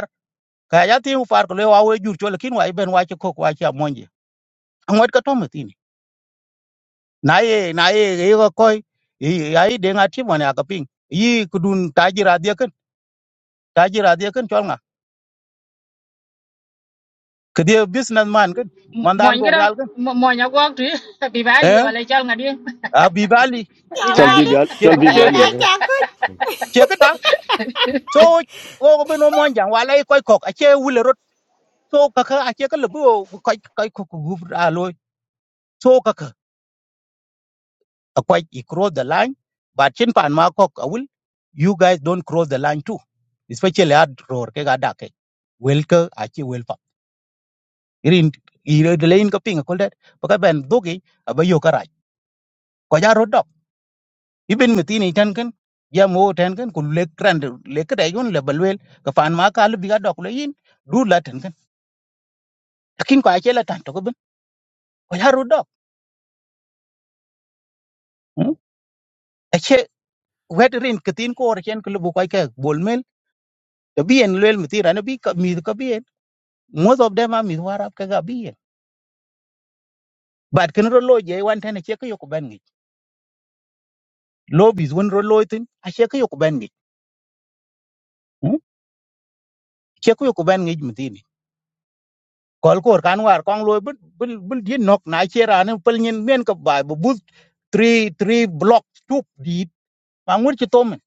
ka ya tin far ko le wa we jur chole kin wa ben wa che kok wa che monje angot ka to metini na ye na ye ye ko koy ai yi de ngati mo ne aka ping yi kudun tajira de kan tajira de kan chol nga ke de business man kan
Mo
mandan
ngi
go
da
real kan
mo nya ko tu bi bali
eh
wala chal ngadi.
a bi bali
Bi
yang
Chal
bali.
ada
Bibi, Ali.
che
Chal
du-
Bibi
Ria
che che
Ali.
aja aku
che ka da so o ko ben o monja wa lai koy kok a che wule rot so ka ka a che ka le bu koy koy kok gu a loy so kaka a quite he crossed the line. But Chin Pan Makok will you guys don't cross the line too. Especially at Roar Kega Dake. Welke Achi Welpa. Irin Ire the lane copying a call that Baka Ben Dogi Abayoka Rai. Koja road dog. Ibn Matini Tankan Yamo Tankan could lake grand lake Rayon Lebalwell Kafan Maka Biga Dok Layin do Latin. Akin Kwachela Tantokoban. Koja road dog. Ache wet rin katin ko or chen kulubu kwaike bolmel. Kabi en lel mati rana bi ka mi kabi most of them am is warab ka gabiye but kin ro loje wan tane che ko yoku ben ngi lobis won ro loitin a che ko yoku ben ngi che ko yoku ben ngi mutini kol kor kan war kong loy bul bul bul di nok na che ran pel nyin men ka ba bu bus three three block tup di mangur che to men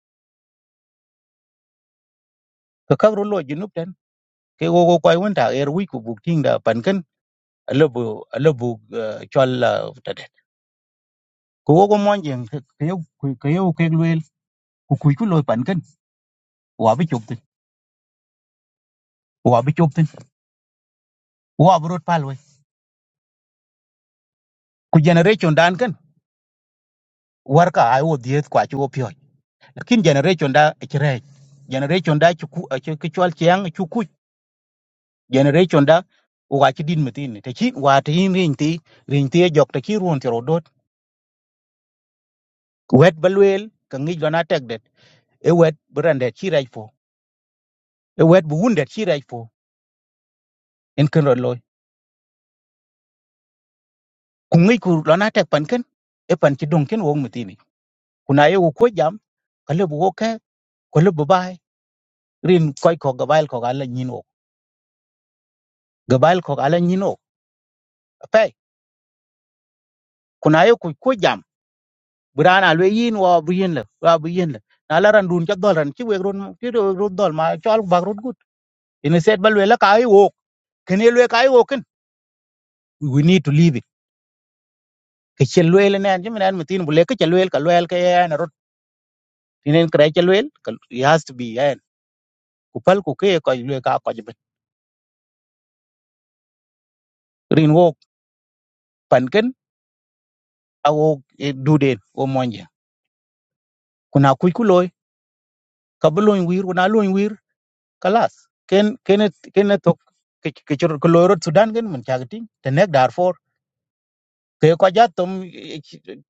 ka ka ro loje nup ten ke go go koy won ta er wi ku buk ting da pan kin lobu lobu chol eh, ta det ko go go mon jeng ke yo ke yo ke lwel ku ku ku loy pan kin wa bi chup wa burut pal we ku generation dan kan war ai wo diet kwa chi wo pyo lakin generation da chire generation da chu ku chu chwal chiang chu ku generation da wa chi din metin te chi wa te in ring ti ring ti e jok te chi ruon tro dot wet balwel ka ngi lona tek det e wet brande chi rai fo e wet bu wunde chi rai fo en kan ro loy ku ngi ku lona tek pan kan e pan chi dong ken wo metin kuna ye wo ko jam ka le bu wo ke ko le bu bai rin koi ko ga bail ko ga la nyin gabal ko ala nyino pe kuna yo ku ko jam brana le yin wa bu yin le wa bu yin le na la ran dun ca dol ran ci we ron ci do ro dol ma ci al ba ro gut ina set bal we la kay wo ken le kay wo ken we need to leave it ke ci le le nan ci men mutin bu le ke ci le ka le ke ya na rot tinen kray ci le ka it has to be ya ku pal ku ke ko le ka ko jbe rin wo pan ken a wo du den wo monje kuna ku ku loy ka bu loy wir kuna loy wir kalas ken ken ken tok ke chur ko loro sudan gen mun chagting tenek darfor ke ko ja tom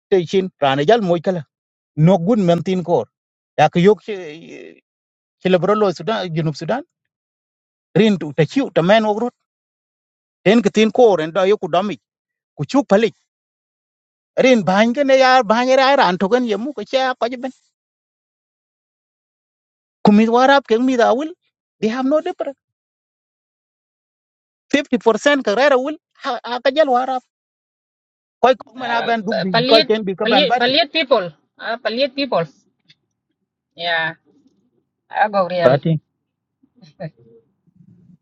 te chin rane jal moy kala no gun men tin kor ya ke yok ke lebro lo sudan junub sudan rin tu ta chiu ta men ogrot ten ke tin kor en da yoku dami ku chuk palik rin bang gen ya bang ra ran to gen yemu ko cha ko ben kumit warap ke mi da wil they have no difference 50% ka rara wil ha ha ka jal warap koy ko mena ben dug bi koy
Palit
ten bi ka ben
palit palit people. Ah palit people. Yeah. Ago real.
bati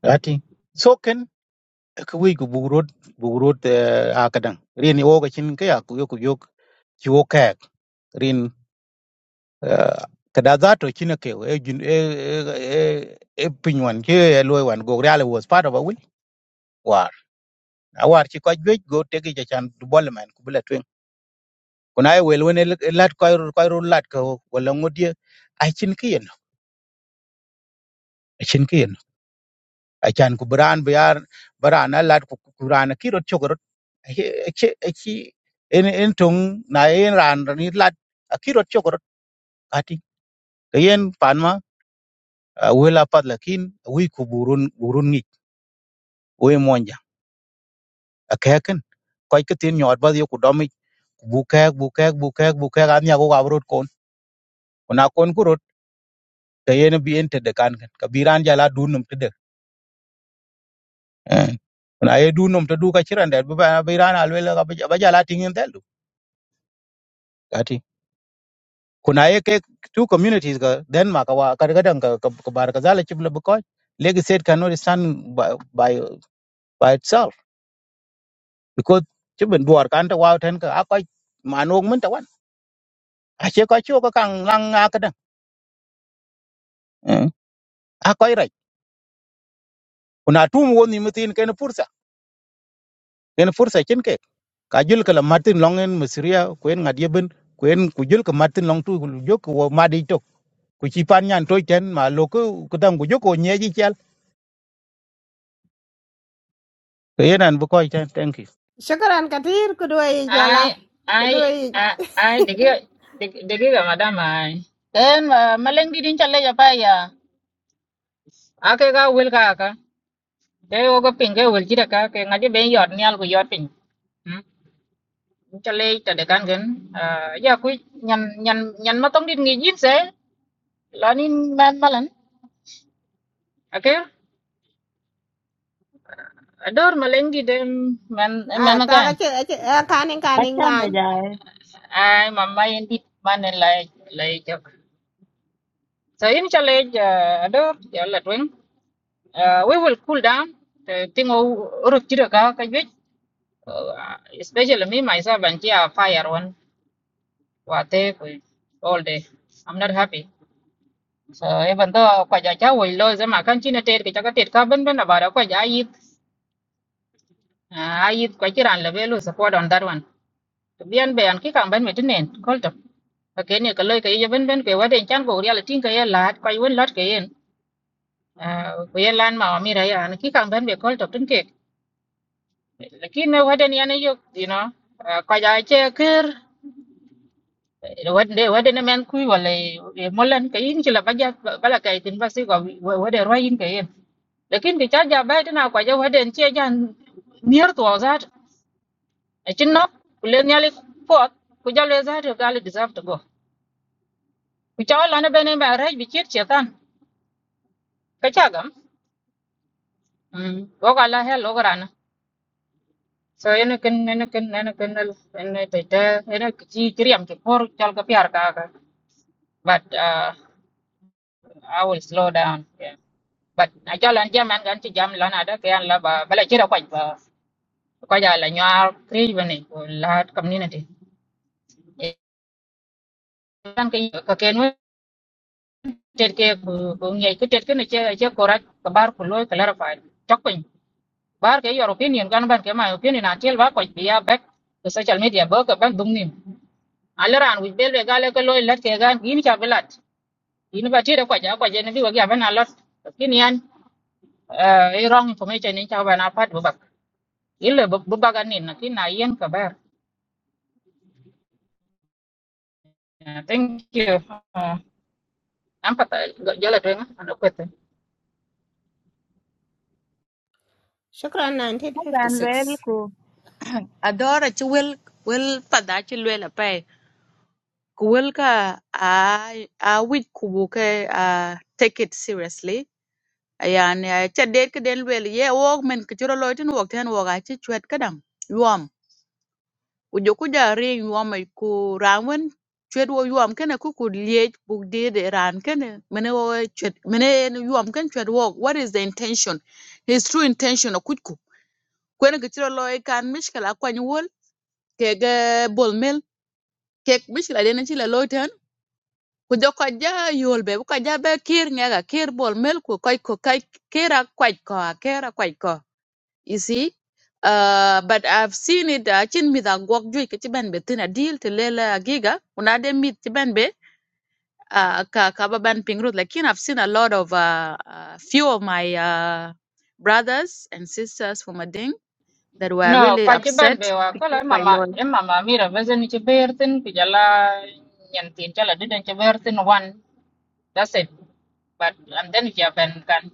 ati so ken ka wi ku bugrot bugrot a kadan rin o ga chin ka ya ku yok yok ki o ka rin eh, kada za to chin ke e jun e e e pinwan ke e loy wan go real was part of a will war a war chi ko jwe go te ge chan du bol man ku bula twen kuna e wel wen lat ko ko lat ko wala ngodie a chin ke yen a chin achan ku bran biar baran alat ku kuran ki rot chok rot achi achi en en tong na en ran ni lat ki rot chok rot ati kayen panma wela pat lakin wi ku burun burun ni we monja akaken koy ke tin nyot ba yo ku domi bu kek bu kek bu kek bu kek an ya go gabrot kon kuna kon ku rot kayen bi en te de kan kan kabiran jala dunum te de kuna ye dunum te du ka chiran de ba biran alwela ka ba jala tingin del kuna ye ke two communities ka denmark wa kadagadan ka ka bar ka zala chibla bukoy legi state cannot stand by by, by itself because chibin duar kan ta wa ten ka akoy manog mun ta wan a che ka chu ka kang lang nga ka dan akoy rai kuna tum woni mutin ken fursa ken fursa chen ke ka jul kala martin longen misria kuen ngad yeben kuen ku jul ka martin long tu jok wo madi tok ku chi pan nyan toy ten ma lo ku ku dang ku jok ko nyeji chal ke yenan bukoy ten thank you
syukuran kadir kedua i
Ai
jualan
ai
kedua
ai ai digi digi digi ga madam ai. Then uh, maleng di din challe ja pa ya. Ake ga wil ka ka. Ke ogo pinge wil chi da ka ke ngadi be yot nyal ku yot piny. Ừ, cho lê cho để gan gần à giờ quý nhằn nhằn nhằn mà tông đi nghỉ giết sẽ là nên ban mà lần Ok, kêu à đỡ mà lên đi đêm man man
Ah, taga
cái
ce ce eh, kanin kanin
bachame
ngan.
jae.
ai mà mai đi ban này lại lại cho so in cho lê à đỡ giờ là twin à we will cool down the thing ô rực chưa được cái biết especially me myself and chị are fire one và thế all day I'm not happy Rồi vẫn to quay so even though kwa ja cha wei lo zema kan china tet ke chaka tet ka ben ben abara kwa ja yit a yit kwa chiran le belu support on that one to bien be an ki kan ben metinen kolto ka ken ye ka loy ka ye ben ben ke waden chan go real tin ka ye lat kwa yun lat ke yen ko ye lan ma mi ra ya an ki kan ben be kolto tin ke lakin này waden ya ne yo you know ah, kwa ja che ker wade wade ne men kui wala molan ka yin chila baja bala ka tin basi ko vấn đề rồi ke yen lakin bi charge bai tana kwa jau haden che jan near to that a chin no kulen yali pot ku jalo za to gali deserve to go ku chaw la na bene ba rai bi chit chetan ka cha gam mm go ga la hel ogran so ene ken ene ken ene ken el ene te te ene chi kriam to por chal ka pyar ka ka but uh, i will slow down yeah. but a chal an jam an gan chi jam la na da ke an la ba bala chira kwa ba ko ja la nyar kri bane ko la community kan ke ka ken we tet ke ku ngi ku tet ke ne che che korat ka bar ku loy clarify chok pin bar ke your opinion kan ban ke my opinion atel ba ko biya back to social media ba ka ban dum nim alaran wi bel be gale ko loy lat ke gan yin cha belat yin ba ti da kwa ja kwa je ne bi wa ga ban alot kin yan e wrong information ni cha ban apat bu bak ile bu bagan ni na kin na yen ka bar thank you uh, am pata jala twenga ano
Shukran
Magan lwel
1956.
ku. Adora chi wel wel pada chi lwel Kuwilka I I would, kubuke uh take it seriously. Ayan cha date ke den wel ye wok men kichuro loitin wok ten wok achi chwet kadam yuam. Ujo kuja ring yuam ai ku ranwen chwet wo yuam kene ku ku liech buk dide ran kene mene wo chwet mene en yuam ken chwet wok. What is the intention? His true intention o kuchku. Kwene kichuro loi kan mishkala kwany wol kege bol mel kek mishkala dene chila loiten ku jö köc ja yol be ku ja ba kir ngeka kir bol mel ku köc ku kac kir akuac ko a kir ko you see Uh, but I've seen it acin mïth agwök jwïc kï cïbën bë thïn adil tï lela giga kun de mïth cïbën bë uh, ka ka ba ban ping ruth lakin I've seen a lot of uh, uh, few of my uh, brothers and sisters from Ading that were
No,
really
kwa chiban
upset
bewa kola mama em mama mira vezen ni chibertin kujala nyantin chala diden chibertin one that's it but and then ya ben kan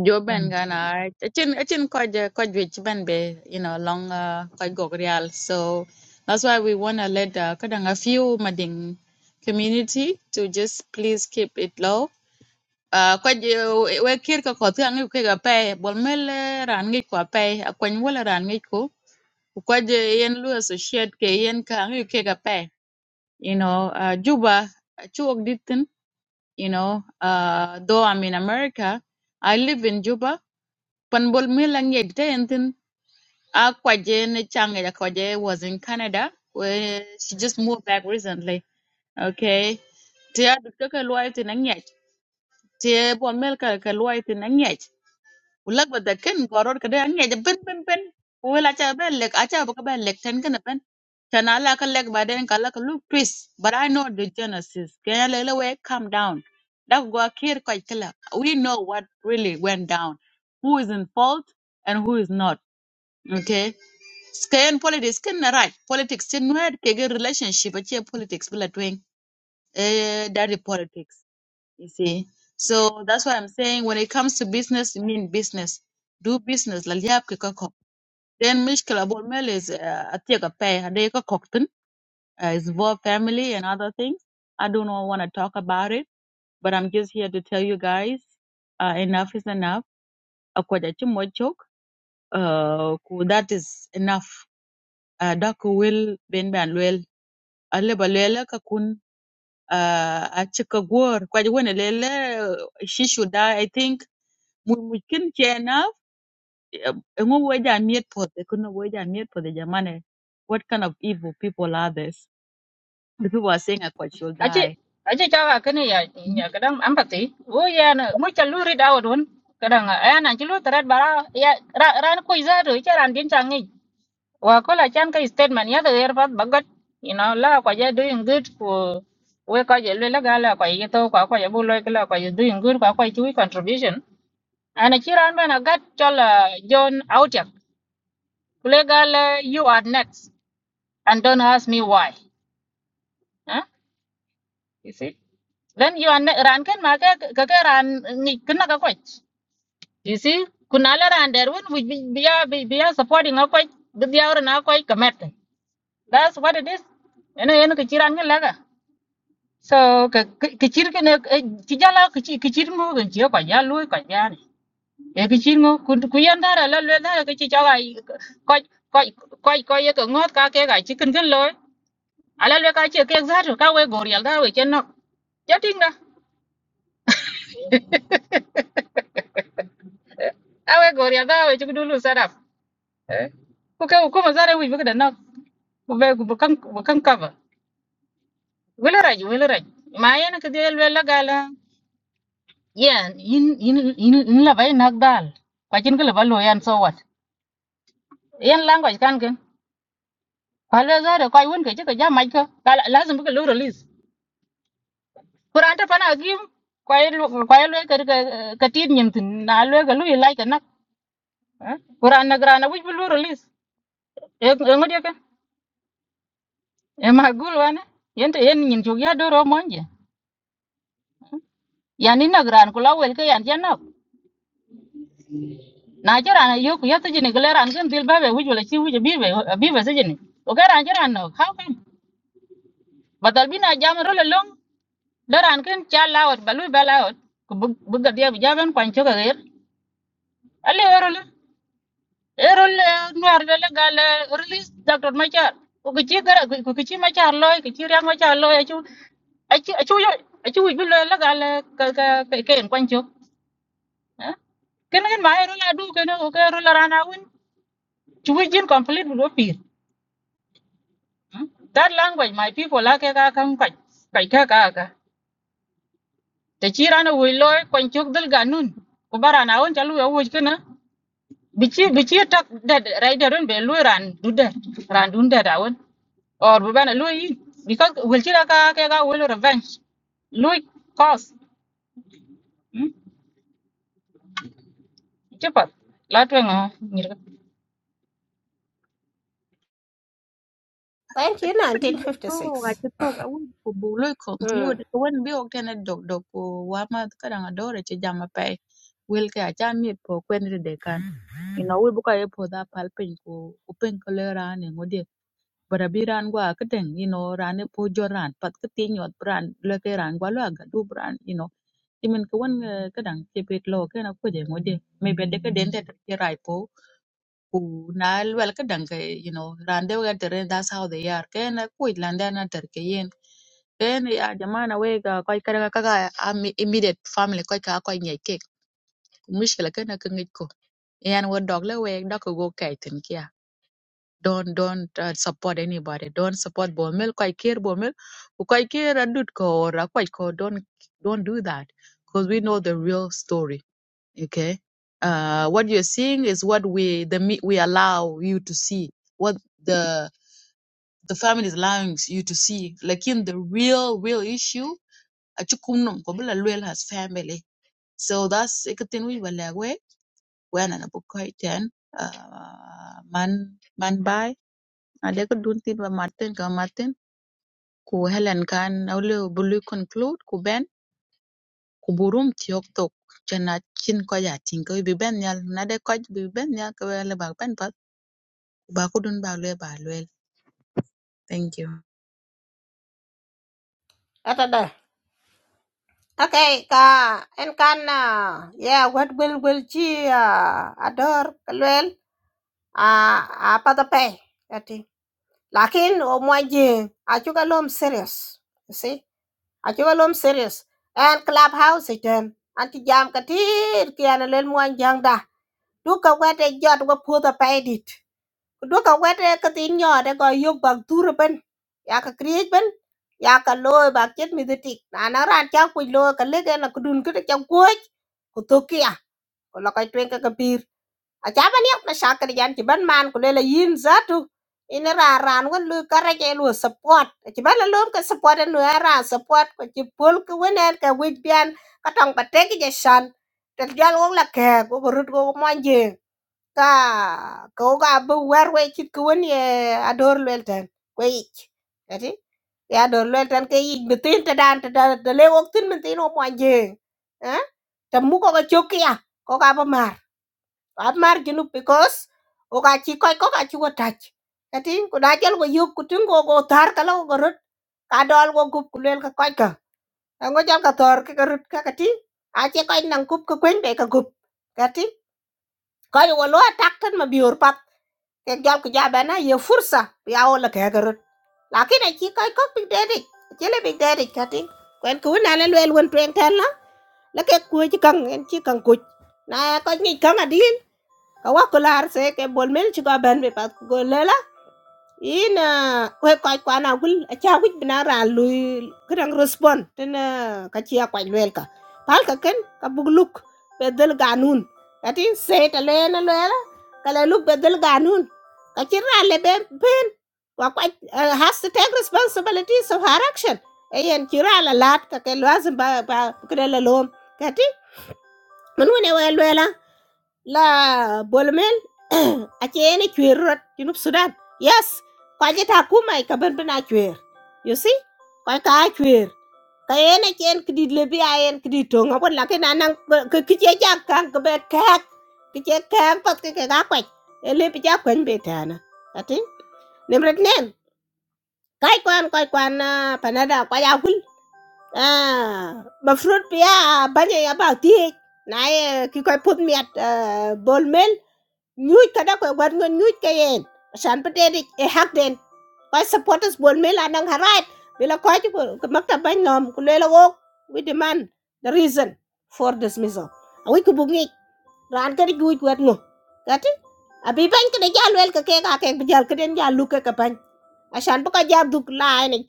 jo ben gana achin achin ko quite which ben be you know long uh quite go real so that's why we want to let uh, kadang a few mading community to just please keep it low uh quite we kir ko ko thang ke ga pe bol mel eh, ran ngi ko pe akon wala ran ngi ko quite je yen lu associate ke yen ka ngi ke ga pe you know uh, juba eh, chuok ditin you know uh though i'm in america i live in juba Pan bol mil ang yet day and then a kwaje chang kwaje was in Canada where she just moved back recently. Okay. Tia dukta ka luai tin ang yet. Tia bol mil ka ka luai tin ang yet. Ulak ba da ken goror ka da ang ben ben ben. Wel acha ben lek acha ba ka ben lek ten kana ben. Chana la ka lek ba den ka la ka look twist. But I know the genesis. Kaya lele we calm down. Dak go kir kwa We know what really went down. Who is in fault and who is not okay skin politics skin na right politics sin where ke ge relationship ache politics bila twing eh that is politics you see so that's why i'm saying when it comes to business you mean business do business la liab ke ka kok then mishkila bol mel is uh, atie ka pay ade ka kok tin uh, is for family and other things i do not want to talk about it but i'm just here to tell you guys uh, enough is enough akwaja chimochok uh, ku- that is enough uh, dako wel ben ban lwel aleba lwela ka kun uh, a chika gwor kwaji wene lele she should die i think mu- mungkin chena ngo weja miet pothe kuna weja miet pothe jamane what kind of evil people are this the people are saying i should
achi
die
achi chawa kene ya
Mhm.
ya kadang empathy oh ya na mu chalu rid out one kadang eh na chalu tarat bara ya ra ran kuiza do charan din changi wa kola chan ka statement ya der pat bagat you know la kwa ya doing good ko we ka je le la gala kwa ye to kwa kwa ya bu lo la kwa you doing good kwa kwa chui contribution ana chiran bana gat chola john outyak kule gala you are next and don't ask me why huh? you see then you are ne- ran kan ma ka ka ka ran ni kana ka kwa you see kunala ran der won bi biya biya supporting ka kwa biya ran ka kwa kamet that's what it is ene ene ka chiran ka So cái kichir kene chijala kichi kichir ngo ke chio ka ya lui ka ya ni. E kichir ngo kun ku yan da la la da ke chi cha ga ko ko cái ko ye cái ngot ka ke ga chi cái kin loi. Ala le ka chi ke za ru ka we gor yal cái we chen no. Ya ting da. A we gor yal da we chi du lu sa da. cái ke ku ma za re wi bu da no. Ku ve ku kan ku kan ka ba. Wi la ra ji wi la ra. Ma ya na ke de le là ga la. Yan in in in in la vai nak dal. Kwa cái là la ba anh yan so wat. Yan language kan ken. wala zara kwai won ke chika jama ka kala lazim ka lu release kuran ta fana gim kwai lu- kwai lu ka ka ka tin nyim tin na lu ka lu ilai ka nak eh? kuran na grana wuj lu release e ngodi ka e ma gul wana yente yen nyim chu ya doro monje yani na gran kula wel ka yan janap na jara na yo ku yata jini galeran kan dil babe wuj wala chi wuj bibe bibe se jini o ka ran jara no how can badal bina jam ro le long daran kan cha lawot balu balawot ku bug bug dia bi jaban kwan chu ka alle erol erol nuar lele gal release dr machar ko kichi gara ko kichi machar loy kichi riang machar loy achu achu achu yo achu bi lele gal ka ka ke en kwancho ken ken ma erol adu ken ko ke erol rana win chu wi jin complete bu pir Hmm? that language my people la ke ka kan kai kai ka ka ka te chi rana wi loy kwancho dal ganun ko barana won chalu ya wuj kana bichi bichi tak da right da ron be lu ran du da ran dun da or bu bene lui because wil ci ka ke ga wil revenge lui cause ci pat la to nga ngir
Thank
I
you
think oh, I
1956.
just talk. I want would probably
Mm.
conclude when we walked in a dog dog wama kadang adore che jama pay will ke acha miet po kwen de you know we buka ye po da pal pen ko ku pen ko le ran ne ngode bara bi ran gwa ka den you know ran ne po jo ran pat ka ti nyot ran le ke ran gwa la ga du ran you know timen ko wan eh, ka dang ke pet lo ke na ko de ngode me be de ka den de ke rai po ku na wel ka dang ke you know ran de ga tere that's how they are ke na ku lan da na ter ke yen then ya jamaa na wega kwa kaka kaka ami immediate family kwa kaka kwa nye kek mushkila kana kangit ko yan wo dog le weg dog go kaitin don't don't uh, support anybody don't support bomel quite care bomel quite care and do ko or quite ko don't don't do that because we know the real story okay uh what you're seeing is what we the me- we allow you to see what the the family is allowing you to see like in the real real issue achukunum kobula luel has family so that's ikatin we wala we when an abukoiten uh man man by. عليك دون تبقى martin ka martin ku Helen kan awle bului conclude ku ben ku burum tiok tok chana chin ko ya tin ko bi ben yal na de ko bi ben yal ko le ba ben pat ba ku dun ba le ba thank you
Ata da. Okay, ka en kan na. Yeah, what will will chi ah, ador kalwel ah apa da pay. Ati. Lakin o mo jing. Achu kalom serious. You see? Achu kalom serious. And clubhouse again. Anti jam katir kiana lel mo jang da. Duka wete jot wa pu da pay dit. duka wede ka tin nyode go yog bag duro ben ya ka kriej ben ya ka loy bag jet mi ditik na na ran cha ku lo ka lege na kudun kude cha kuoj ku tokia ko la kai twen ka ka pir a cha ban yak na sha ka yan ti ban man ku le la yin zatu ina ra ran wan lu ka ra ke lu support ti ban la lom ka support nu ra support ko ti pol ku wenen ka wij bian ka tong pa te ki je shan tel jal wong la ke ko rut ko mo je ka kooga abbo war we chit ko woni e ador lwel ten ko ich ati ya ador lwel ten ke ich mitin te dan te da de le wok tin mitin o mwan jeng eh te mu ko ga chok ya ko ga ba mar ab mar jinu because o ga chi ko ko ga chi ko tach ati ko da jel ko yuk ku tin ko go tar ka lo go rut ka dol go gup ku lwel ka ko ka E ngo jal ka tor ka ka rut ka ka ti a che ko nang gup ka kwen be ka gup ka ti ko yo lo tak tan ma biur Kejab kijaba na ye fursa ya wala ke garut. Lakin a chi kai kok big daddy. Chile big daddy kati. Kwen ku na le lwel won twen tan la. La ke ku chi kang en chi kang ku. Na ko ni kang adin. Ka wa kular se ke bol mel chi ga ban be pat go ina we koy kwa na gul a cha wich bina ra lui kran respond tena ka chia kwa lwel ka pal ka ken ka bug luk bedel ganun ati se ta le na le ka le luk bedel ganun ka chira le be ben wa kwa eh, has to take responsibilities of her action ayen chira la lat ka ke lazim ba ba kre la lom kati mun wona we lwela la bolmel ace ne chwer rot junub sudan yes kwaje ta kuma ka ban bana chwer you see kwa ka chwer ka yene chen kidi le bi ayen kidi to ngabon la ke nanan ke kije ja kan ke bet kak kije kan pat ke ka kwai ele bi ja kwen betana ati Nimrat nem kai kwan kai kwan ah, panada kwa ya hul ah mafrut pia banya ya ba ti na ye ki kai put miat bol nyuj kada ko gwat ngon nyuj ke yen shan patedi e hak den koy supporters bon me la nang harat bila koy ko makta ban nom ku lela wok we demand the reason for dismissal awi ku ran kari guj wet ngo kati abi ban kene jal wel ke ke ka ke jal kene jal lu ke ke ban asan bu ka duk lain ek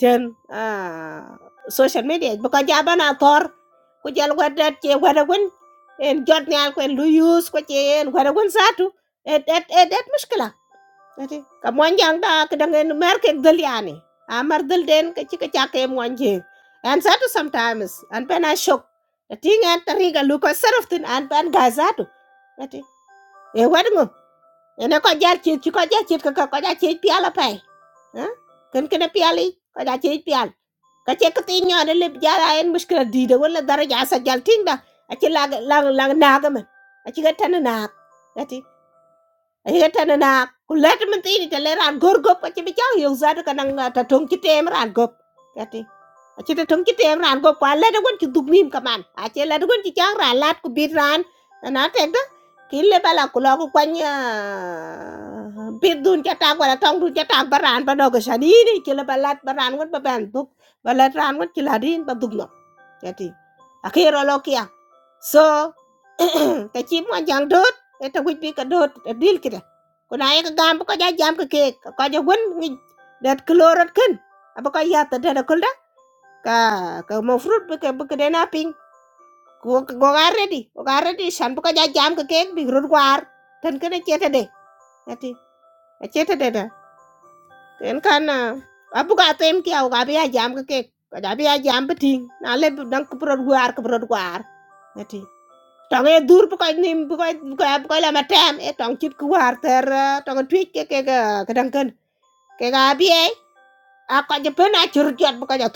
ah, social media bu ka jaba na tor ku jal wet det che en jot nyal ko en lu use ko che en wet satu et et et et muskila kati ka mwanjang da ka dangen mer ke dal yani a mar dal den ka ci ka and that sometimes and pen a shock the thing and tariga luko serf tin and pen gazatu kati e wadmo ene ko jar ci ci ko jar ci piala pay ha kan kena piali ko jar pial ka ce ada tin nyade le di en mushkila dida wala daraja sa jal tinda a ci lag lag lag naga man a ci ga tan naak yetana na ku let min tini te le ran gor gop ka chibi chang yung zadu ka nang ta tong chi tem ran gop kati a chi ta tong chi tem ran gop kwa le da gun chi duk mim ka man a che le da gun chi chang ran lat ku bit ran na te da ki le bala ku lo ku kwany ah, bit dun cha ta kwa tong dun cha ta ba ran ba do ka shani ni chi le bala ba ran gun ba ban duk ba let ran gun chi la din ba duk no kati a ki ro lo So kachi mo jang dot eta wit bi ka dot a dil kida kuna ya ka gam ko ja jam ka ke ka ja won ngi dat klorat ken apa ka ya ta da kul da ka ka mo fruit bi ka bi ka dena ping ko go ga ready go ga ready san ko ja jam ka ke bi rut war tan kene cheta de ati a cheta de da ken kan abu ka tem ki au ga bi ya jam ka ke ka ja bi ya jam bi ting na le dan ko rut war ko rut war ati tong e dur bu ko nim bu ko bu ko bu ko la matam e tong chit ku war ter eh, cái cái, cái đăng ke cái cái ke ấy, à e chụp ko je chụp a chur jot bu ko ja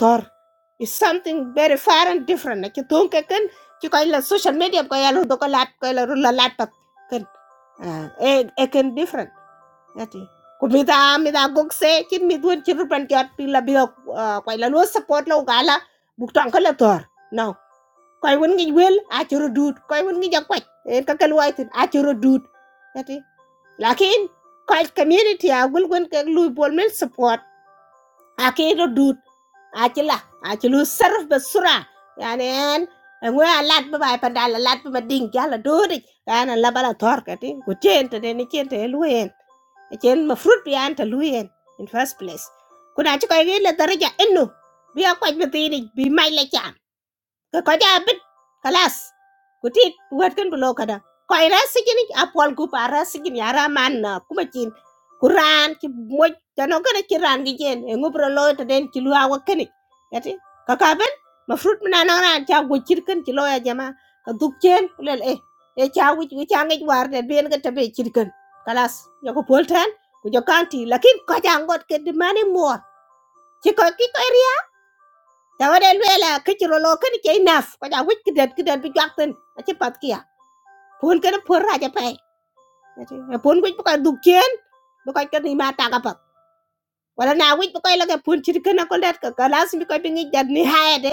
is something very far and different cái ke cái ke ken ci là social media bu ko ya lu do ko lat là la ru la lat cái ken Ah, e e ken different ati ku mi da mi da gok se ci chụp dun ci ru là jot pi la bi ko la lu support lo gala bu tong ko la tor koy won ngi wel a choro dut koy won ngi jakwat en ka kal wai tin a choro dut ati lakin koy community a gul gon ka lu bol men support a ke ro dut a chi la a chi lu sarf ba sura yani en ngwe a lat ba bai pandal a lat ba ding jala dodi kana la bala tor ka ti ku chen te ne chen te lu en chen ma fruit bi an ta lu en in first place kuna chi koy ge la daraja enno bi a kwat bi ti bi mai la cha Kau kau jadi kalas, kau tit buatkan belok ada. Kau iras sih kan? Apal aku paras sih kan? Yara man aku macin Quran sih. Muj cakarannya kiran gitu kan? Enggup belok, tadain kilau awak kanik. Ya sih. Kakak kan? Ma fruit menanangkan cakuk cirikan kilau aja mah. Kau duk jen, beli eh eh cakuk itu cangkir warnet biarkan cakup cirikan. Kalas, aku polten, kau jauh kanti. Laki kau janggot ke dimanem muar. Si kau kita eri tawade luela kichiro lo kan ke enough ko ja wit kidet kidet bi jakten a ci pat kan por raja pai pon wit ko du ken bu ko kan ma ta ka pat wala na wit bu ko la ke pon ci kan ko let ka kalas bi ko bi ngi jad ni haede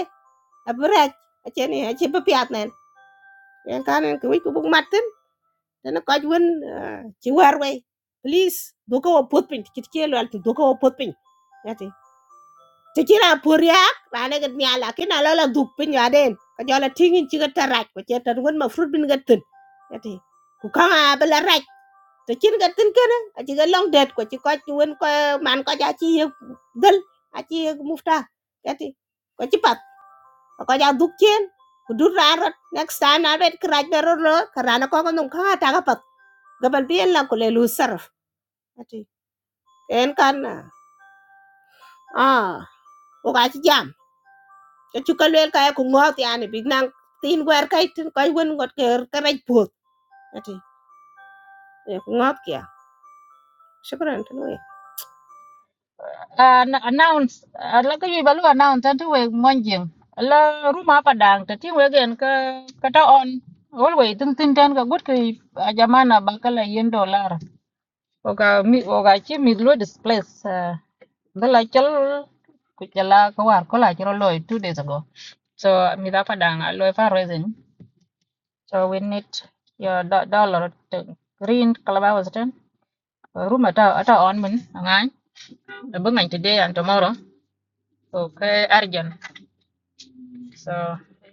a braj a ci ni a ci bu piat nen Yang kanen ko wit ko maten. matten dana ko won ci war please do ko pot pin ci ci lo alti do pot pin ati ti kira poriak rane ga nyala kina lala dup pinya den ka jola tingin ci ga taraj ko ci tan won ma fruit bin ga tin yati ku kama bala raj to cin ga tin kana a ci ga long det ko ci ko ci won ko man ko ja ci yek dal a ci yek mufta yati ko ci pat ko ja duk cien ku dur rarat next time na bet kraj be ro ro karana ko ko num ka ta ga pat gabal bien la ko le lu sarf yati en kan ah o ga ci jam chu ka lwel ka ku ngot yani big nang tin gwer kai tin kai won ngot ker keraj bot ati e ku ngot kya shukran tin we
announce ah, la ko balu announce tan we monjing la ruma pa dang ta ti we gen ka ka ta on always tin tin tan ka gut ki ah, jamana ba ka la yen dollar o ka mi o ka ci mi lo displace ah, da la chal ku jala ko war ko la ci loy two days ago so mi da pa dang loy fa reason So we need your do- dollar to green clubhouse then. Uh, Room at at on min ngai. Bunga today and tomorrow. Okay, urgent. So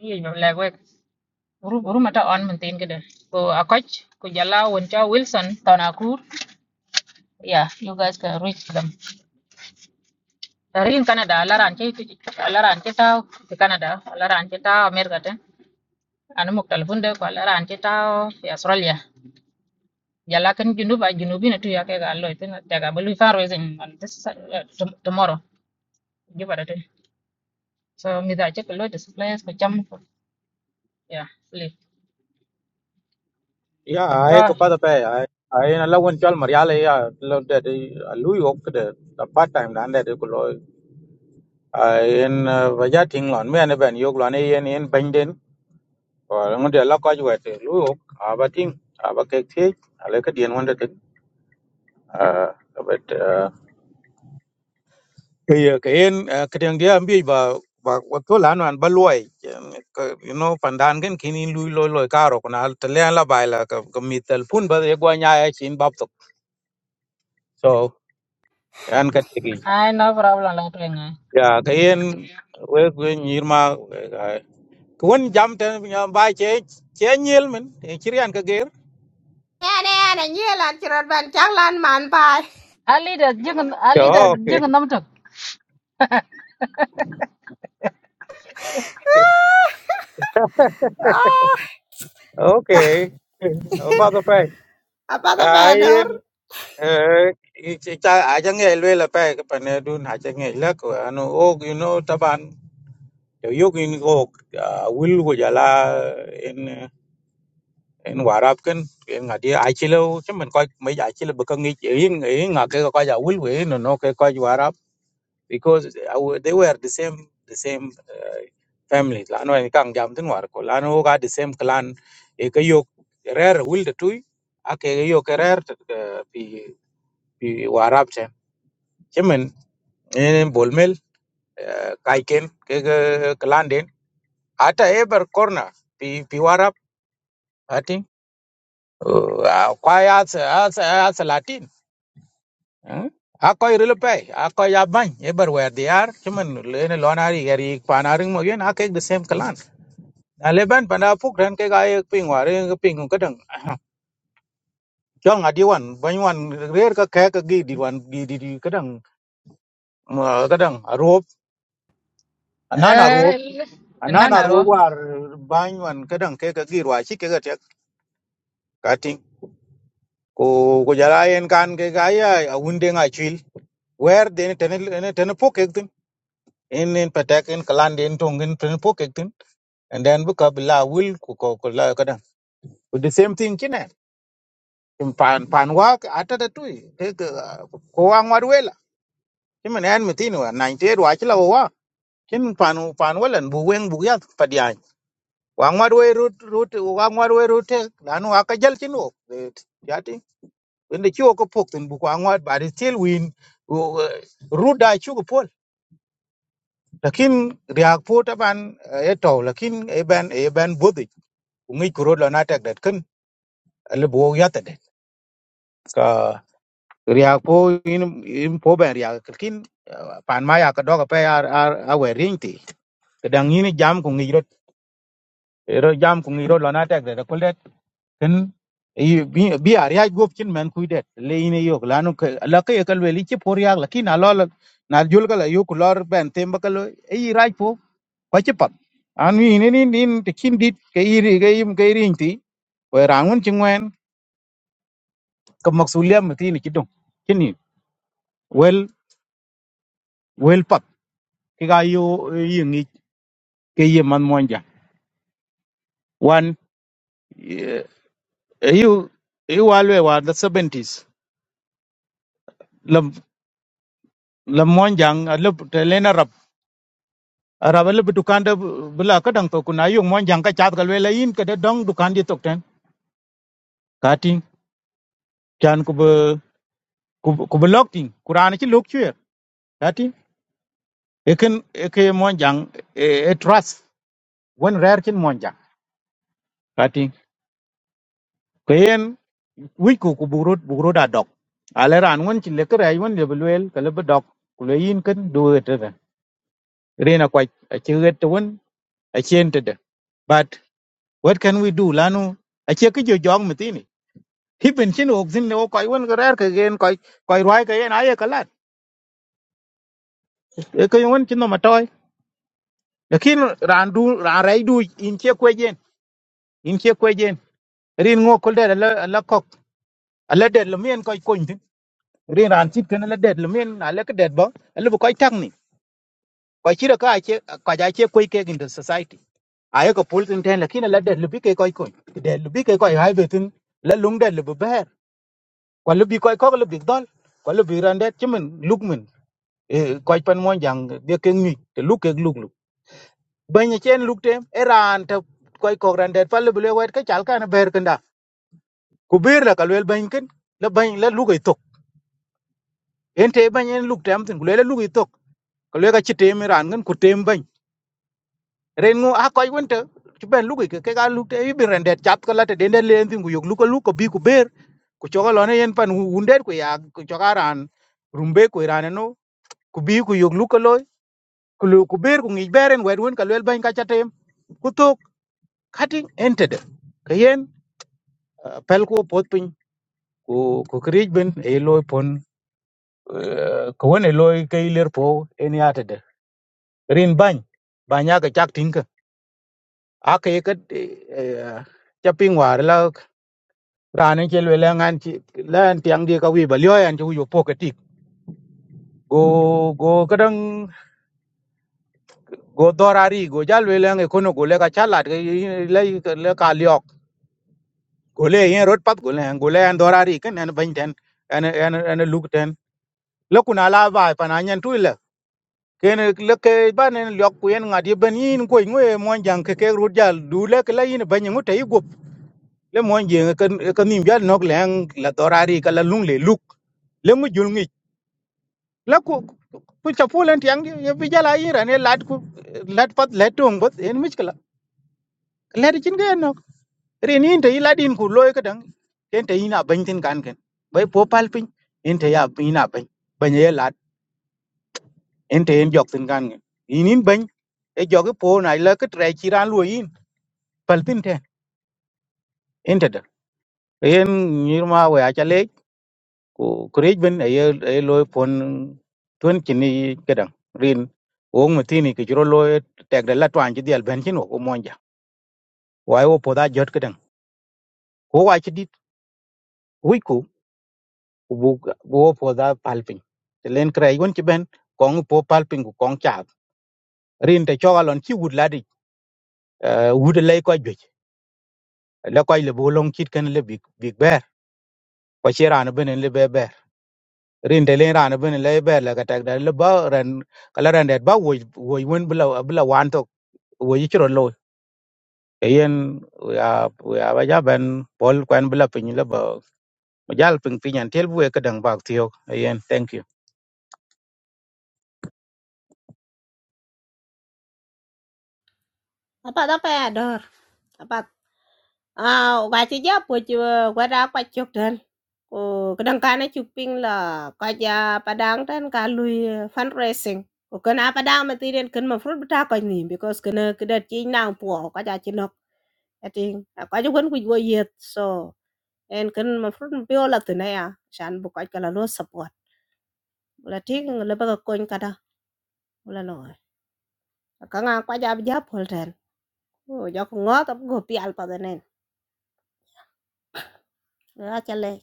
you know like work. Room room at on min tin kede. Ko akoch ko jala won cha Wilson tonakur. Yeah, you guys can reach them. Dari in Canada, laran che laran che tao the Canada, laran che tao America ten. Anu muk telefon deh ko laran che tao di Australia. Yeah, like in Junuba, Junubina na yeah, I loy gallo like na believe far is in on this uh, tom- tomorrow. Give it a So me that check a the suppliers for jam for yeah, please.
Ya, ai
Go.
kepada pe, ai ai nala wan chal Maria le ya, lo de lui ok de the part time dan de ko lo. Ai en vaja ting lon me ne ben yok lon ai en en ben den. Ko ngon de la ko ju wet lui ok aba ting aba ke ke ale ke dien wan de de. Ah, but ke ye ke en ke dien dia ambi ba ba wa to lan wan ba luai. You know pandan gen kini lui lo lo ka ro na te le la bai la ke mi tel pun ba ye gwa nya ai chin bap to. So an ka
I no problem lang tuing. I
ya kayen we we nyir ma kun jam ten ya ba che che nyil men e kiryan ka ger
ene ene nyela chirot ban chaklan man pai
Ali a jing Ali lead a
yo okay
jing nam tuk.
ah
okay o fa do pe
apa ta pedor
ayen eh cha aja nge le la pe ka ne dun aja nge la ko anu og you know taban yo yog in go will go jala en en warap ken en ngadi achilo chứ mình coi mấy ai achilo bực ngi in in ngake ko ja will we no no ke ko because I they were the same the same uh, family lano en kang jam tin war ko lano wo ga the same clan e ka yo rer wil de tuy a ke yo ke rer t- eh, pi pi warap ten chimen en bolmel eh, kai ken ke ke clan den ata ever corner pi pi warap ati kwa ya as as latin eh? Ako irilpe, ako yabang, everywhere they are. Cuman lene lonari gari panaring mo yun, ako the same clan. na le ban pana phúc ran ke ga ek ping war ek ping ko kadang cho nga di wan ban wan rer ka ka ka gi di wan di di di kadang ma kadang rop na na rop
Eh,
na
na
na
na ro.
rop war ban wan kadang ke ka gi wa chi ke ga tek ka ting ko ko jara en kan ke ga ya unde nga chil wer den ten ten phúc ek tin in in patak in kaland in tong in ten phúc ek tin and then bu ka la will ko ko ko la kadang the same thing kin pan pan wa ata da tui te ko wa ngwar wela kimen en mitin wa 98 wa chila wa kin pan pan welan bu weng bu ya padian wa ngwar we rut rut wa ngwar we rut te lanu wa ka jal chino yati wende chiwo ko pok tin bu wa ngwar ba de til win rut da chu ko pol lakin riak po ta ban e to lakin e ban e ban bodi ngi kuro la na tek dat kin le bu ya ta det riak po in in po ben riak kin eh, pan ma ya ka doga pe ar ar awe rinti kedang ini jam ku ngiro ro jam ku ngiro lona tek de ko det kin i- bi bi ar ya gop kin men ku det le ini yok lanu ke la ke ka le li chi por ya la kin alol na jul ka la yok lor ben tem ba ka lo i ra po ko chi pat an wi ni ni ni te kin dit ke i ri ke im ke rinti we rangun chi ngwen ka maksulia mti ni kidong kini wel wel pat ki ga yo ke ye man monja wan eh, yu yu walwe wa the 70s la la monjang la telena rap arab la dukan da bula ka dang to kuna yu monjang ka chat galwe la yin ka da dong dukan di tok ten kati chan ku bu ku bu lok ting kuran ci lok chue kati eken eke monjang e e trust wen rare kin monjang kati kayen wic ku ku buk rot buk rot a dok a le ran ŋun ci lekerɛc wen lebi lueel ke lebi dok ku le yin kën du rena kwaj achi wet won achi entered but what can we do lanu achi ke jo jong mitini hiben chin ok zin no koy won rer ke gen koy koy roi ke en aye kalat e ke won chin no matoy lakin ran du ran rai du in che kwejen in che kwejen rin ngo kol der la la kok ala der le mien koy kon tin rin ran chit ken la der le mien ala ke der bo ala bu koy tak ni koy chira ka achi koy achi kwe ke in the society ayo ko pultin ten lakini la det lubi ke koy koy de lubi ke koy hay betin la lung det lubi ber ko lubi koy ko lubi dol ko lubi randet chimen lukmen e koy pan mon jang de ke ngi te luk ke luk luk banya chen luk tem eran ta koy ko randet fa lubi le wet ka chal kana ber kanda ku bir la kalwel bany ken la bany la luk ay tok en te bany en luk tem tin ku le la luk ay tok ko le ka chitem ran ngan ku tem bany ren a koy wonte ci ben lugu ke ke ga lukte i bi rendet chap ko lata dende len tin gu yog luko luko bi ku ber ku choga lone yen pan wundet ku ya ku choga ran rumbe ku ran no ku bi ku yog luko loy ku lu ku ber ku ngi beren wed won ka lel ban ka chatem ku tok kati entede ke yen ah, pel ku pot pin ku ku krij ben e loy pon eh, ko won e loy ke ler po en yatede rin ban banya ka chak tinka ake ke ka chapin war la rani ke lwe la ngan ti la tiang di ka wi ba lyo yan ju yu poketik go go kadang go dorari go ja lwe la nge kono go le ka chalat ke le le ka lyok go le yin rot pat go le go le an dorari ken an ban ten an an an luk ten le kuna la ba pa na nyen tu le ken le ke ba ne lyok ku yen ngadi ben yin ko ngwe mon jang ke ke rut ja du le ke la yin ban ngu te go le mon jeng ke ke nim ja nok le la dorari ka la lung le luk le mu jul la ku ku chapu len tiang ye bijala ira ne lat ku lat pat letung bot en miskala ler chin ga no re ni inte ila din ku loy ka dang en te ina ban tin kan ken bai po pal pin en te ya ina ban ban ye lat en te en jok tin kan ngen inin ban e jok po na la ka tre chi ran lo yin pal tin te en te da en nirma we a ku kurej ben ay ay loy pon tun chini kedang rin wong matini ke jiro loy tek dala twan ji dial ben chino ko monja wai wo poda jot kedang ko wa chi dit wi ku ku bu wo poda palping te len kray won chi ben kong po palping ku kong cha rin te chogalon chi wud ladi wud lay ko jwe la koy le bolong chit kan le big big bear ko chi ran ben le be bear rin te len ran ben le bear la ka tek dala ba ran kala ran det ba wo wo won bla bla wan we ci ro lo yen ya ya ba ja ben bol kwen bla pin le ba jal pin pin an tel bu e ka dang bak tio yen thank you
apa ta pedor apa à bà chị giáo bữa chưa qua ra qua chụp thân cô cái đăng cá này chụp pin là qua gia bà đang thân cá lui fundraising cô cái nào bà đang mà tiền đến cần mà phút bữa ta coi nhìn because cái nơi cái đợt chị nàng của qua gia chị nó cái tiền qua chú quên quỳ quỳ yết so en cần mà phút biểu là từ này à sẵn buộc coi cái là luôn support là tiếng là bà coi cái đó là nói cái ngang qua gia giáo phật thân cô giờ cũng ngó tập cô pial pa den Ra chale.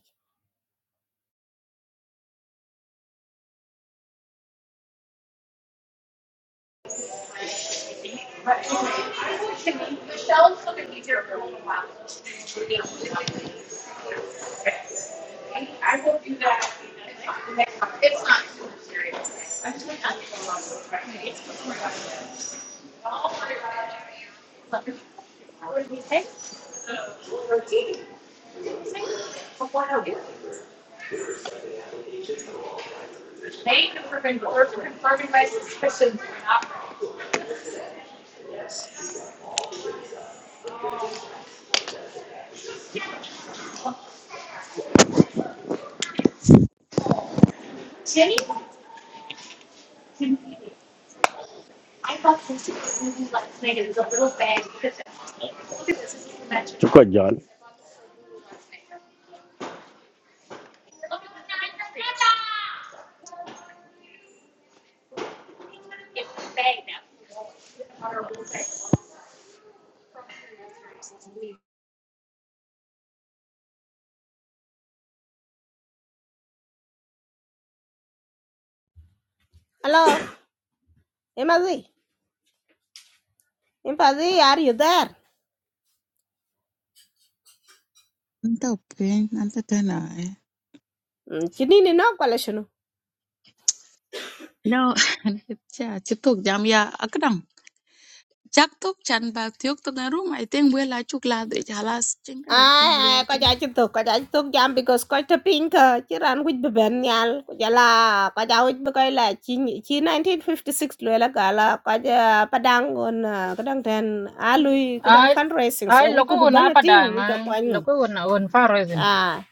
Chúc cơ giỏi.
Alo, em gì? Impazi, are you there?
nta pin anta tana eh.
Chinini no kwale shinu.
no cha chitok jam ya akdang chak tok chan ba tiok tok na room i think we la chuk la de halas chin ka det
Ay,
ben le
ay, ko
ten
ja chituk, ko ja chituk jam because ko ta pink, chiran wich be ben nyal, ko ja la, ko ja wich be koi la, chi nyi- chi 1956 lwe la gala, ko ja padang on, kadang ten, alui, kadang
I
fundraising,
I
so wich kubu
loko na
bana ting, wich ka
padang,
kwanyo.
loko na on far is in.
Ay,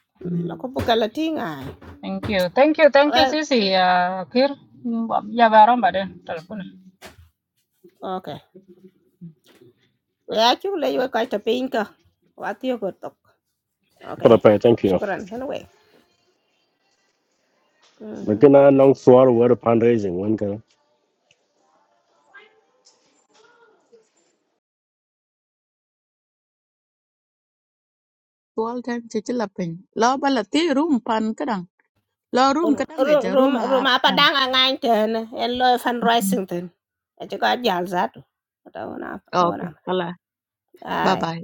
la kubu kala ting, ay.
Thank you. Thank you. Thank you,
Well,
Sisi. Uh, Kir. Mm, Yeah, baron ba de telephone.
okay. We achuk le ywe ko ta pink, wati yo go tok.
But I
Okay,
pay, thank you.
shukran, anyway.
But
mhm
can I long swallow word of fundraising? When can
all time chichila pin lo La ti room pan kadang La room kadang ge ja room
ruma
a.
pa dang a ngan ten en lo fundraising ten e ko jal zat ta wona wona
Okay. Allah. Bye bye.